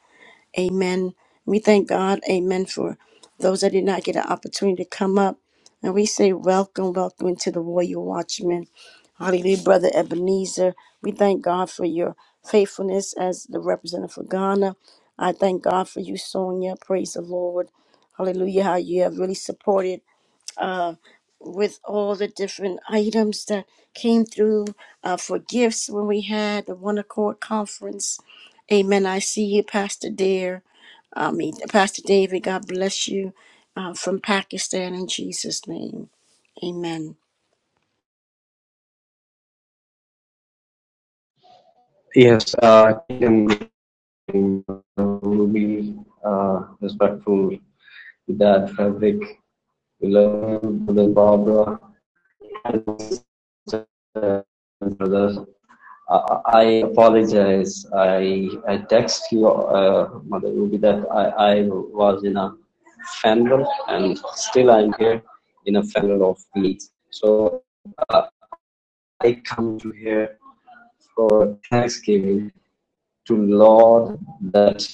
Speaker 1: Amen. We thank God, amen, for those that did not get an opportunity to come up. And we say, Welcome, welcome to the Royal Watchman. Hallelujah, Brother Ebenezer. We thank God for your faithfulness as the representative for Ghana. I thank God for you, Sonia. Praise the Lord. Hallelujah, how you have really supported um, with all the different items that came through uh, for gifts when we had the One Accord Conference. Amen. I see you, Pastor Dare. I mean, Pastor David, God bless you uh, from Pakistan in Jesus' name. Amen.
Speaker 12: Yes, uh, ruby uh, really, uh, respectful that fabric beloved brother Barbara and brothers. I, I apologize. I I text you, uh, Mother Ruby, that I, I was in a fandom and still I'm here in a fandom of meat. So uh, I come to here for Thanksgiving to Lord that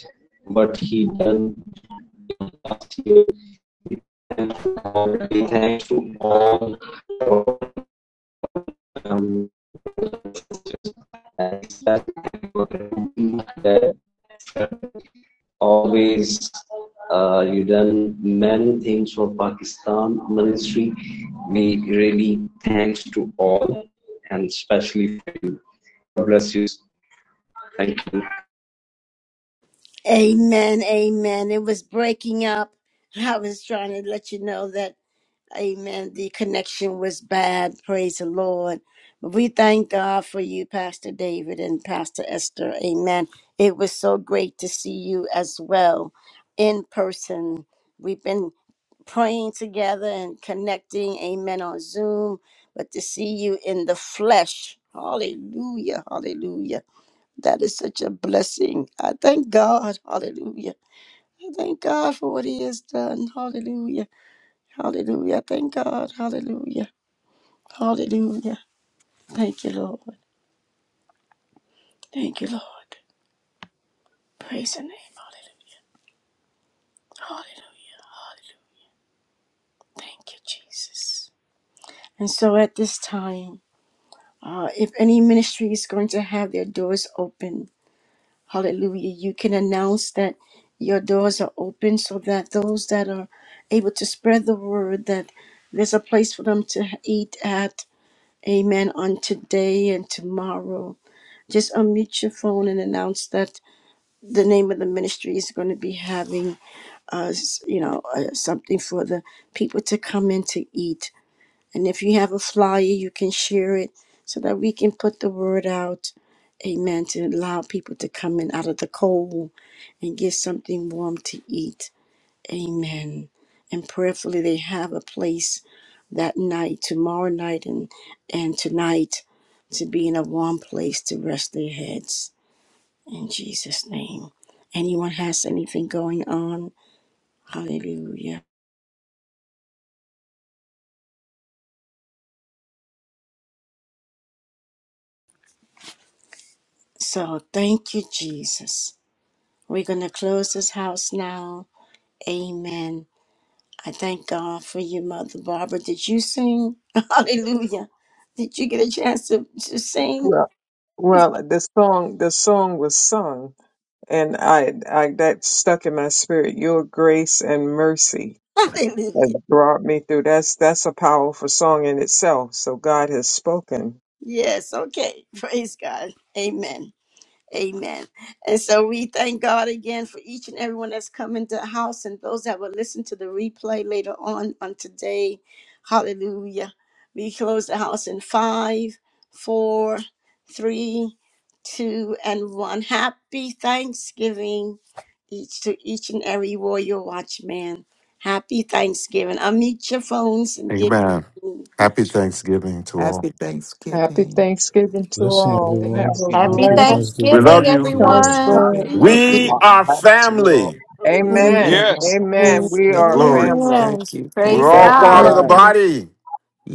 Speaker 12: what he done here. Thanks to all um, that always uh, you done many things for Pakistan ministry. We really thanks to all and especially for you. God bless you. Thank you.
Speaker 1: Amen. Amen. It was breaking up. *laughs* I was trying to let you know that Amen. The connection was bad. Praise the Lord. We thank God for you, Pastor David and Pastor Esther. Amen. It was so great to see you as well in person. We've been praying together and connecting. Amen. On Zoom, but to see you in the flesh. Hallelujah. Hallelujah. That is such a blessing. I thank God. Hallelujah. I thank God for what He has done. Hallelujah. Hallelujah. Thank God. Hallelujah. Hallelujah. Thank you, Lord. Thank you, Lord. Praise your name. Hallelujah. Hallelujah. Thank you, Jesus. And so at this time, uh, if any ministry is going to have their doors open, hallelujah, you can announce that your doors are open so that those that are able to spread the word that there's a place for them to eat at, amen, on today and tomorrow. Just unmute your phone and announce that the name of the ministry is going to be having us, you know, uh, something for the people to come in to eat. And if you have a flyer, you can share it so that we can put the word out. Amen. To allow people to come in out of the cold and get something warm to eat. Amen. And prayerfully, they have a place that night, tomorrow night, and and tonight to be in a warm place to rest their heads in Jesus' name. Anyone has anything going on? Hallelujah. So thank you, Jesus. We're going to close this house now. Amen. I thank God for you, Mother Barbara. Did you sing? *laughs* Hallelujah. Did you get a chance to, to sing?
Speaker 2: Well, well, the song, the song was sung And I, I, that stuck in my spirit. Your grace and mercy
Speaker 1: *laughs*
Speaker 2: has
Speaker 1: Hallelujah.
Speaker 2: brought me through. That's, that's a powerful song in itself. So God has spoken.
Speaker 1: Yes. Okay. Praise God. Amen. Amen. And so we thank God again for each and everyone that's come into the house and those that will listen to the replay later on on today. Hallelujah. We close the house in five, four, three, two, and one. Happy Thanksgiving each to each and every warrior watchman. Happy Thanksgiving. Unmute your phones and give.
Speaker 7: Amen. Happy Thanksgiving to all.
Speaker 9: Happy
Speaker 2: Happy
Speaker 9: Thanksgiving.
Speaker 2: Thanksgiving to all.
Speaker 10: Thanks,
Speaker 2: Have a
Speaker 10: Kim.
Speaker 11: Happy
Speaker 5: I
Speaker 2: blessed,
Speaker 7: We
Speaker 11: Thanksgiving,
Speaker 7: love you.
Speaker 11: everyone.
Speaker 2: prosper.
Speaker 9: Thanksgiving.
Speaker 1: Hallelujah.
Speaker 9: Love
Speaker 8: Jesus.
Speaker 9: you.
Speaker 7: We are
Speaker 5: love you.
Speaker 7: family.
Speaker 1: Hallelujah.
Speaker 2: Amen.
Speaker 5: Yes.
Speaker 8: Amen.
Speaker 2: Amen.
Speaker 9: Yes,
Speaker 2: We are
Speaker 7: Glory.
Speaker 9: yes.
Speaker 2: family.
Speaker 11: Amen.
Speaker 9: Thank you.
Speaker 7: We're
Speaker 9: Thank
Speaker 11: Praise
Speaker 7: all
Speaker 2: That
Speaker 9: God
Speaker 2: we
Speaker 7: part
Speaker 9: for
Speaker 7: of
Speaker 11: God.
Speaker 7: the
Speaker 2: are.
Speaker 9: you.
Speaker 8: Amen.
Speaker 7: body.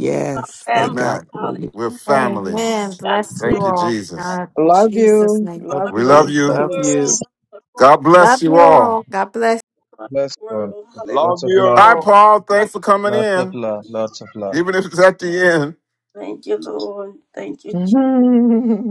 Speaker 1: We are family.
Speaker 9: thank God
Speaker 7: Amen.
Speaker 9: for you.
Speaker 7: We're
Speaker 1: Hallelujah.
Speaker 7: family.
Speaker 11: Amen.
Speaker 1: God
Speaker 11: Bless
Speaker 1: bless.
Speaker 7: Thank
Speaker 11: you
Speaker 7: you,
Speaker 11: all.
Speaker 1: from
Speaker 7: Jesus.
Speaker 11: God, in
Speaker 2: Love
Speaker 11: Jesus'
Speaker 2: you.
Speaker 11: name.
Speaker 9: Love
Speaker 2: Love
Speaker 7: We
Speaker 1: across
Speaker 9: you.
Speaker 7: love
Speaker 2: you.
Speaker 1: the
Speaker 7: you.
Speaker 9: Love you.
Speaker 2: Peace.
Speaker 1: world, across
Speaker 7: God
Speaker 1: the,
Speaker 7: bless
Speaker 11: Love
Speaker 7: you
Speaker 11: you
Speaker 7: all.
Speaker 11: all. God bless.
Speaker 1: across
Speaker 10: Bless
Speaker 1: the
Speaker 10: you all.
Speaker 1: world. Hallelujah.
Speaker 5: Love
Speaker 10: Lots of love.
Speaker 7: Hi,
Speaker 5: you.
Speaker 7: Paul. Thanks for coming
Speaker 10: Lots of
Speaker 7: in,
Speaker 10: love. Lots of love.
Speaker 7: even if it's at the end.
Speaker 1: Thank you, Lord. Thank you, Jesus.
Speaker 2: *laughs*